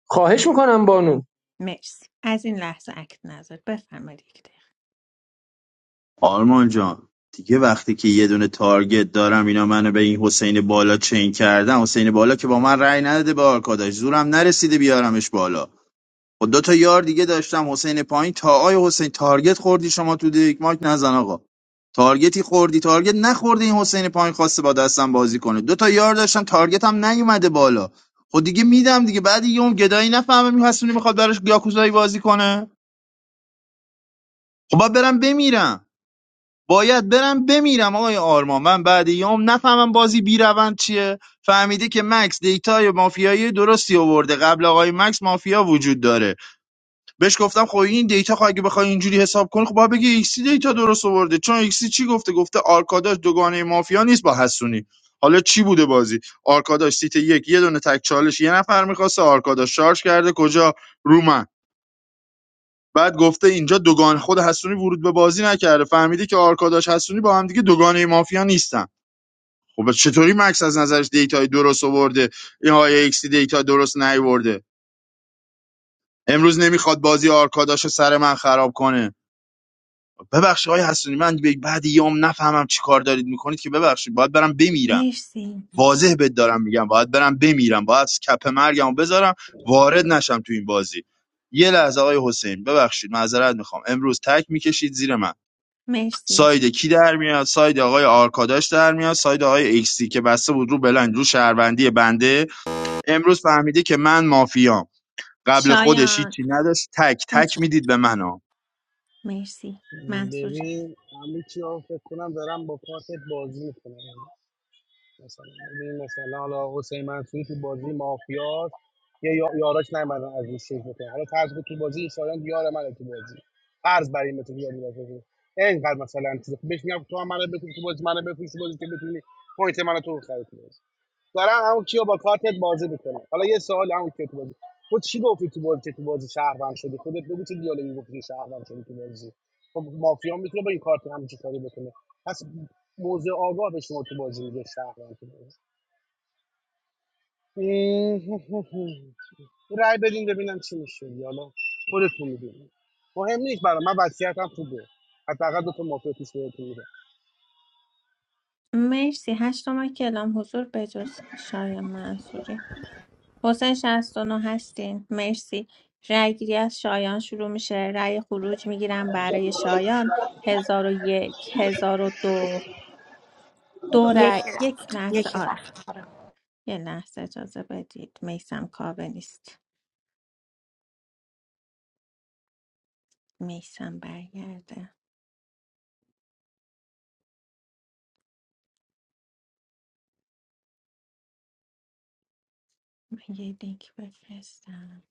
Speaker 11: خواهش میکنم بانو
Speaker 1: مرسی از این لحظه اکت نظر بفرمایید یک دقیقه
Speaker 2: آرمان جان دیگه وقتی که یه دونه تارگت دارم اینا منو به این حسین بالا چین کردن حسین بالا که با من رأی نداده به آرکاداش زورم نرسیده بیارمش بالا با دو تا یار دیگه داشتم حسین پایین تا آی حسین تارگت خوردی شما تو دیک ماک نزن آقا تارگتی خوردی تارگت نخوردی این حسین پایین خواسته با دستم بازی کنه دو تا یار داشتم تارگت هم نیومده بالا خب دیگه میدم دیگه بعد دیگه اون گدایی نفهمه میخواستونی میخواد براش یاکوزایی بازی کنه خب باید برم بمیرم باید برم بمیرم آقای آرمان من بعد یوم نفهمم بازی بی روند چیه فهمیده که مکس دیتای مافیایی درستی آورده قبل آقای مکس مافیا وجود داره بهش گفتم خب این دیتا خب اگه بخوای اینجوری حساب کنی خب باید بگی ایکسی دیتا درست آورده چون ایکسی چی گفته گفته آرکاداش دوگانه مافیا نیست با حسونی حالا چی بوده بازی آرکاداش سیت یک یه دونه تک چالش یه نفر میخواسته آرکاداش شارژ کرده کجا رو من بعد گفته اینجا دوگان خود حسونی ورود به بازی نکرده فهمیده که آرکاداش حسونی با هم دیگه دوگانه مافیا نیستن خب چطوری مکس از نظرش دیتای درست آورده این های ایکسی دیتا درست نیورده امروز نمیخواد بازی آرکاداش رو سر من خراب کنه ببخشید آقای حسونی من به- بعد یام نفهمم چی کار دارید میکنید که ببخشید باید برم بمیرم
Speaker 1: مرسی
Speaker 2: واضح بهت دارم میگم باید برم بمیرم باید کپ مرگمو بذارم وارد نشم تو این بازی یه لحظه آقای حسین ببخشید معذرت میخوام امروز تک میکشید زیر من
Speaker 1: مرسی
Speaker 2: ساید کی در میاد ساید آقای آرکاداش در میاد ساید آقای اکسی که بسته بود رو بلند رو شهروندی بنده امروز فهمیده که من مافیام قبل خودش
Speaker 1: شایان
Speaker 2: هیچی نداشت تک تک
Speaker 1: اوکی
Speaker 2: میدید به من ها
Speaker 1: مرسی منصوری
Speaker 6: ببین همه چی ها فکر کنم دارم با کارت بازی میکنم مثلا ببین مثلا حالا حسین منصوری تو بازی مافیاست یا یا- یاراش نمیدن از این چیز بکنه حالا فرض کن تو بازی ایسایان یار منه تو بازی فرض بر این بتونی یاری بازی اینقدر مثلا چیز بهش میگم تو هم منو بتونی تو بازی منو بفروش تو بازی که بتونی پوینت منو تو خرید کنی. دارن همون کیو با کارتت بازی میکنه حالا یه سوال همون کیو تو بازی خود چی گفتی تو بازی که تو بازی شهروند شدی خودت بگو چه دیالوگی گفتی شهروند شدی تو بازی خب مافیا میتونه با این کارت هم چه کاری بکنه پس موضع آگاه به شما تو بازی میگه شهروند تو بازی رای بدین ببینم چی میشه دیگه. حالا خودتون میدونید مهم نیست برام. من وضعیتم خوبه حداقل دو تا مافیا توش بهتون میده
Speaker 1: مرسی هشت ما کلام حضور بجز شایان منصوری حسین 69 هستین مرسی رأی گیری از شایان شروع میشه رأی خروج میگیرم برای شایان هزار و یک هزار و دو دو رأی
Speaker 15: یکی
Speaker 1: یک
Speaker 15: رفت
Speaker 1: لحظه
Speaker 15: یکی
Speaker 1: آره
Speaker 15: رفت آره.
Speaker 1: یه لحظه اجازه بدید میسم کاوه نیست میسم برگرده من یه لینک بفرستم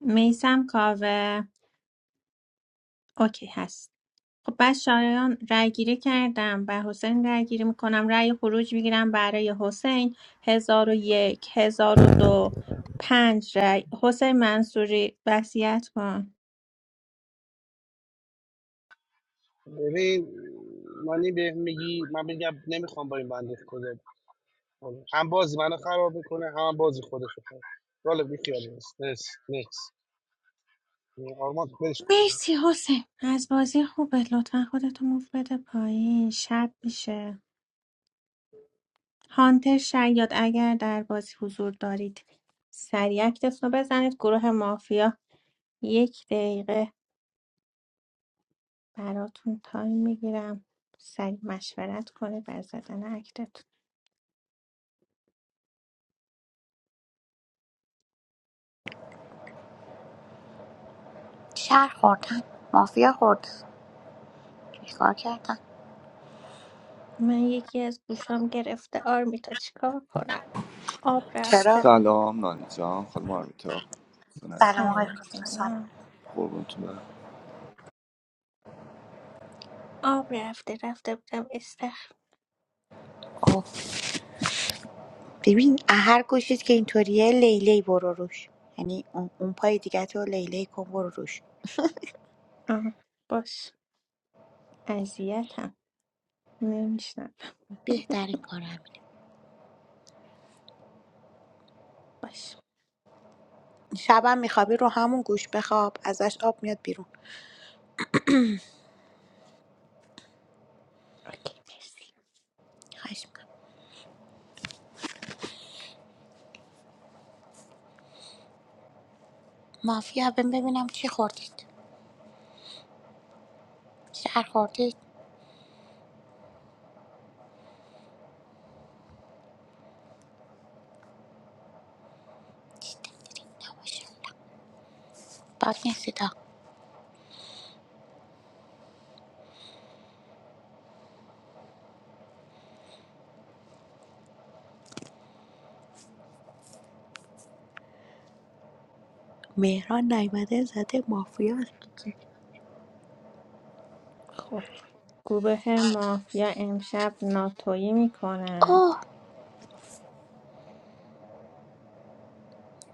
Speaker 1: میسم کاوه اوکی هست خب بس شایان رای گیری کردم بر حسین رای گیری میکنم رای خروج میگیرم برای حسین هزار و یک هزار و دو پنج رای حسین منصوری وصیت کن
Speaker 6: ببین مانی به میگی من میگم نمیخوام با این بنده خدا حالا هم بازی منو خراب میکنه هم, هم بازی خودش رو خراب والا بی خیال نیست نیست نیست آرمان تو برش
Speaker 1: مرسی حسین از بازی خوبه لطفا خودتو موف بده پایین شب میشه هانتر شاید اگر در بازی حضور دارید سریع اکتتون رو بزنید گروه مافیا یک دقیقه براتون تایم میگیرم سریع مشورت کنید بر زدن اکتتون
Speaker 15: شهر خوردن مافیا خورد چیکار کردن
Speaker 1: من یکی از گوشام گرفته آرمیتا چیکار کنم آب
Speaker 15: چرا
Speaker 1: رفته
Speaker 16: Assalamu alaikum, farma mita. Sana aziz.
Speaker 15: سلام آقای
Speaker 1: سلام
Speaker 15: فاطمه سلام
Speaker 1: سلام
Speaker 16: Korbun tumra.
Speaker 1: آب رفته رفته بودم استخر
Speaker 15: اوه ببین هر گوشیت که اینطوریه لیلی برو روش یعنی اون, اون پای دیگه تو لیلی کن برو روش
Speaker 1: آه باش اذیتم نمیشنم
Speaker 15: بهترین کار همینه
Speaker 1: باش
Speaker 15: شبم میخوابی رو همون گوش بخواب ازش آب میاد بیرون
Speaker 1: اوکی مرسی
Speaker 15: خواهش میکنم مافیا بهم ببینم چی خوردید شهر خوردید نباشه بد نیستید ها. مهران نایمده زده مافیا
Speaker 1: خب گروه مافیا امشب ناتویی میکنن
Speaker 15: اوه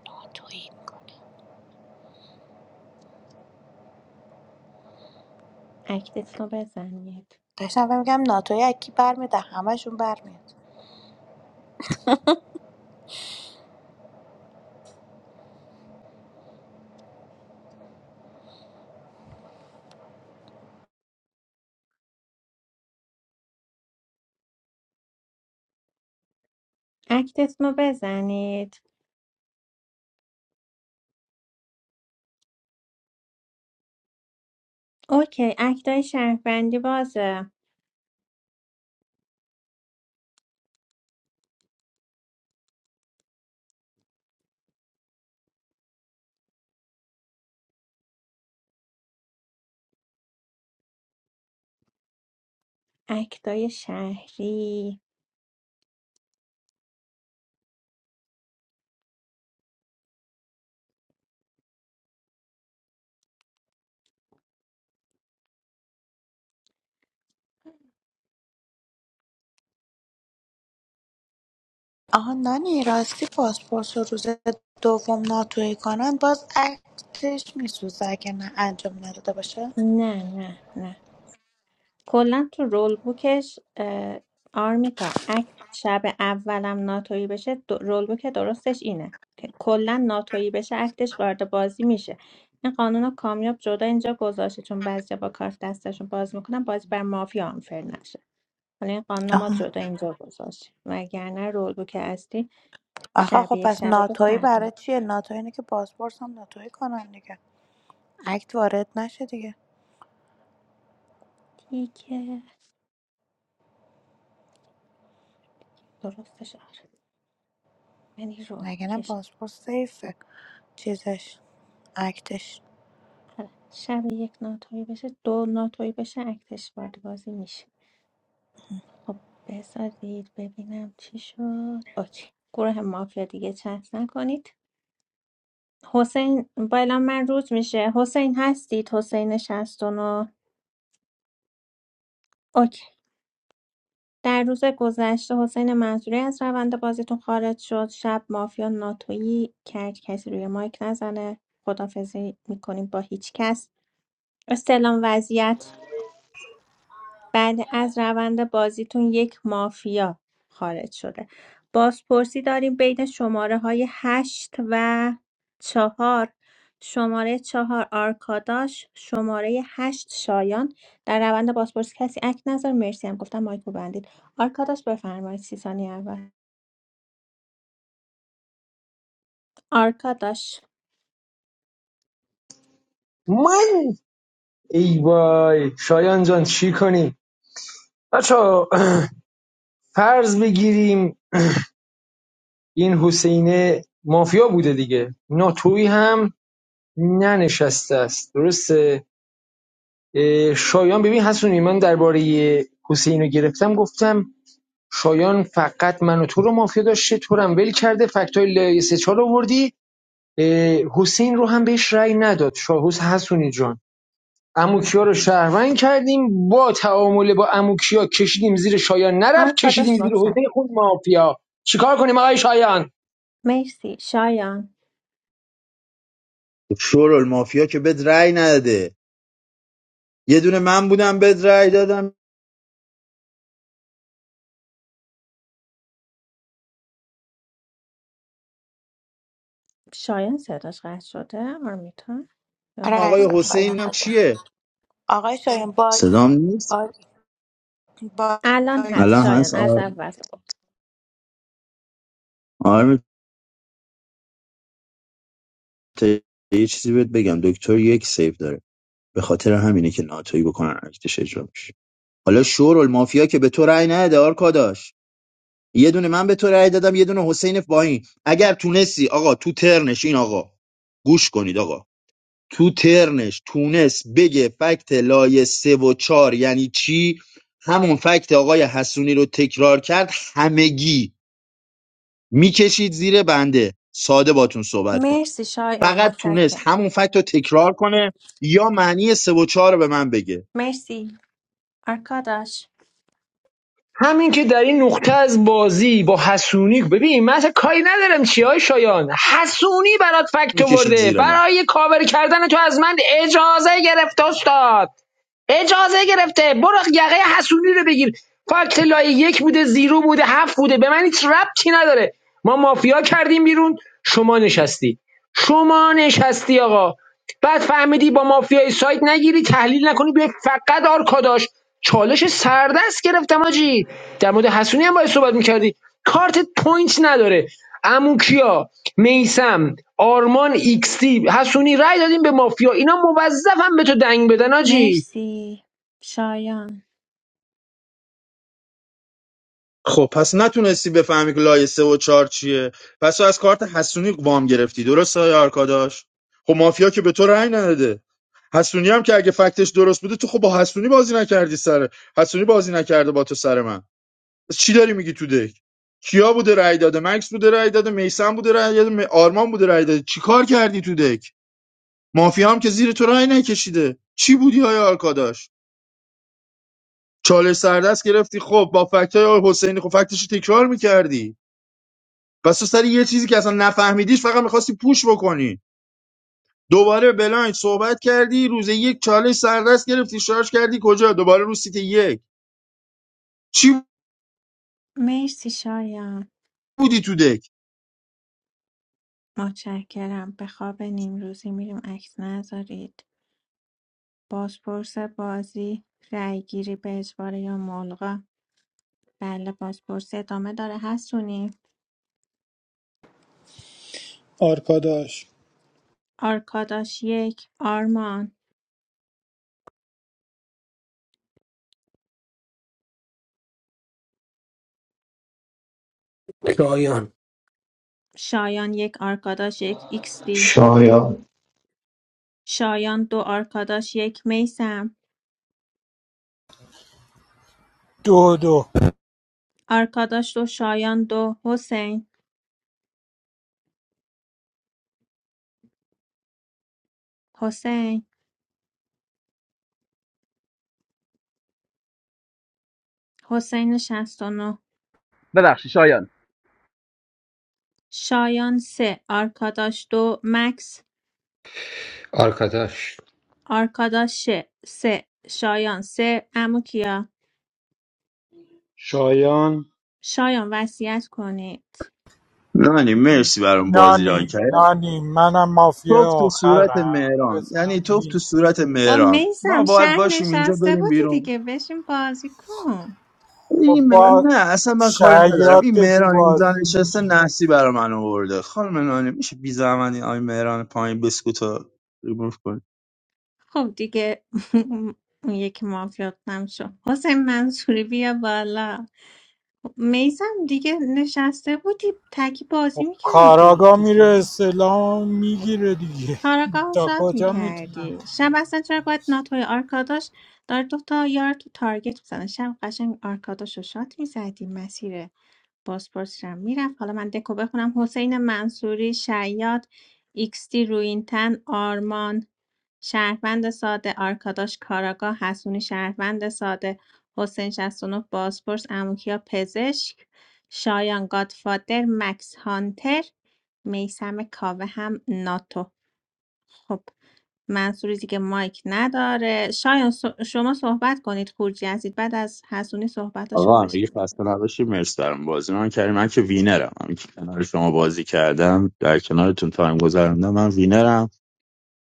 Speaker 15: ناتویی میکنه
Speaker 1: اکتتون رو بزنید
Speaker 15: داشتم بهم میگم ناتوی از کی برمیاد از همشون برمیاد
Speaker 1: اکتتون رو بزنید اوکی اکتای شهروندی بازه اکتای شهری
Speaker 15: آها نانی راستی پاسپورت رو روز دوم ناتوی کنن باز عکسش میسوزه اگه نه انجام نداده باشه
Speaker 1: نه نه نه کلا تو رول بوکش اه، آرمیتا اکت شب اولم ناتویی بشه د- رول بوک درستش اینه که کلا ناتویی بشه اکتش وارد بازی میشه این قانون رو کامیاب جدا اینجا گذاشته چون بعضی با کارت دستشون باز میکنن بازی بر مافیا آنفر نشه حالا این قانون رو ما
Speaker 15: آها
Speaker 1: جدا اینجا گذاشتیم وگرنه رول بوک اصلی
Speaker 15: آخه
Speaker 1: شب
Speaker 15: خب
Speaker 1: یک
Speaker 15: پس
Speaker 1: شب دو
Speaker 15: ناتوی
Speaker 1: فرق
Speaker 15: برای
Speaker 1: می‌کنه.
Speaker 15: چیه ناتوی اینه که پاسپورت هم ناتوی کنن دیگه اکت وارد نشه دیگه
Speaker 1: دیگه درستش آره یعنی رول
Speaker 15: مگه نه
Speaker 1: بوکش
Speaker 15: پاسپورت سیفه چیزش اکتش
Speaker 1: آره. شب یک ناتوی بشه دو ناتوی بشه اکتش وارد بازی میشه خب بذارید ببینم چی شد اوکی گروه مافیا دیگه چت نکنید حسین بالا من روز میشه حسین هستید حسین شصت و نه. اوکی در روز گذشته حسین منصوری از روند بازیتون خارج شد شب مافیا ناتویی کرد کسی روی مایک نزنه خدافزی میکنیم با هیچ کس استلام وضعیت بعد از روند بازیتون یک مافیا خارج شده بازپرسی داریم بین شماره های هشت و چهار شماره چهار آرکاداش شماره هشت شایان در روند بازپرسی کسی اک نظر مرسی هم گفتم مایکو بندید آرکاداش بفرمایید سی ثانیه اول آرکاداش
Speaker 11: من ای وای شایان جان چی کنیم بچه فرض بگیریم این حسینه مافیا بوده دیگه ناتوی هم ننشسته است درسته اه، شایان ببین حسونی من درباره حسین رو گرفتم گفتم شایان فقط من و تو رو مافیا داشته تو رو هم ول کرده فکت های لایه سه چهار رو حسین رو هم بهش رأی نداد شاهوس حسونی جان اموکیا رو شهروند کردیم با تعامله با اموکیا کشیدیم زیر شایان نرفت کشیدیم
Speaker 1: آرکاداش
Speaker 11: زیر حسین
Speaker 1: مطلق
Speaker 11: خود مافیا چیکار کنیم آقای شایان
Speaker 1: مرسی شایان
Speaker 2: شور المافیا که بد رأی نداده یه دونه من بودم بهت رأی دادم
Speaker 1: شایان صداش قطع شده آرمیتا یا
Speaker 15: آره
Speaker 1: من
Speaker 2: آقای
Speaker 15: عزیزم
Speaker 1: باگم
Speaker 15: شایان
Speaker 2: حسین هم
Speaker 15: بگو.
Speaker 2: چیه
Speaker 15: آقای شایان باگی
Speaker 2: صدام نیست
Speaker 15: باگی
Speaker 1: الان
Speaker 15: باگی
Speaker 1: هست
Speaker 2: الان
Speaker 1: شایان
Speaker 2: هست
Speaker 1: از
Speaker 2: آر-
Speaker 1: اول
Speaker 2: آرم ت- یه چیزی بهت بگم دکتر یک سیف داره به خاطر همینه که ناتوی بکنن ارتش اجرا بشه حالا شور المافیا که به تو رأی نده آرکا داشت یه دونه من به تو رأی دادم یه دونه حسین باهین اگر تونستی آقا تو ترنش این آقا گوش کنید آقا تو ترنش تونست بگه فکت لایه سه و چهار یعنی چی همون فکت آقای حسونی رو تکرار کرد همگی میکشید زیر بنده ساده باتون صحبت کنم
Speaker 1: مرسی شایان
Speaker 2: فقط تونست
Speaker 1: متشکرم
Speaker 2: همون فکت رو تکرار کنه یا معنی سه و چهار رو به من بگه
Speaker 1: مرسی آرکاداش
Speaker 11: همین که در این نقطه از بازی با حسونی ببین من اصلا کاری ندارم چی های شایان حسونی برات فکت
Speaker 2: میکشید
Speaker 11: آورده
Speaker 2: زیر من
Speaker 11: برای کاور کردن تو از من اجازه گرفت استاد اجازه گرفته برو یقه حسونی رو بگیر فاکت لای یک بوده زیرو بوده هفت بوده به من هیچ ربطی نداره ما مافیا کردیم بیرون شما نشستی شما نشستی آقا بعد فهمیدی با مافیای سایت نگیری تحلیل نکنی به فقط آرکاداش چالش سردست گرفتم آجی در مورد حسونی هم باید صحبت میکردی کارت پوینت نداره امو کیا میسم آرمان ایکس تی حسونی رای دادیم به مافیا اینا موظفم به تو دنگ بدن آجی
Speaker 1: مرسی شایان
Speaker 2: خب پس نتونستی بفهمی که لایه سه و چهار چیه پس تو از کارت حسونی وام گرفتی درست های آرکاداش خب مافیا که به تو رأی نداده حسونی هم که اگه فکتش درست بوده تو خب با حسونی بازی نکردی سر حسونی بازی نکرده با تو سر من پس چی داری میگی تو دک کیا بوده رأی داده مکس بوده رأی داده میسم بوده رأی داده م- آرمان بوده رأی داده چیکار کردی تو دک مافیا هم که زیر تو رأی نکشیده چی بودی های آرکاداش چالش سردست گرفتی خب با فکت های حسینی خب فکتش رو تکرار میکردی بس تو سر یه چیزی که اصلا نفهمیدیش فقط میخواستی پوش بکنی دوباره بلایند صحبت کردی روز یک چالش سردست گرفتی شارژ کردی کجا دوباره رو سیت یک چی
Speaker 1: مرسی شایان
Speaker 2: بودی تو دک
Speaker 1: متشکرم به خواب نیمروزی میریم عکس نذارید بازپرس بازی رأیگیری به اجبار یا ملغا بله بازپرس ادامه داره حسونی
Speaker 12: آرکاداش
Speaker 1: آرکاداش یک آرمان
Speaker 14: شایان
Speaker 1: شایان یک آرکاداش یک ایکس دی
Speaker 13: شایان
Speaker 1: شایان دو آرکاداش یک میسم
Speaker 9: دو دو
Speaker 1: آرکاداش دو شایان دو حسین حسین حسین 69
Speaker 8: ببخشید شایان
Speaker 1: شایان 3 آرکاداش دو مکس
Speaker 7: آرکاداش
Speaker 1: آرکاداش 3 شایان 3 عمو کیا
Speaker 3: شایان
Speaker 1: شایان وصیت کنید
Speaker 2: نانی مرسی برام بازی ران
Speaker 9: نانی
Speaker 2: کرد
Speaker 9: نانی منم مافیا
Speaker 2: توف تو صورت
Speaker 9: آخرم
Speaker 2: مهران
Speaker 9: بزن
Speaker 2: یعنی توف تو
Speaker 9: وین
Speaker 2: صورت
Speaker 1: با
Speaker 2: مهران ما
Speaker 1: میسم
Speaker 2: باید
Speaker 1: شهر
Speaker 2: باشیم اینجا
Speaker 1: نشسته
Speaker 2: بریم
Speaker 1: بودی
Speaker 2: بیرون
Speaker 1: دیگه بشین بازی کن
Speaker 9: خب
Speaker 2: این مهران
Speaker 9: با
Speaker 2: نه اصلا من کاری ندارم
Speaker 9: شعیات
Speaker 2: این
Speaker 9: تو
Speaker 2: مهران اینجا
Speaker 9: بازی می
Speaker 2: نشسته نحسی برا من آورده خانم نانی میشه بی زحمت این آی مهران پایین بسکوتو ریموف
Speaker 1: خب دیگه اون یکی مافیات نمیشه حسین منصوری بیا بالا میسم دیگه نشسته بودی تکی بازی
Speaker 9: خب
Speaker 1: میکردی
Speaker 9: کاراگا میره
Speaker 1: دیگه
Speaker 9: اسلام میگیره دیگه
Speaker 1: کاراگاه رو
Speaker 9: تا
Speaker 1: شاد
Speaker 9: کجا میتونم
Speaker 1: میکردی شب اصلا چرا باید ناتوی آرکاداش داره دوتا یار تو تارگت میزنه شب قشنگ آرکاداش رو شاد میزدی مسیر بازپرس رو میرفت حالا من دکو بخونم حسین منصوری شیاد ایکستی روینتن آرمان شهروند ساده آرکاداش کاراگاه حسونی شهروند ساده حسین 69 بازپرس اموکیا پزشک شایان گادفادر مکس هانتر میسم کاوه هم ناتو خب منصوری دیگه مایک نداره شایان سو- شما صحبت کنید خورجی هستید بعد از حسونی صحبتاشو رو
Speaker 2: آقا همگی
Speaker 1: بشنوید
Speaker 2: خسته نباشید مرسی برام بازی من کردیم من که وینرم هم که کنار شما بازی کردم در کنارتون تایم گذروندم من وینرم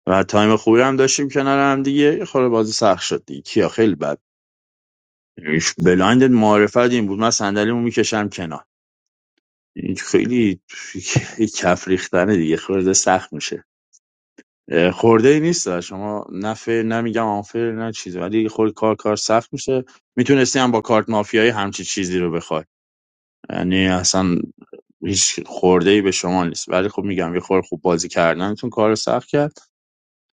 Speaker 2: و تایم خوبی هم داشتیم کنار هم دیگه یه خورده بازی سخت شد دیگه کیا خیلی بد ایش بلایند معرفت این بود من صندلیمو میکشم کنار این خیلی کف ریختنه دیگه خورده سخت میشه اه، خورده ای نیست شما نه فیر نمیگم آنفیر نه چیزی ولی خورد کار کار سخت میشه میتونستی هم با کارت مافیایی همچی چیزی رو بخوای یعنی اصلا هیچ خورده به شما نیست ولی خب میگم یه خورده خوب بازی کردنتون کار سخت کرد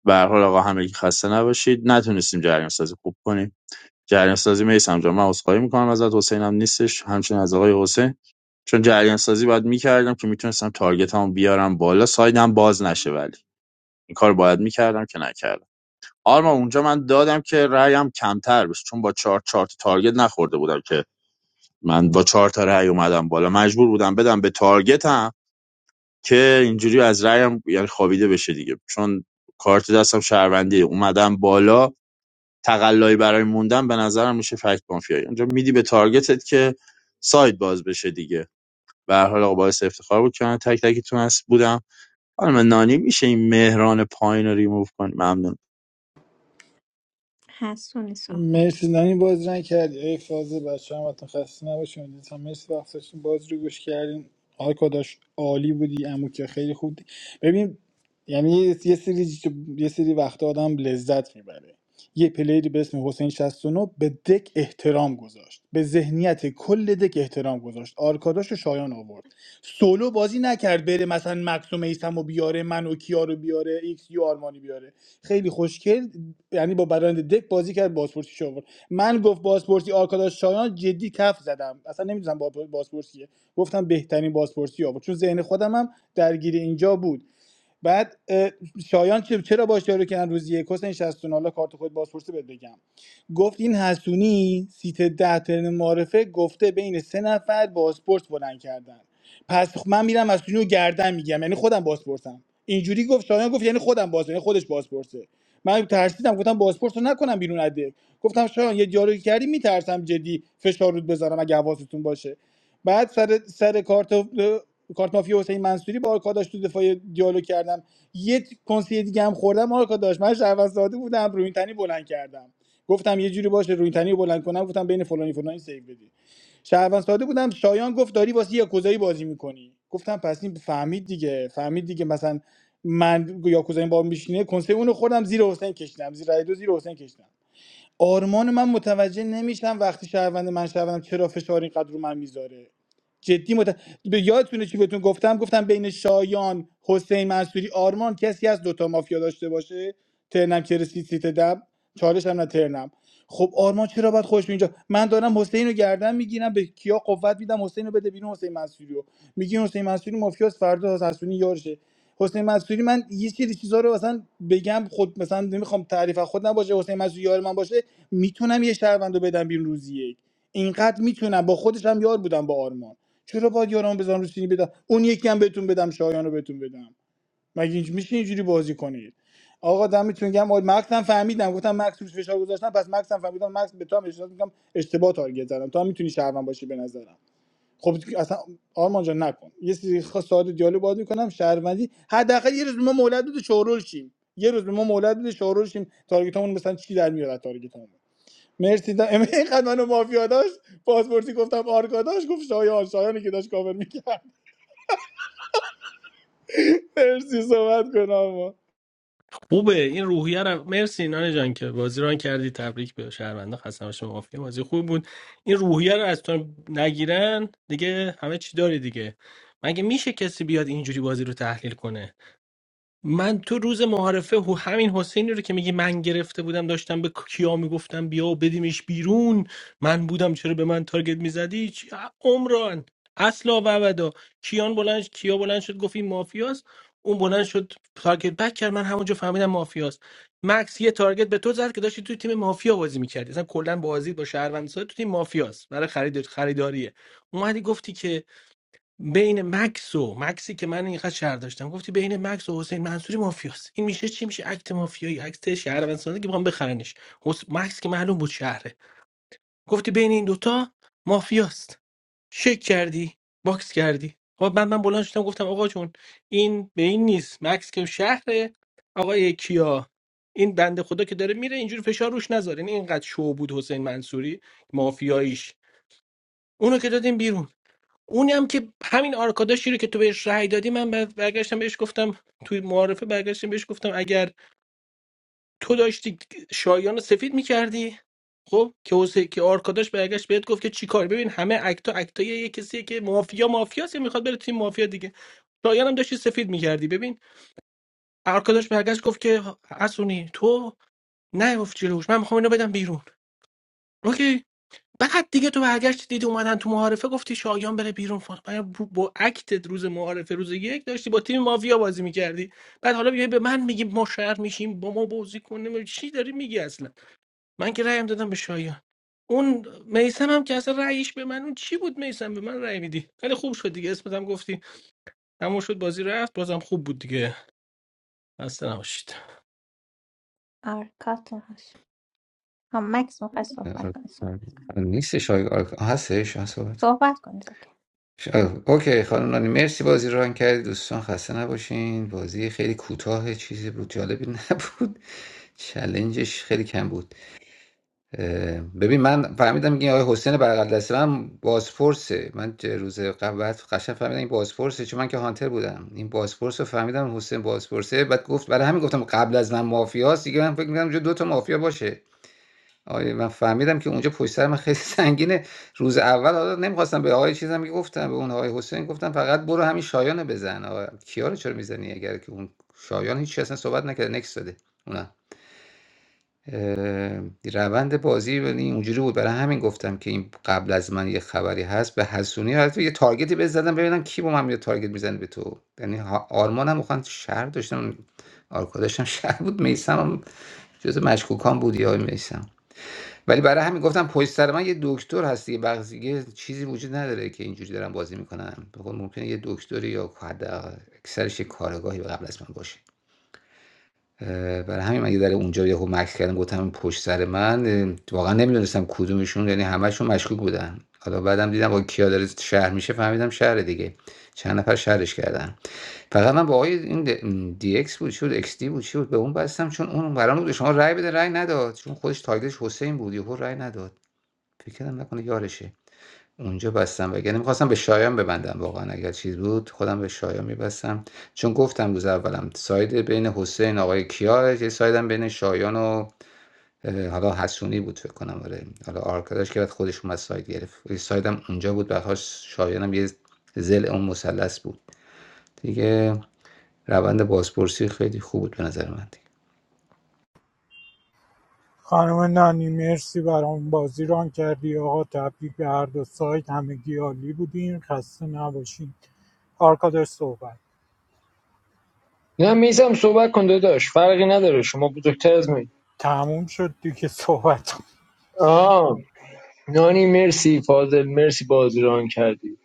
Speaker 2: به هر حال آقا همگی خسته نباشید نتونستیم جریان سازی خوب کنیم جریان سازی میسم جان من عذرخواهی میکنم ازت حسین نیستش همچنین از آقای حسین چون جریان سازی باید میکردم که میتونستم تارگتمو بیارم بالا سایدم باز نشه ولی این کار باید میکردم که نکردم آرما اونجا من دادم که رأیم کمتر بشه چون با چهار چهار تا تارگت نخورده بودم که من با چهار تا رأی اومدم بالا مجبور بودم بدم به تارگتم که اینجوری از رأیم یعنی خوابیده بشه دیگه چون کارت دستم شهروندی اومدم بالا تقلایی برای موندن به نظرم میشه فکت مافیایی اونجا میدی به تارگتت که ساید باز بشه دیگه به هر حال آقا باعث افتخار بود که من تک تکتون هست بودم حالا من نانی میشه این مهران پایین رو ریموو کنیم ممنون
Speaker 1: حسونی صحبت
Speaker 12: مرسی نانی باز نکردی ای فازه بچه هم خسته نباشیم دیدید هم مرسی وقت داشتیم باز رو گوش کردیم آقای کاداش عالی بودی امو که خیلی خوب دی. ببین یعنی یه یه سری یه سری وقت آدم لذت میبره یه پلیری به اسم حسین 69 به دک احترام گذاشت به ذهنیت کل دک احترام گذاشت آرکاداش و شایان آورد سولو بازی نکرد بره مثلا مکسوم ایسم و بیاره من و کیا رو بیاره ایکس یو آرمانی بیاره خیلی خوشگل یعنی با برنده دک بازی کرد بازپرسی شو آورد من گفت بازپرسی آرکاداش شایان جدی کف زدم اصلا نمیدونم با بازپرسیه گفتم بهترین بازپرسی آورد چون ذهن خودم هم درگیر اینجا بود بعد شایان چه- چرا باش دیالوگ کردن روز یک حسین 69 حالا کارت خود بازپرسی بهت بگم گفت این حسونی سیت ده ترن معرفه گفته بین سه نفر بازپرس بلند کردن پس خ- من میرم حسونی رو گردن میگم یعنی خودم بازپرسم اینجوری گفت شایان گفت یعنی خودم باز یعنی خودش بازپرسه من ترسیدم گفتم بازپرس رو نکنم بیرون اده گفتم شایان یه دیالوگی کردی میترسم جدی فشار رود بذارم اگه حواستون باشه بعد سر سر کارت تو کارت مافیا حسین منصوری با آرکاداش تو دفاع دیالوگ کردم یه کنسیه دیگه هم خوردم آرکاداش من شهروند ساده بودم روی این تنی بلند کردم گفتم یه جوری باشه روی این تنی رو بلند کنم گفتم بین فلانی فلانی سیو بدی شهروند ساده بودم شایان گفت داری واسه یاکوزایی بازی میکنی گفتم پس این فهمید دیگه فهمید دیگه مثلا من یاکوزایی با میشینه کنسه اونو خوردم زیر حسین کشیدم زیر رای دو زیر حسین کشیدم آرمان من متوجه نمیشم وقتی شهروند من شهروندم چرا فشار اینقدر رو من میذاره جدی مت... به یادتونه چی بهتون گفتم گفتم بین شایان حسین منصوری آرمان کسی از دوتا مافیا داشته باشه ترنم که رسید سیت دم چالش هم نه ترنم خب آرمان چرا باید خوش اینجا من دارم حسین رو گردن میگیرم به کیا قوت میدم حسین رو بده بیرون حسین منصوری رو میگین حسین منصوری مافیاس فردا حسنی یارشه حسین منصوری من یه سری چیزا رو مثلا بگم خود مثلا نمیخوام تعریف از خود نباشه حسین منصوری یار من باشه میتونم یه شهروند رو بدم بیرون روزی یک اینقدر میتونم با خودش هم یار بودم با آرمان چرا باید یارم بزنم روز سینی بدم اون یکی هم بهتون بدم شایان رو بهتون بدم مگه اینج میشه اینجوری بازی کنید آقا دمتون گرم آقا مکس هم فهمیدم گفتم مکس روش فشار گذاشتم پس مکس هم فهمیدم مکس به تو هم اشتباه میگم اشتباه تارگت زدم تو هم میتونی شهروند باشی به نظرم خب اصلا آرمان جان نکن یه سری خاص ساده دیالوگ باید میکنم شهروندی حداقل یه روز به ما مولد بده شورول شیم یه روز به ما مولد بده شورول شیم تارگتمون مثلا چی در میاد تارگتمون مرسی دا... ام- اینقدر منو مافیا داشت پاسپورتی گفتم آرکاداش گفت شایان شایانی که داشت کاور میکرد مرسی صحبت کنم آقا.
Speaker 14: خوبه این روحیه رو مرسی نانی جان که بازی ران کردی تبریک به شهرونده خسته نباشه مافیا بازی خوب بود این روحیه رو از تو نگیرن دیگه همه چی داری دیگه مگه میشه کسی بیاد اینجوری بازی رو تحلیل کنه من تو روز معارفه هو همین حسینی رو که میگی من گرفته بودم داشتم به کیا میگفتم بیا و بدیمش بیرون من بودم چرا به من تارگت میزدی چی- عمران اصلا و ابدا کیان بلند کیا بلند شد گفت این مافیاست اون بلند شد تارگت بک کرد من همونجا فهمیدم مافیاست مکس یه تارگت به تو زد که داشتی توی تیم مافیا بازی میکردی اصلا کلا بازی با شهروند تو تیم مافیاست برای خرید خریداریه اومدی گفتی که بین مکس و مکسی که من اینقدر شهر داشتم گفتی بین مکس و حسین منصوری مافیاست این میشه چی میشه اکت مافیایی اکت شهروندسازی که میخوام بخرنش حس... مکس که معلوم بود شهره گفتی بین این دوتا مافیاست شک کردی باکس کردی خب بعد من بلند شدم گفتم آقا جون این به این نیست مکس که شهره آقای کیا این بنده خدا که داره میره اینجوری فشار روش نذارین اینقدر شو بود حسین منصوری مافیاییش اونو که دادیم بیرون اونی هم که همین آرکاداشی رو که تو بهش رأی دادی من بعد برگشتم بهش گفتم توی معارفه برگشتم بهش گفتم اگر تو داشتی شایان رو سفید میکردی خب که حسین که آرکاداش برگشت بهت گفت که چیکار ببین همه اکتا اکتای یه کسیه که مافیا مافیاست یا میخواد بره تیم مافیا دیگه شایان هم داشتی سفید میکردی ببین آرکاداش برگشت گفت که حسونی تو نه جلوش من میخوام اینو بدم بیرون اوکی بعد دیگه تو برگشت دیدی اومدن تو معارفه گفتی شایان بره بیرون فان من با با اکتت روز معارفه روز یک داشتی با تیم مافیا بازی میکردی بعد حالا بیای به من میگی ما شهر میشیم با ما بازی کنیم چی داری میگی اصلا من که رأیم دادم به شایان اون میسم هم که اصلا رأیش به من اون چی بود میسم به من رأی میدی خیلی خوب شد دیگه اسمت هم گفتی تموم شد بازی رفت بازم خوب بود دیگه اصلا نباشید
Speaker 1: آره کارتون هاش هم مکس میخوای صحبت
Speaker 7: آر-
Speaker 1: کنی صحبت,
Speaker 7: نیستش آقای آرک... آه، هستش آه، صحبت
Speaker 1: صحبت کنید اوکی
Speaker 7: ش- آه، اوکی خانم نانی مرسی بازی رو ران کردی دوستان خسته نباشین بازی خیلی کوتاه چیزی بود جالبی نبود چلنجش خیلی کم بود ببین من فهمیدم این آقای حسین بغل دستی من بازپرسه من چه روز قبل بعد قشنگ فهمیدم این بازپرسه چون من که هانتر بودم این بازپرس رو فهمیدم حسین بازپرسه بعد گفت برای همین گفتم قبل از من مافیاست دیگه من فکر می‌کردم اونجا دو تا مافیا باشه آره من فهمیدم که اونجا پشت سر من خیلی سنگینه روز اول حالا نمیخواستم به آقای چیزم که گفتم به اون آقای حسین گفتم فقط برو همین شایانه بزن آقا کیا رو چرا میزنی اگر که اون شایان هیچ چی اصلا صحبت نکرده نکس داده روند بازی ولی اینجوری بود برای همین گفتم که این قبل از من یه خبری هست به حسونی البته یه تارگتی بهت ببینم کی با من یه تارگت میزنه به تو یعنی ها- آرمانم میخوان شهر داشتم آرکا داشتم شهر بود میسم هم جز مشکوکان بود یا میسم ولی برای همین گفتم پشت سر من یه دکتر هست دیگه بعضی یه چیزی وجود نداره که اینجوری دارم بازی میکنم بخون ممکنه یه دکتری یا حداقل اکثرش یه کارگاهی قبل از من باشه برای همین من در ذره اونجا یهو مکث کردم گفتم پشت سر من واقعا نمیدونستم کدومشون یعنی همشون مشکوک بودن حالا بعدم دیدم با کیا داره شهر میشه فهمیدم شهر دیگه چند نفر شهرش کردن فقط من با آقای این د- م، دی اکس بود چی بود اکس دی بود چی بود به اون بستم چون اون قرار بود به شما رأی بده رأی نداد چون خودش تایگش حسین بود یهو رأی نداد فکر کردم نکنه یارشه اونجا بستم وگرنه می‌خواستم به شایان ببندم واقعا اگر چیز بود خودم به شایان می‌بستم چون گفتم روز اولم ساید بین حسین آقای کیا یه سایدم بین شایان و اه، حالا حسونی بود فکر کنم آره حالا آرکاداش که بعد خودش اومد ساید گرفت یه سایدم اونجا بود بعدش شایانم یه زل اون مثلث بود دیگه روند بازپرسی خیلی خوب بود به نظر من دیگه.
Speaker 9: خانم نانی مرسی برام بازی ران کردی آقا تبریک به هر دو سایت همگی عالی بودین خسته نباشین آرکادر صحبت
Speaker 11: نه میسم صحبت کن داداش فرقی نداره شما بزرگتر از من
Speaker 9: تموم شد دیگه صحبت
Speaker 11: آه نانی مرسی فاضل مرسی بازیران کردی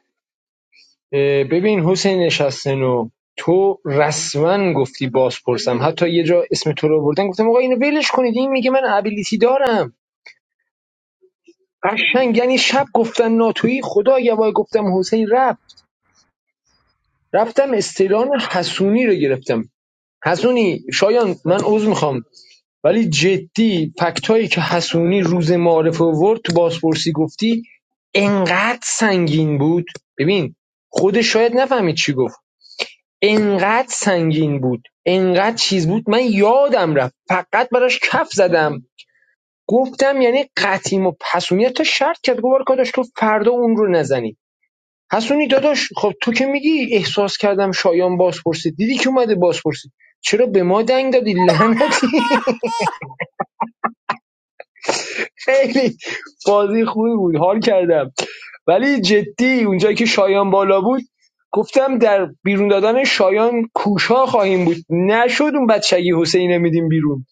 Speaker 11: اه، ببین حسین نشستنو تو رسما گفتی باز پرسم حتی یه جا اسم تو رو بردن گفتم آقا اینو ولش کنید این میگه من ابیلیتی دارم قشنگ یعنی شب گفتن ناتویی خدا یوای گفتم حسین رفت رفتم استعلان حسونی رو گرفتم حسونی شایان من عذر میخوام ولی جدی فکتایی که حسونی روز معارفه آورد تو بازپرسی گفتی انقدر سنگین بود ببین خودش شاید نفهمید چی گفت انقدر سنگین بود انقدر چیز بود من یادم رفت فقط براش کف زدم گفتم یعنی قطیم و پسونی تا شرط کرد گفت داشت تو فردا اون رو نزنی حسونی داداش خب تو که میگی احساس کردم شایان بازپرسی دیدی که اومده بازپرسی چرا به ما دنگ دادی لعنتی خیلی بازی خوبی بود حال کردم ولی جدی اونجایی که شایان بالا بود گفتم در بیرون دادن شایان کوشا خواهیم بود نشد اون بچگی حسین میدیم بیرون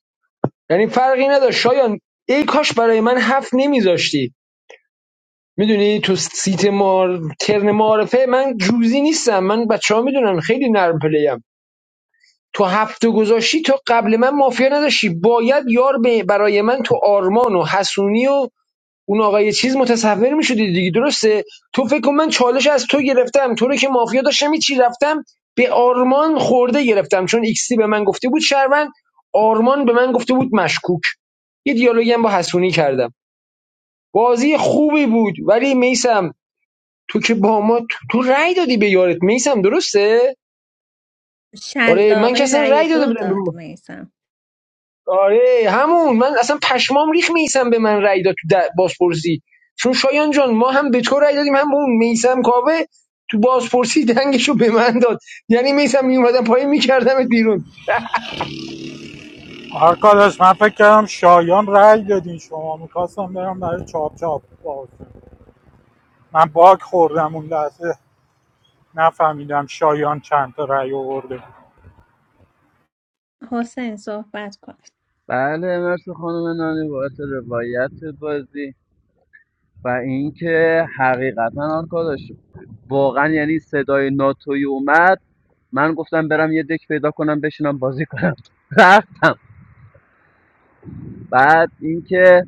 Speaker 11: یعنی فرقی نداشت شایان ای کاش برای من هفت نمیذاشتی میدونی تو سیت مار ترن معارفه من جوزی نیستم من بچه ها میدونن خیلی نرم پلیم تو هفته گذاشتی تو قبل من مافیا نداشتی باید یار به- برای من تو آرمان و حسونی و اون آقا یه چیز متصور میشدی دیگه درسته تو فکر کن من چالش از تو گرفتم تو رو که مافیا داشتم چی رفتم به آرمان خورده گرفتم چون ایکسی به من گفته بود شهروند آرمان به من گفته بود مشکوک یه دیالوگی هم با حسونی کردم بازی خوبی بود ولی میسم تو که با ما تو, تو رأی دادی به یارت میسم درسته آره من که
Speaker 1: شلاقه
Speaker 11: اصلا
Speaker 1: رأی
Speaker 11: رأی داده
Speaker 1: دو
Speaker 11: بودم
Speaker 1: داد میسم
Speaker 11: آره همون من اصلا پشمام ریخ میسم به من رأی داد تو بازپرسی چون شایان جان ما هم به تو رأی دادیم هم به اون میسم کاوه تو بازپرسی دنگشو به من داد یعنی میسم میومدم پایین میکردمت بیرون
Speaker 9: آرکاداش من فکر کردم شایان رای دادین شما میخواستم برم برای چاپ چاپ باز من باک خوردم اون لحظه نفهمیدم شایان چند تا رای آورده
Speaker 1: حسین صحبت کن
Speaker 8: بله مرسی خانم نانی بابت روایت بازی و اینکه حقیقتا آنکا داشت واقعا یعنی صدای ناتوی اومد من گفتم برم یه دک پیدا کنم بشینم بازی کنم رفتم بعد اینکه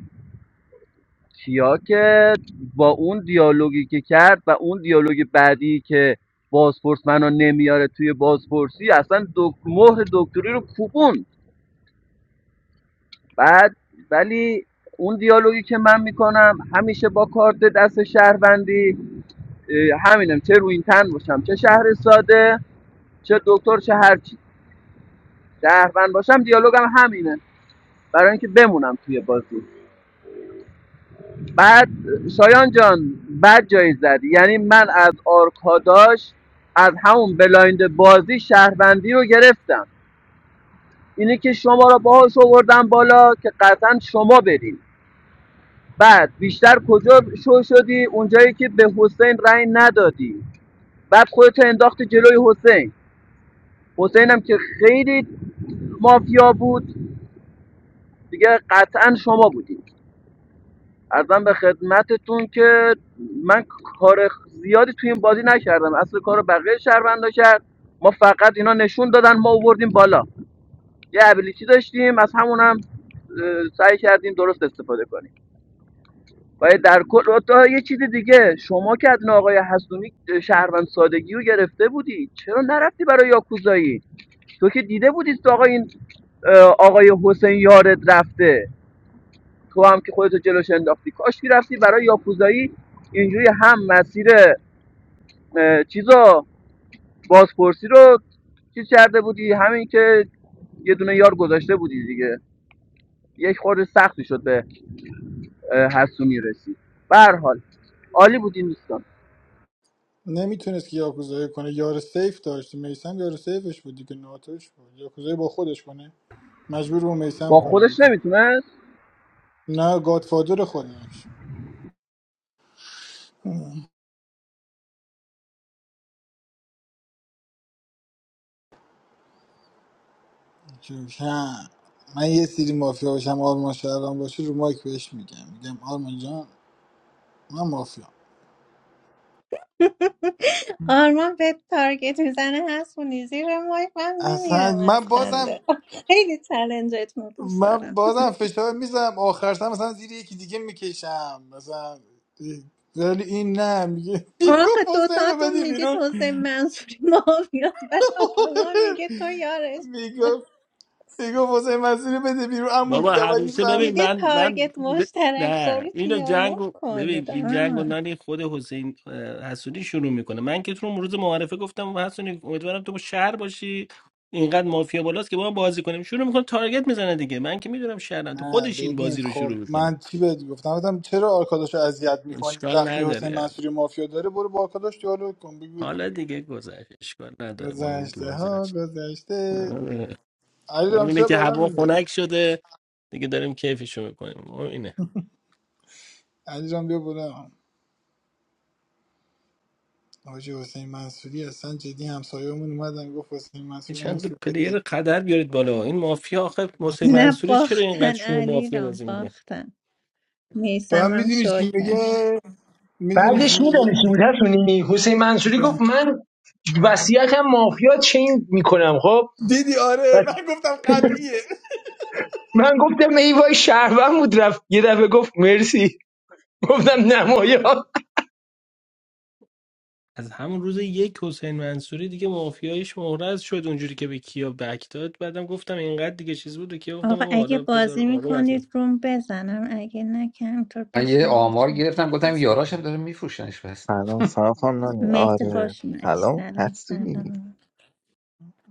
Speaker 8: کیا که با اون دیالوگی که کرد و اون دیالوگ بعدی که بازپرس منو نمیاره توی بازپرسی اصلا دک... مهر دکتری رو کوبون بعد ولی اون دیالوگی که من میکنم همیشه با کارت دست شهروندی اه، همینم چه روی این تن باشم چه شهر ساده چه دکتر چه هر چی شهروند باشم دیالوگم همینه برای اینکه بمونم توی بازی بعد اه، شایان جان بد جایی زدی یعنی من از آرکاداش از همون بلایند بازی شهروندی رو گرفتم اینی که شما را باهاش آوردم بالا که قطعا شما برین بعد بیشتر کجا شو شدی اونجایی که به حسین رأی ندادی بعد خودتو انداختی جلوی حسین حسین هم که خیلی مافیا بود دیگه قطعا شما بودید ازم به خدمتتون که من کار زیادی توی این بازی نکردم اصل کارو رو بقیه شهروندا کرد ما فقط اینا نشون دادن ما آوردیم بالا یه ابیلیتی داشتیم از همون هم اه، سعی کردیم درست استفاده کنیم و در کل تا یه چیز دیگه شما که از آقای حسونی شهروند سادگی رو گرفته بودی چرا نرفتی برای یاکوزایی تو که دیده بودی تو آقای این اه، آقای حسین یارت رفته تو هم که خودتو جلوش انداختی کاش رفتی برای یاکوزایی اینجوری هم مسیر اه، چیزا بازپرسی رو چیز کرده بودی همین که یه دونه یار گذاشته بودی دیگه یک خورده سختی شد به حسونی رسید به هر حال عالی بودین دوستان
Speaker 12: نمیتونست که یاکوزایی کنه یار سیف داشت میسم یار سیفش بود دیگه ناتوش بود یاکوزایی با خودش کنه مجبور رو میسم
Speaker 8: با
Speaker 12: کنه
Speaker 8: خودش
Speaker 12: دیگه
Speaker 8: نمیتونه
Speaker 12: نه گادفادر خودش جوش. نه. من یه سری مافیا باشم آرمان شهران باشه رو مایک بهش میگم میگم آرمان جان من مافیا
Speaker 1: آرمان به تارگت میزنه حسونی و زیر مایک من
Speaker 12: اصلا
Speaker 1: میمیرم از
Speaker 12: من بازم
Speaker 1: خنده خیلی چلنجت ما دوست دارم
Speaker 12: من بازم فشار میزنم آخرش هم مثلا زیر یکی دیگه میکشم مثلا ولی این نه میگه میگو
Speaker 1: آخه
Speaker 12: حسین رو
Speaker 1: دوتاتون
Speaker 12: بده
Speaker 1: میگید
Speaker 12: بیرون
Speaker 1: حسین منصوری مافیاس بهار ما میگه تو یارش تو.
Speaker 12: میگو میگو حسین مسیر بده بیرون عمو
Speaker 14: بابا
Speaker 12: جوادی
Speaker 14: همیشه
Speaker 12: فرد
Speaker 14: ببین
Speaker 1: دیگه
Speaker 14: من من
Speaker 1: تارگت
Speaker 14: ب...
Speaker 1: مشترک
Speaker 14: نه
Speaker 1: دارید
Speaker 14: اینو
Speaker 1: دیالوگ
Speaker 14: جنگو ببین
Speaker 1: کنید
Speaker 14: این جنگو
Speaker 1: آه.
Speaker 14: نانی خود حسین اه، حسونی شروع میکنه من که تو رو روز معرفه گفتم حسونی امیدوارم تو شهر باشی اینقدر مافیا بالاست که با هم بازی کنیم شروع میکنه تارگت میزنه دیگه من که میدونم شهرم تو
Speaker 12: نه
Speaker 14: خودش این
Speaker 12: ببین
Speaker 14: بازی رو
Speaker 12: خب
Speaker 14: شروع میکنه
Speaker 12: من چی بهت گفتم گفتم چرا آرکاداش رو اذیت میکنی
Speaker 14: اشکال
Speaker 12: وقتی حسین
Speaker 14: نداره
Speaker 12: منصوری مافیا داره برو با آرکاداش دیالوگ کن بگو
Speaker 14: حالا دیگه گذشت اشکال نداره ما هم که
Speaker 12: گذشته
Speaker 14: بازی
Speaker 12: ها
Speaker 14: نشه
Speaker 12: گذشته
Speaker 14: آره.
Speaker 12: علی
Speaker 14: مهم
Speaker 12: رام
Speaker 14: اینه
Speaker 12: چرا
Speaker 14: که
Speaker 12: بالا
Speaker 14: هوا
Speaker 12: میگه
Speaker 14: خنک شده دیگه داریم کیفشو میکنیم مهم اینه
Speaker 12: علی رام بیا بالا حاجی حسین منصوری اصلا جدی همسایه‌مون اومدن گفت حسین
Speaker 14: یه
Speaker 12: منصوری اون
Speaker 14: چند تا
Speaker 12: سوخت که
Speaker 14: پلیر قدر بیارید بالا این مافیا آخه حسین
Speaker 12: اصلا
Speaker 1: نه
Speaker 14: منصوری چرا اینقدر
Speaker 1: باختن
Speaker 14: شما
Speaker 1: علی
Speaker 14: مافیا
Speaker 1: رام
Speaker 14: بازی میکنه
Speaker 1: باختن
Speaker 12: بعد
Speaker 1: میسمم هم
Speaker 12: میدونی
Speaker 1: شو
Speaker 12: چی
Speaker 1: کرد
Speaker 12: میگه میدونی چی
Speaker 11: بعدش میدانی چی بود حسونی حسین منصوری
Speaker 12: میگه
Speaker 11: گفت من وصیتم مافیا چین میکنم خب
Speaker 12: دیدی
Speaker 11: و
Speaker 12: آره من گفتم قطعیه
Speaker 11: من گفتم ای وای شهروند بود رفت یه دفعه گفت مرسی گفتم نمایان
Speaker 14: از همون روز یک حسین منصوری دیگه مافیایش مورز شد اونجوری که به کیا بک داد بعدم گفتم اینقدر دیگه چیز بود و کیا گفتم
Speaker 1: آقا
Speaker 14: بابا
Speaker 1: اگه
Speaker 14: حالا
Speaker 1: بازی
Speaker 14: بذار آروم از بازی
Speaker 1: میکنید روم بزنم اگه نه کمطور
Speaker 7: من یه
Speaker 1: بشنم یه
Speaker 7: آمار
Speaker 1: چنده
Speaker 7: گرفتم گفتم یاراشم داره میفروشنش بس
Speaker 17: Salam, salam, na ni.
Speaker 1: مهدی
Speaker 17: Are
Speaker 1: خوش اومدی
Speaker 17: halom,
Speaker 1: سلام
Speaker 17: hastuni.
Speaker 1: سلام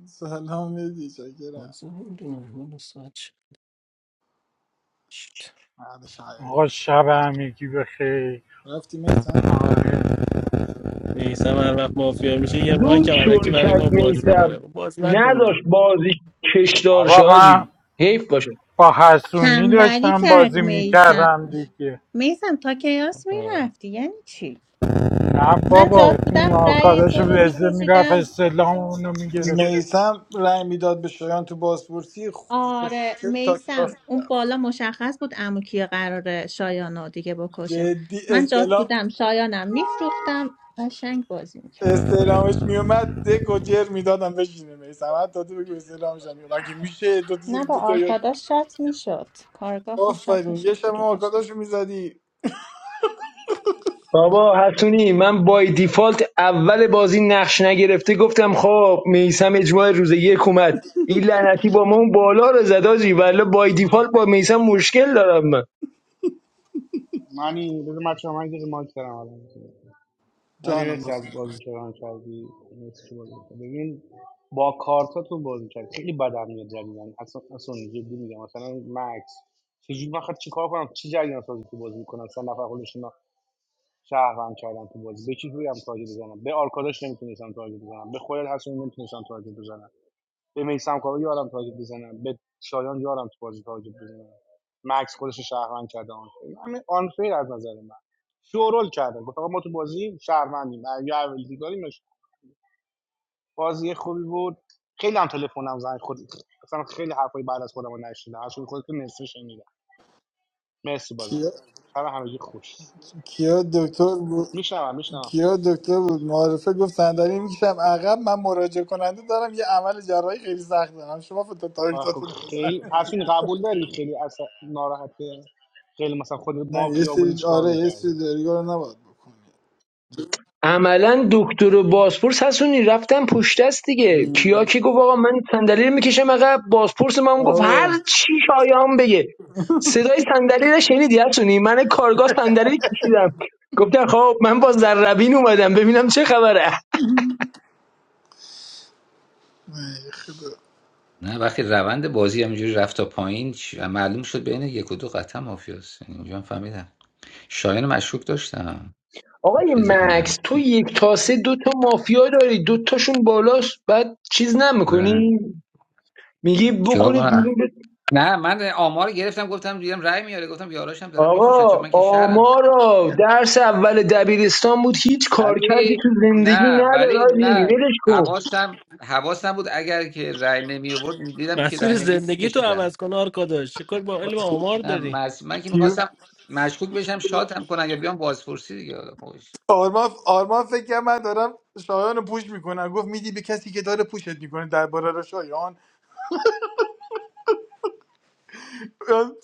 Speaker 12: سلام میدی چاکرم
Speaker 14: بازی نمی‌دونم، حالا ساعت شد.
Speaker 12: مرد شاید
Speaker 9: آقا شب همگی بخیر
Speaker 12: رفتی میسم
Speaker 9: آره
Speaker 14: میثم هر وقت مافیا میشه یه
Speaker 11: زود
Speaker 14: مایک هم الکی برای
Speaker 11: شرکت
Speaker 14: ما باز میکنه
Speaker 11: میسم
Speaker 14: باز نکن دیگه.
Speaker 11: نداشت بازی کشدار
Speaker 9: بابا من
Speaker 11: شاجی حیف باشه
Speaker 9: با حسونی
Speaker 1: تنبلی
Speaker 9: داشتم
Speaker 1: کرد
Speaker 9: بازی
Speaker 1: میسم
Speaker 9: میکردم دیگه
Speaker 1: میسم تا کیاس
Speaker 14: آه.
Speaker 1: میرفتی یعنی چی
Speaker 9: نه
Speaker 1: من
Speaker 9: بابا
Speaker 1: جاد
Speaker 9: این
Speaker 1: بودم رأی
Speaker 9: آرکاداش
Speaker 1: دو رو
Speaker 9: وزه میرفت
Speaker 1: میکشیدم
Speaker 9: استلام اونو میگرفت
Speaker 12: میسم رأی میداد به شایان تو بازپرسی
Speaker 1: آره
Speaker 12: خوشگل تا کلاس
Speaker 1: میسم اون
Speaker 12: میرفت
Speaker 1: بالا مشخص بود عمو کیه قراره شایانو دیگه بکشه
Speaker 12: جدی
Speaker 1: من جات
Speaker 12: استلام
Speaker 1: بودم شایانم میفروختم قشنگ بازی میکرد
Speaker 12: استعلامش میومد دک و جر میدادم بشینه میسم حتی تو بگو استعلامش هم میومد مگه میشه تو
Speaker 1: نه
Speaker 12: زیری
Speaker 1: با
Speaker 12: تو تا
Speaker 1: آرکادا شات میشد کارگاه با شات
Speaker 12: آفرین یه
Speaker 1: میشد
Speaker 12: شب هم
Speaker 1: دیگه داشته
Speaker 12: آرکاداشو
Speaker 1: بود
Speaker 12: میزدی
Speaker 11: بابا حسونی من بای دیفالت اول بازی نقش نگرفته گفتم خب میسم اجماع روز یک اومد این لعنتی با ما اون بالا رو زداجی ولی بای دیفالت با میسم مشکل دارم من
Speaker 6: معنی بذار بچه‌ها من یه مایک دارم الان معنی
Speaker 12: جانم
Speaker 6: مرسی
Speaker 12: بسن
Speaker 6: از بازی کردن کردی مرسی که بازی ببین با کارتاتون بازی کرد خیلی بدم میاد جدیدن اصلا اصلا جدی میگم مثلا مکس چجوری بخواد چیکار کنم چی جریان سازی تو بازی میکنم سه نفر خودشون شهروند کردم تو بازی به کی روی هم تارگت بزنم به آرکاداش نمیتونستم تارگت بزنم به خودت هست نمیتونستم تارگت بزنم به میسم کاوه یارم تارگت بزنم به شایان یارم تو بازی تارگت بزنم مکس خودش رو شهروند کرده آنفیر همین آنفیر از نظر من شورول کردن گفت آقا ما تو بازی شهروندیم یا اول دیگاریمش بازی خوبی بود خیلی هم تلفنم زنگ خود اصلا خیلی حرفای بعد از خودم رو نشیدم اصلا خودت نصف شنیدم مرسی بازم
Speaker 12: کیا
Speaker 6: شب همگی خوش
Speaker 12: کیا دکتر بود
Speaker 6: میشنوم میشنوم
Speaker 12: کیا دکتر بود معارفه گفت صندلی میکشم عقب من مراجعه کننده دارم یه عمل جراحی خیلی سخت دارم شما فتا
Speaker 6: خب
Speaker 12: تاریختاتون رو
Speaker 6: خیلی
Speaker 12: بزن
Speaker 6: حسین قبول داری خیلی اصلا ناراحته خیلی مثلا خود
Speaker 12: نه یه
Speaker 6: مافیا بودی
Speaker 12: سری
Speaker 6: چیکار
Speaker 12: آره یه سری
Speaker 6: می‌کردی
Speaker 12: دریگا رو نباید بکنی
Speaker 11: عملا دکتر و بازپرس حسونی رفتن پشت دست دیگه کیا
Speaker 12: مم.
Speaker 11: که گفت آقا من صندلی رو میکشم عقب بازپرس ما گفت هر
Speaker 12: آه
Speaker 11: چی شایان بگه صدای صندلی رو شنیدی حسونی من کارگاه صندلی کشیدم گفتم خب من با ذربین اومدم ببینم چه خبره
Speaker 12: ای خدا
Speaker 7: نه وقتی روند بازی همینجوری رفت تا پایین ش- معلوم شد بین یک و دو قطعا مافیاست یعنی اونجا هم فهمیدم شایان رو مشکوک داشتم
Speaker 11: آقای
Speaker 7: گوشه ذهنم
Speaker 11: مکس تو یک تاسه دو تا مافیا داری دو تاشون بالاست بعد چیز
Speaker 7: و
Speaker 11: نمیکنی میگی
Speaker 7: چیکار
Speaker 11: بکنید
Speaker 7: کنم
Speaker 11: بیرون
Speaker 7: نه من آمار رو گرفتم گفتم دیدم رای میاره گفتم یاراشم دارم میفروشن چون
Speaker 11: آقا
Speaker 7: من که شهرم
Speaker 11: آمارا درس اول دبیرستان بود هیچ کارکردی
Speaker 7: ولی
Speaker 11: تو زندگی
Speaker 7: نه
Speaker 11: نداره
Speaker 7: ولی
Speaker 11: آجی
Speaker 7: نه
Speaker 11: ولش کن
Speaker 7: حواسم حواسم بود اگر که رای نمی آورد دیدم که
Speaker 14: مسیر
Speaker 7: رای نمی
Speaker 14: زندگی تو
Speaker 7: کشیدن
Speaker 14: عوض کن آرکاداش چه کار با علم آمار
Speaker 7: نه
Speaker 14: داری
Speaker 7: مز... من که
Speaker 12: کیو
Speaker 7: میخواستم مشکوک بشم شاتم کنن یا بیام بازپرسی دیگه
Speaker 12: آرمان آرمان فکر کرد من دارم شایان رو پوش میکنم گفت میدی به کسی که داره پوشت میکنه درباره رو شایان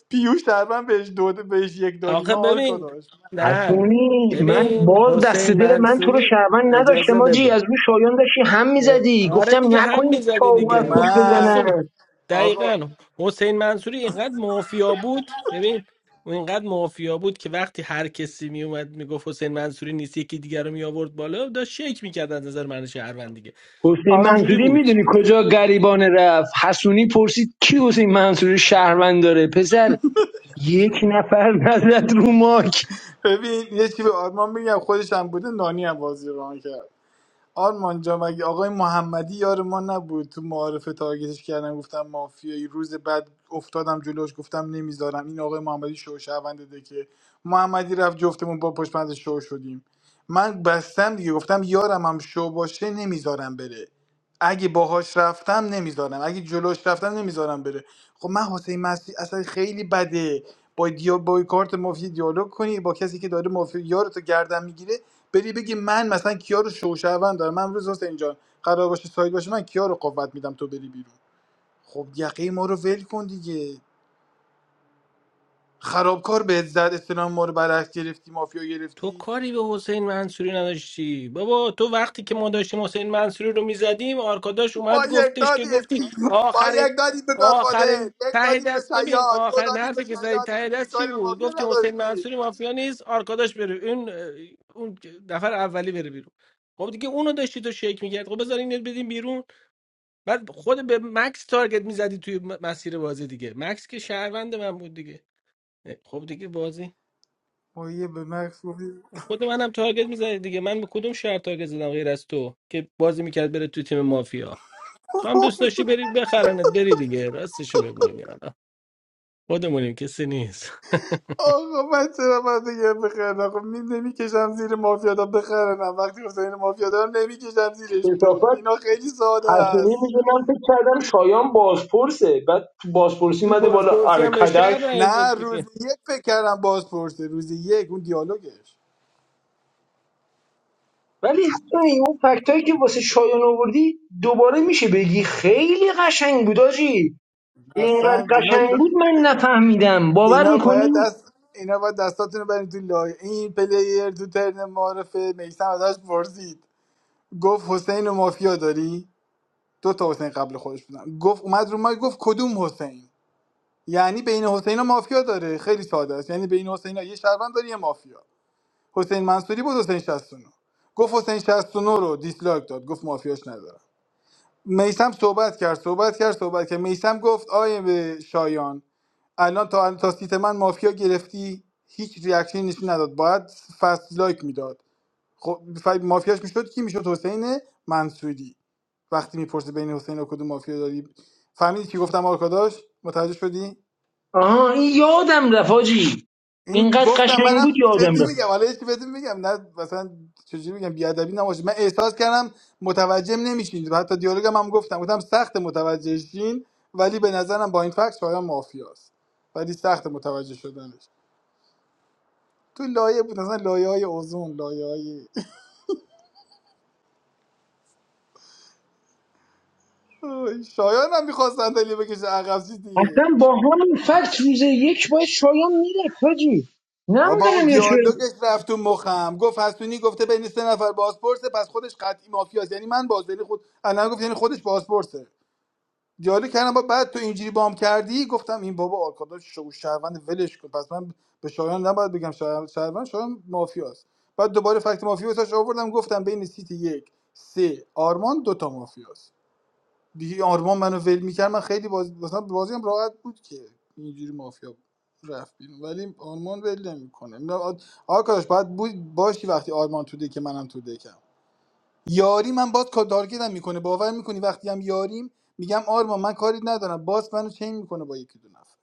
Speaker 12: پیوش تقریبا بهش دو بهش یک دادیم
Speaker 14: آخه
Speaker 12: آرکا
Speaker 14: ببین
Speaker 12: داشت
Speaker 14: نه
Speaker 11: حسونی من
Speaker 14: ببین
Speaker 11: باز دست
Speaker 14: حسین
Speaker 11: دل من تو رو
Speaker 14: منصوری
Speaker 11: شهروند
Speaker 14: اجازه
Speaker 11: نداشتم آجی
Speaker 14: بده
Speaker 11: از رو شایان داشتی هم میزدی
Speaker 14: آره
Speaker 11: گفتم
Speaker 14: دیگه هم
Speaker 11: نکنین
Speaker 14: میزدی
Speaker 11: چاقو از
Speaker 14: دیگه و
Speaker 11: پشت
Speaker 12: من
Speaker 14: حسونی
Speaker 11: بزنن
Speaker 12: آقا
Speaker 14: دقیقا حسین منصوری اینقدر مافیا بود ببین اون اینقدر مافیا بود که وقتی هر کسی میومد اومد میگفت حسین منصوری نیست یکی دیگر رو می بالا داشت شک میکرد از نظر من شهروند دیگه
Speaker 11: حسین
Speaker 12: آقا
Speaker 14: اینجوری
Speaker 11: منصوری
Speaker 14: بود
Speaker 11: میدونی کجا گریبانه رفت حسونی پرسید کی حسین منصوری شهروند داره پسر یک نفر نزد رو ماک
Speaker 12: ببین یه چی به آرمان میگم خودش هم بوده نانی هم بازی رو کرد آرمان جا مگه آقای محمدی یار ما نبود تو معارفه تارگتش کردم گفتم مافیایی روز بعد افتادم جلوش گفتم نمیذارم این آقای محمدی شو شونده که محمدی رفت جفتمون با پشت پرده شو شدیم من بستم دیگه گفتم یارم هم شو باشه نمیذارم بره اگه باهاش رفتم نمیذارم اگه جلوش رفتم نمیذارم بره خب من حسین مسی اصلا خیلی بده با دیا با کارت مافیا دیالوگ کنی با کسی که داره مافیا یارو تو گردن میگیره بری بگی من مثلا کیا رو شوشهوند دارم من امروز حسین جان قرار باشه ساید باشه من کیا رو قوت میدم تو بری بیرون خب یقه ما رو ول کن دیگه خرابکار بهت زد استنام ما رو برعکس گرفتی مافیا
Speaker 14: تو
Speaker 12: گرفتی
Speaker 14: کاری به حسین منصوری نداشتی بابا تو وقتی که ما داشتیم حسین منصوری رو میزدیم آرکاداش
Speaker 12: با
Speaker 14: اومد
Speaker 12: یک
Speaker 14: گفتش که گفتی
Speaker 12: دادیم با
Speaker 14: آخرین
Speaker 12: یک دادیم به گادفادر
Speaker 14: آخرین
Speaker 12: یک
Speaker 14: ته
Speaker 12: دادیم به
Speaker 14: دست ببین
Speaker 12: شیاد دو
Speaker 14: آخرین
Speaker 12: دادیم به
Speaker 14: حرفی که زدی ته
Speaker 12: شیاد دیگه
Speaker 14: دست چی
Speaker 12: کاری به
Speaker 14: بود
Speaker 12: مافیا
Speaker 14: گفتی حسین
Speaker 12: نداشتی
Speaker 14: منصوری مافیا نیست آرکاداش بره اون اون نفر اولی بره بیرون خب دیگه اونو داشتی تو شیک میکرد خب بذار اینو بدیم بیرون بعد خود به مکس تارگت میزدی توی م- مسیر بازی دیگه مکس که شهروند من بود دیگه خب دیگه بازی
Speaker 12: ما یه به مکس
Speaker 14: خود منم تارگت میزنی دیگه من به کدوم شهر تارگت زدم غیر از تو که بازی میکرد بره تو تیم مافیا تو هم دوست داشتی بری بخرنت بری دیگه راستشو بگوین حالا خودمونیم کسی نیست
Speaker 12: آقا من چرا باید دیگه بخرن آقا می نمیکشم زیر مافیادا بخرنم وقتی گفتم این مافیادا رو نمیکشم زیرش دو
Speaker 11: کثافت
Speaker 12: اینا خیلی ساده
Speaker 11: پرسونی
Speaker 12: است
Speaker 11: میدونم فکر کردم شایان بازپرسه بعد تو بازپرسی
Speaker 14: تو
Speaker 11: مده بالا
Speaker 14: بازپرسی هم به شهر
Speaker 11: ارکدش
Speaker 14: رای
Speaker 12: نه
Speaker 14: داد دیگه
Speaker 12: روز یک فکر کردم باز پرسه روز یک اون دیالوگش
Speaker 11: ولی همین اون فکتایی که واسه شایان آوردی دوباره میشه بگی خیلی قشنگ بود آجی اینقدر
Speaker 12: اصلا اینا
Speaker 11: قشنگ بود من نفهمیدم باور
Speaker 12: اینا
Speaker 11: میکنی
Speaker 12: باید دست اینا باید دستاتونو رو برین تو لای این پلیر تو ترن معرفه میسم ازش پرسید گفت حسین و مافیا داری دو تا حسین قبل خودش بودن گفت اومد رو ما گفت کدوم حسین یعنی بین حسین و مافیا داره خیلی ساده است یعنی بین حسین یه شهروند داره یه مافیا حسین منصوری بود حسین 69 گفت حسین 69 رو دیسلایک داد گفت مافیاش ندارم میسم صحبت کرد صحبت کرد صحبت کرد میسم گفت آیه به شایان الان تا تا سیت من مافیا گرفتی هیچ ریاکشنی نشون نداد باید فست لایک میداد خب ف- مافیاش میشد کی میشد حسین منصوری وقتی میپرسه بین حسین و کدوم مافیا داری فهمیدی که گفتم آرکاداش متوجه شدی
Speaker 11: آها این یادم رفت آجی
Speaker 12: این
Speaker 11: اینقدر
Speaker 12: گفتم
Speaker 11: قشنگ
Speaker 12: منم
Speaker 11: بود یادم
Speaker 12: جدی
Speaker 11: رفت
Speaker 12: میگم حالا هیچ بدون میگم نه مثلا چجوری میگم بیادبی نباشه من احساس کردم متوجه نمیشین حتی دیالوگم هم گفتم گفتم سخت متوجه شین ولی به نظرم با این فکس شایان مافیاست ولی سخت متوجه شدنش تو لایه بود مثلا لایه های اوزون لایه های شایان هم میخواست صندلی بکشه عقب چیز دیگه
Speaker 11: اصلا با همین فکت روز یک باید شایان میرفت آجی
Speaker 12: بابا اون
Speaker 11: نمیدونم یا چرا
Speaker 12: دیالوگش رفت تو مخم گفت هستونی گفته بین سه نفر بازپرسه پس خودش قطعی مافیاست یعنی من باز یعنی خود الان گفت یعنی خودش بازپرسه دیالوگ کردم با بعد تو اینجوری بام کردی گفتم این بابا آرکاداش شو شهروند ولش کن پس من به شایان نباید بگم شهر- شهروند شایان مافیاست بعد دوباره فکت مافیا واسش آوردم گفتم بین سیت یک سه آرمان دوتا مافیاست دیگه آرمان منو ول میکرد من خیلی باز... مثلا بازی هم راحت بود که اینجوری مافیا رفت بیرون ولی آرمان ول نمیکنه آرکاداش باید بود باشی وقتی آرمان تو دکه منم تو دکم یاری من باز کار تارگتم میکنه باور میکنی وقتی هم یاریم میگم آرما من کاری ندارم باز منو چین میکنه با یکی دو نفر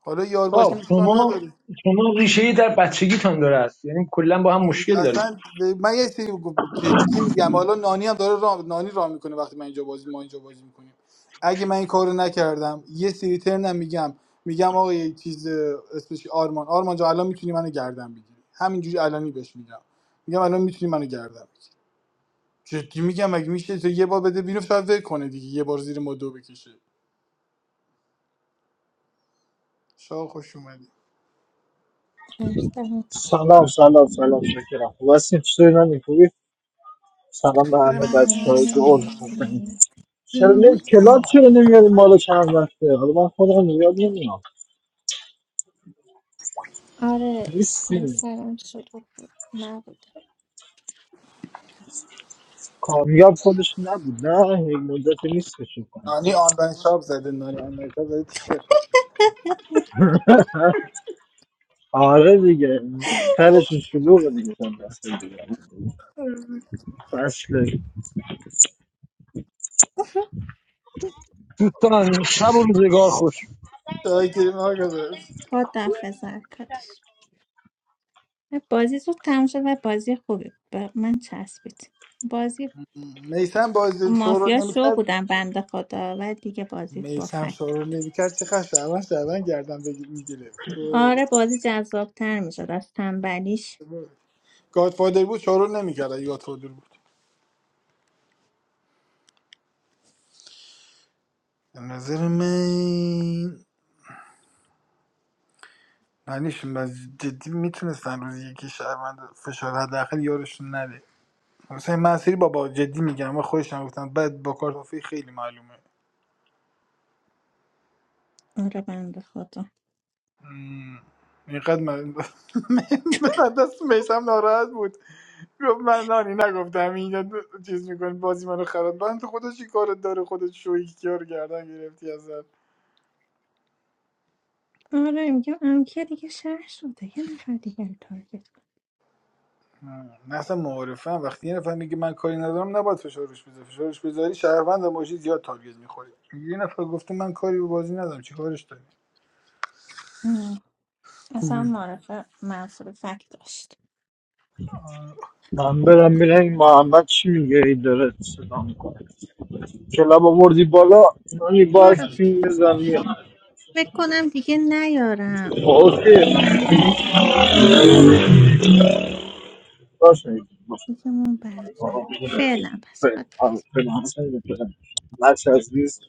Speaker 12: حالا یار
Speaker 11: خب
Speaker 12: باشیم اشکال
Speaker 11: شما
Speaker 12: نداره
Speaker 11: شما ریشه ای در بچگیتان داره است یعنی کلا با هم مشکل دارید
Speaker 12: اصلا به- من یه چیزی بگو- جدی میگم حالا نانی هم داره راه نانی راه میکنه وقتی من اینجا بازی ما اینجا بازی میکنیم اگه من این کارو نکردم یه سری ترنم میگم میگم آقا یه چیز اسمش آرمان آرمان جا الان میتونی منو گردن بگیری همینجوری الانی بهش میگم میگم الان میتونی منو گردن بگیری جدی میگم مگه میشه تو یه بار بده بیرون فقط ول کنه دیگه یه بار زیر ما دو بکشه شاه خوش اومدی
Speaker 1: ارسلان پیش.
Speaker 18: سلام سلام سلام شکرم خوب هستین چطوری نانی خوبی سلام به همه بچه های
Speaker 1: مرسی
Speaker 18: گل حسنی
Speaker 1: مرسی
Speaker 18: چرا نمی کلاد چرا نمیاریم بالا چند وقته حالا من خودم یاد نمیام
Speaker 1: آره من
Speaker 18: نیستیم
Speaker 1: سرم شد و بود. نبود
Speaker 18: کامیاب خودش نبود نه یک مدت نیست فکر کنم
Speaker 12: نانی آنلاین شاپ زده نانی آنلاین شاپ زده تیشرت میشه
Speaker 18: آره دیگه سرشون شلوغه دیگه چند وقته دیگه فصله
Speaker 11: دوستان شب و روزگار خوش
Speaker 12: شاکریم آقا بس.
Speaker 1: با دفع زرکاتش بازی زود تموم شد و بازی خوبی بود. به من چسبید بازی
Speaker 12: میسم باز
Speaker 1: مافیا
Speaker 12: شورول
Speaker 1: شو
Speaker 12: نمیکرد
Speaker 1: بودن بنده خدا ولی دیگه بازی با
Speaker 12: میسم
Speaker 1: فکت
Speaker 12: شورول نمیکرد چه خش شعبان شعبان گردن بگیر میگیره تو
Speaker 1: آره بازی جذابتر میشد از تنبلیش
Speaker 12: گادفادر بود شورول نمیکرد اگه گادفادر بود به نظر من نانیشون باز جدی میتونستن روزی یکی شعبان فشار حداقل یارشون نده مثلا این مسیری بابا جدی میگم و خودش هم گفتم بعد با کارت مافی خیلی معلومه
Speaker 1: آره بنده خدا
Speaker 12: مم. اینقدر من دست میسم ناراحت بود گفت من نانی نگفتم اینا دو- چیز میکنه بازی منو خراب من تو خودش چی کارت داره خودت شوی کیا رو گردن گرفتی ازت
Speaker 1: آره میگم امکیه دیگه شهر شده یه نفر دیگه رو تارگت کن.
Speaker 12: مم. نه اصلا معارفه هم. وقتی یه نفر میگه من کاری ندارم نباید فشارش بذاری فشارش بذاری شهروند هم باشی زیاد تارگت میخوری یه نفر گفته من کاری به بازی ندارم چی کارش داری
Speaker 1: ام، اصلا
Speaker 12: مم.
Speaker 1: معرفه منصور فکت داشت
Speaker 18: من برم میره این محمد چی میگه ای داره صدا میکنه کلاب آوردی بالا نانی باز
Speaker 1: برو
Speaker 18: پین بزن میام
Speaker 1: فکر کنم دیگه نیارم دیگه
Speaker 18: اوکی
Speaker 1: همه رفتن
Speaker 18: Personally, but,
Speaker 1: دیگه من
Speaker 18: uh, but,
Speaker 1: برزن
Speaker 18: uh,
Speaker 1: فعلا پس
Speaker 18: but,
Speaker 1: خود
Speaker 18: uh, but, uh, but, uh, life size views,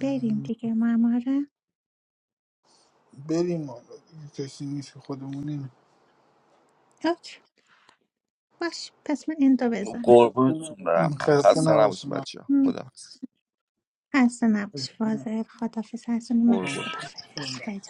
Speaker 1: بریم دیگه ما هم آره
Speaker 12: بریم آقا. کسی نیست که خودمونیم
Speaker 1: اوکی باش پس من این دو بزنم
Speaker 16: Korbun tumra ma.
Speaker 12: خسته
Speaker 16: Has sana bushma
Speaker 12: نباشین
Speaker 16: chiya. Koda
Speaker 1: خسته نباشی فاضل خداحافظ حسونی مکس
Speaker 16: korbun.
Speaker 1: خداحافظ